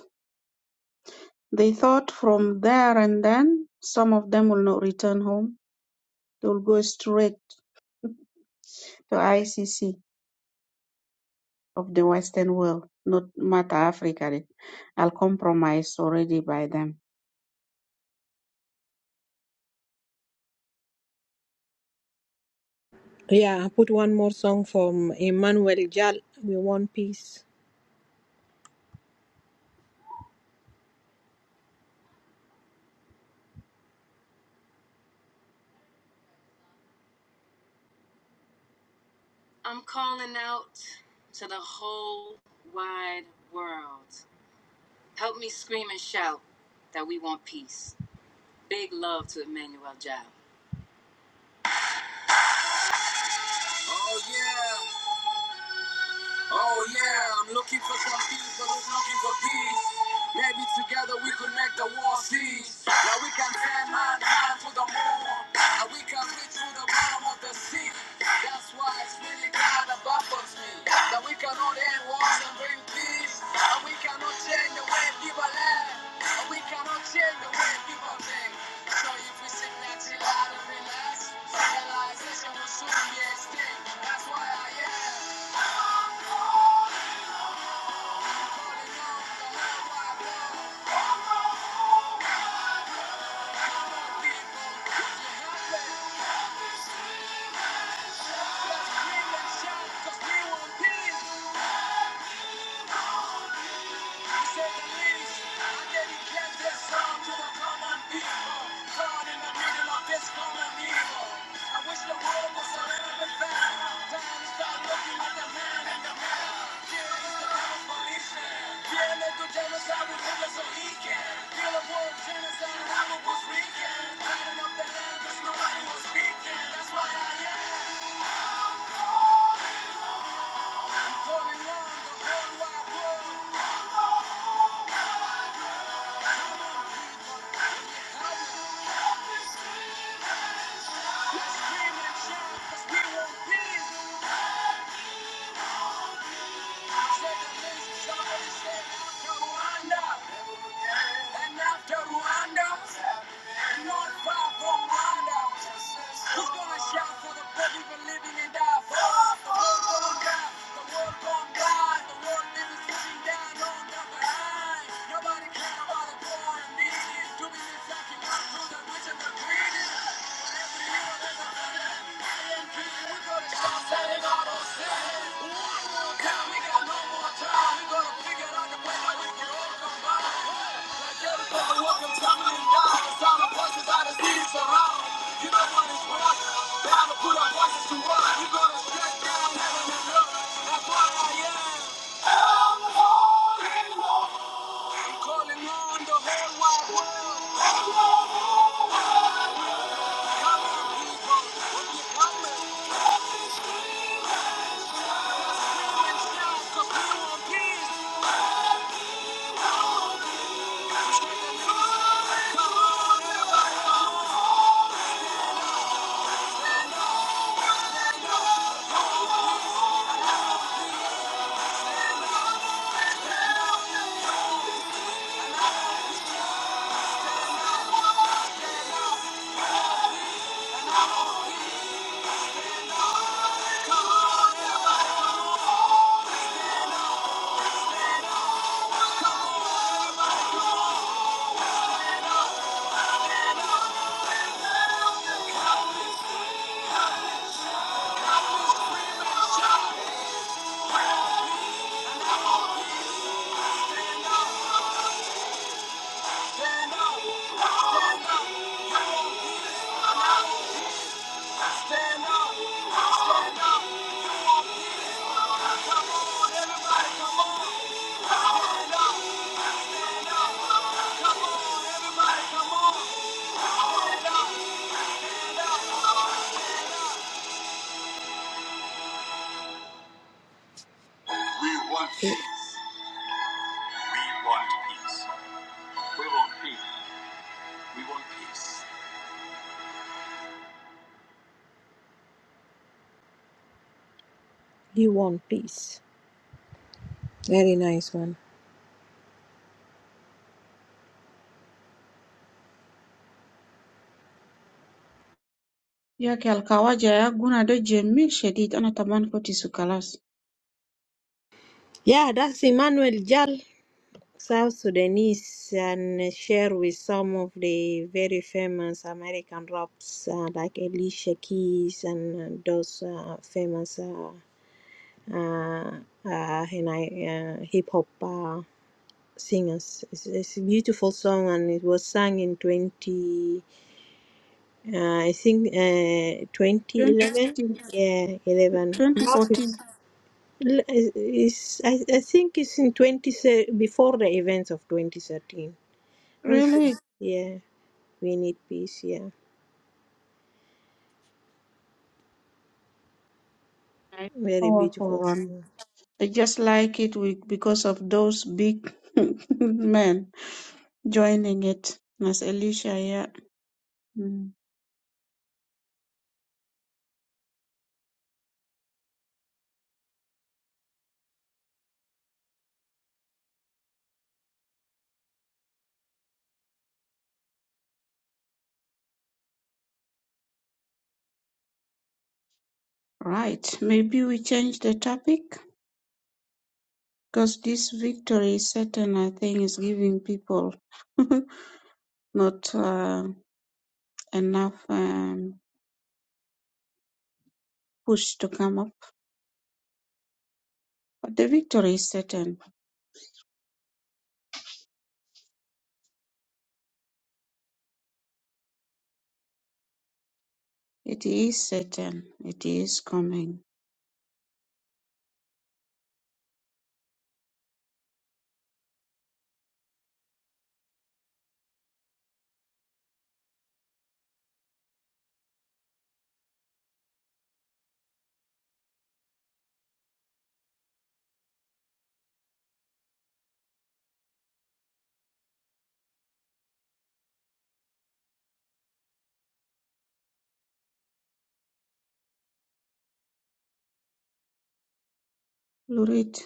[SPEAKER 3] They thought from there and then some of them will not return home. They will go straight to ICC of the Western world, not matter Africa. de. I'll compromise already by them.
[SPEAKER 4] Yeah, put one more song from Emmanuel Jal. We want peace. Oh yeah. Oh yeah, I'm looking for some peace, but I'm looking for peace? Maybe together we could make the war cease. Now we can send man high to the moon, and we can reach to the bottom of the sea. That's why it's really kind of baffles me that we cannot end wars and bring peace, and we cannot change the way people live, and we cannot change the way people think. So if we sit next to and relax, civilization will soon be extinct. That's why I am. We got no more time. We gotta figure out the way that we can all combine. We We We want want want peace. peace. peace. peace. You want peace. Very nice one.
[SPEAKER 3] ياك يا الكواجع يا جونة ده جميل شديد أنا طبعا كنت سكلاس
[SPEAKER 4] Yeah, that's Emmanuel Jal, South Sudanese, and share with some of the very famous American raps uh, like Alicia Keys and uh, those uh, famous uh, uh, uh, and I, uh, hip hop uh, singers. It's, it's a beautiful song, and it was sung in twenty, uh, I think, uh, twenty eleven.
[SPEAKER 3] 2015
[SPEAKER 4] Yeah, eleven.
[SPEAKER 3] 2014
[SPEAKER 4] L- Is I, I think it's in 20 thir- before the events of 2013. Don't you- Ah.
[SPEAKER 3] really
[SPEAKER 4] yeah, we need peace. Yeah,
[SPEAKER 3] a
[SPEAKER 4] very
[SPEAKER 3] powerful
[SPEAKER 4] beautiful
[SPEAKER 3] one
[SPEAKER 4] song.
[SPEAKER 3] I just like it with, because of those big men joining it Nas Elisha yeah Mm. Right, maybe we change the topic because this victory certain. I think, is giving people not uh, enough um, push to come up. But the victory is certain. It is certain. It is coming. Lurid.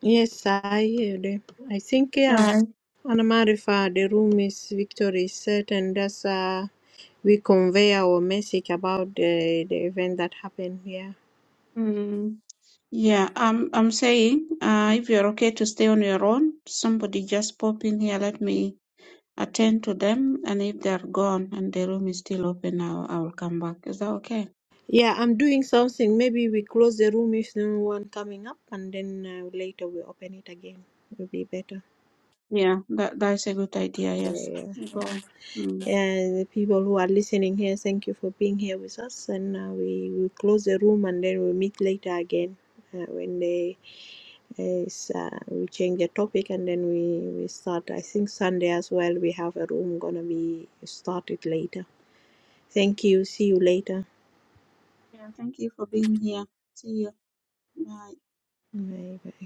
[SPEAKER 4] Yes, I hear them. I think yeah.
[SPEAKER 3] Right.
[SPEAKER 4] Anamarifa, the room is victory is set, and that's uh, we convey our message about the the event that happened. Yeah,
[SPEAKER 3] Mm, yeah, I'm. I'm saying, uh, if you're okay to stay on your own, somebody just pop in here. Let me attend to them, and if they're gone and the room is still open, I'll, I'll come back. Is that okay?
[SPEAKER 4] yeah. I'm doing something. Maybe we close the room if no one coming up, and then uh, later we open it again. it Will be better.
[SPEAKER 3] Yeah, that that's a good idea. Yes. Go on. Mm.
[SPEAKER 4] and the people who are listening here, thank you for being here with us. And uh, we will close the room and then we'll meet later again uh, when they is, uh, we change the topic and then we, we start. I think Sunday as well, we have a room going to be started later. Thank you. See you later.
[SPEAKER 3] Yeah. Thank you for being here. See you. Bye.
[SPEAKER 4] Bye bye.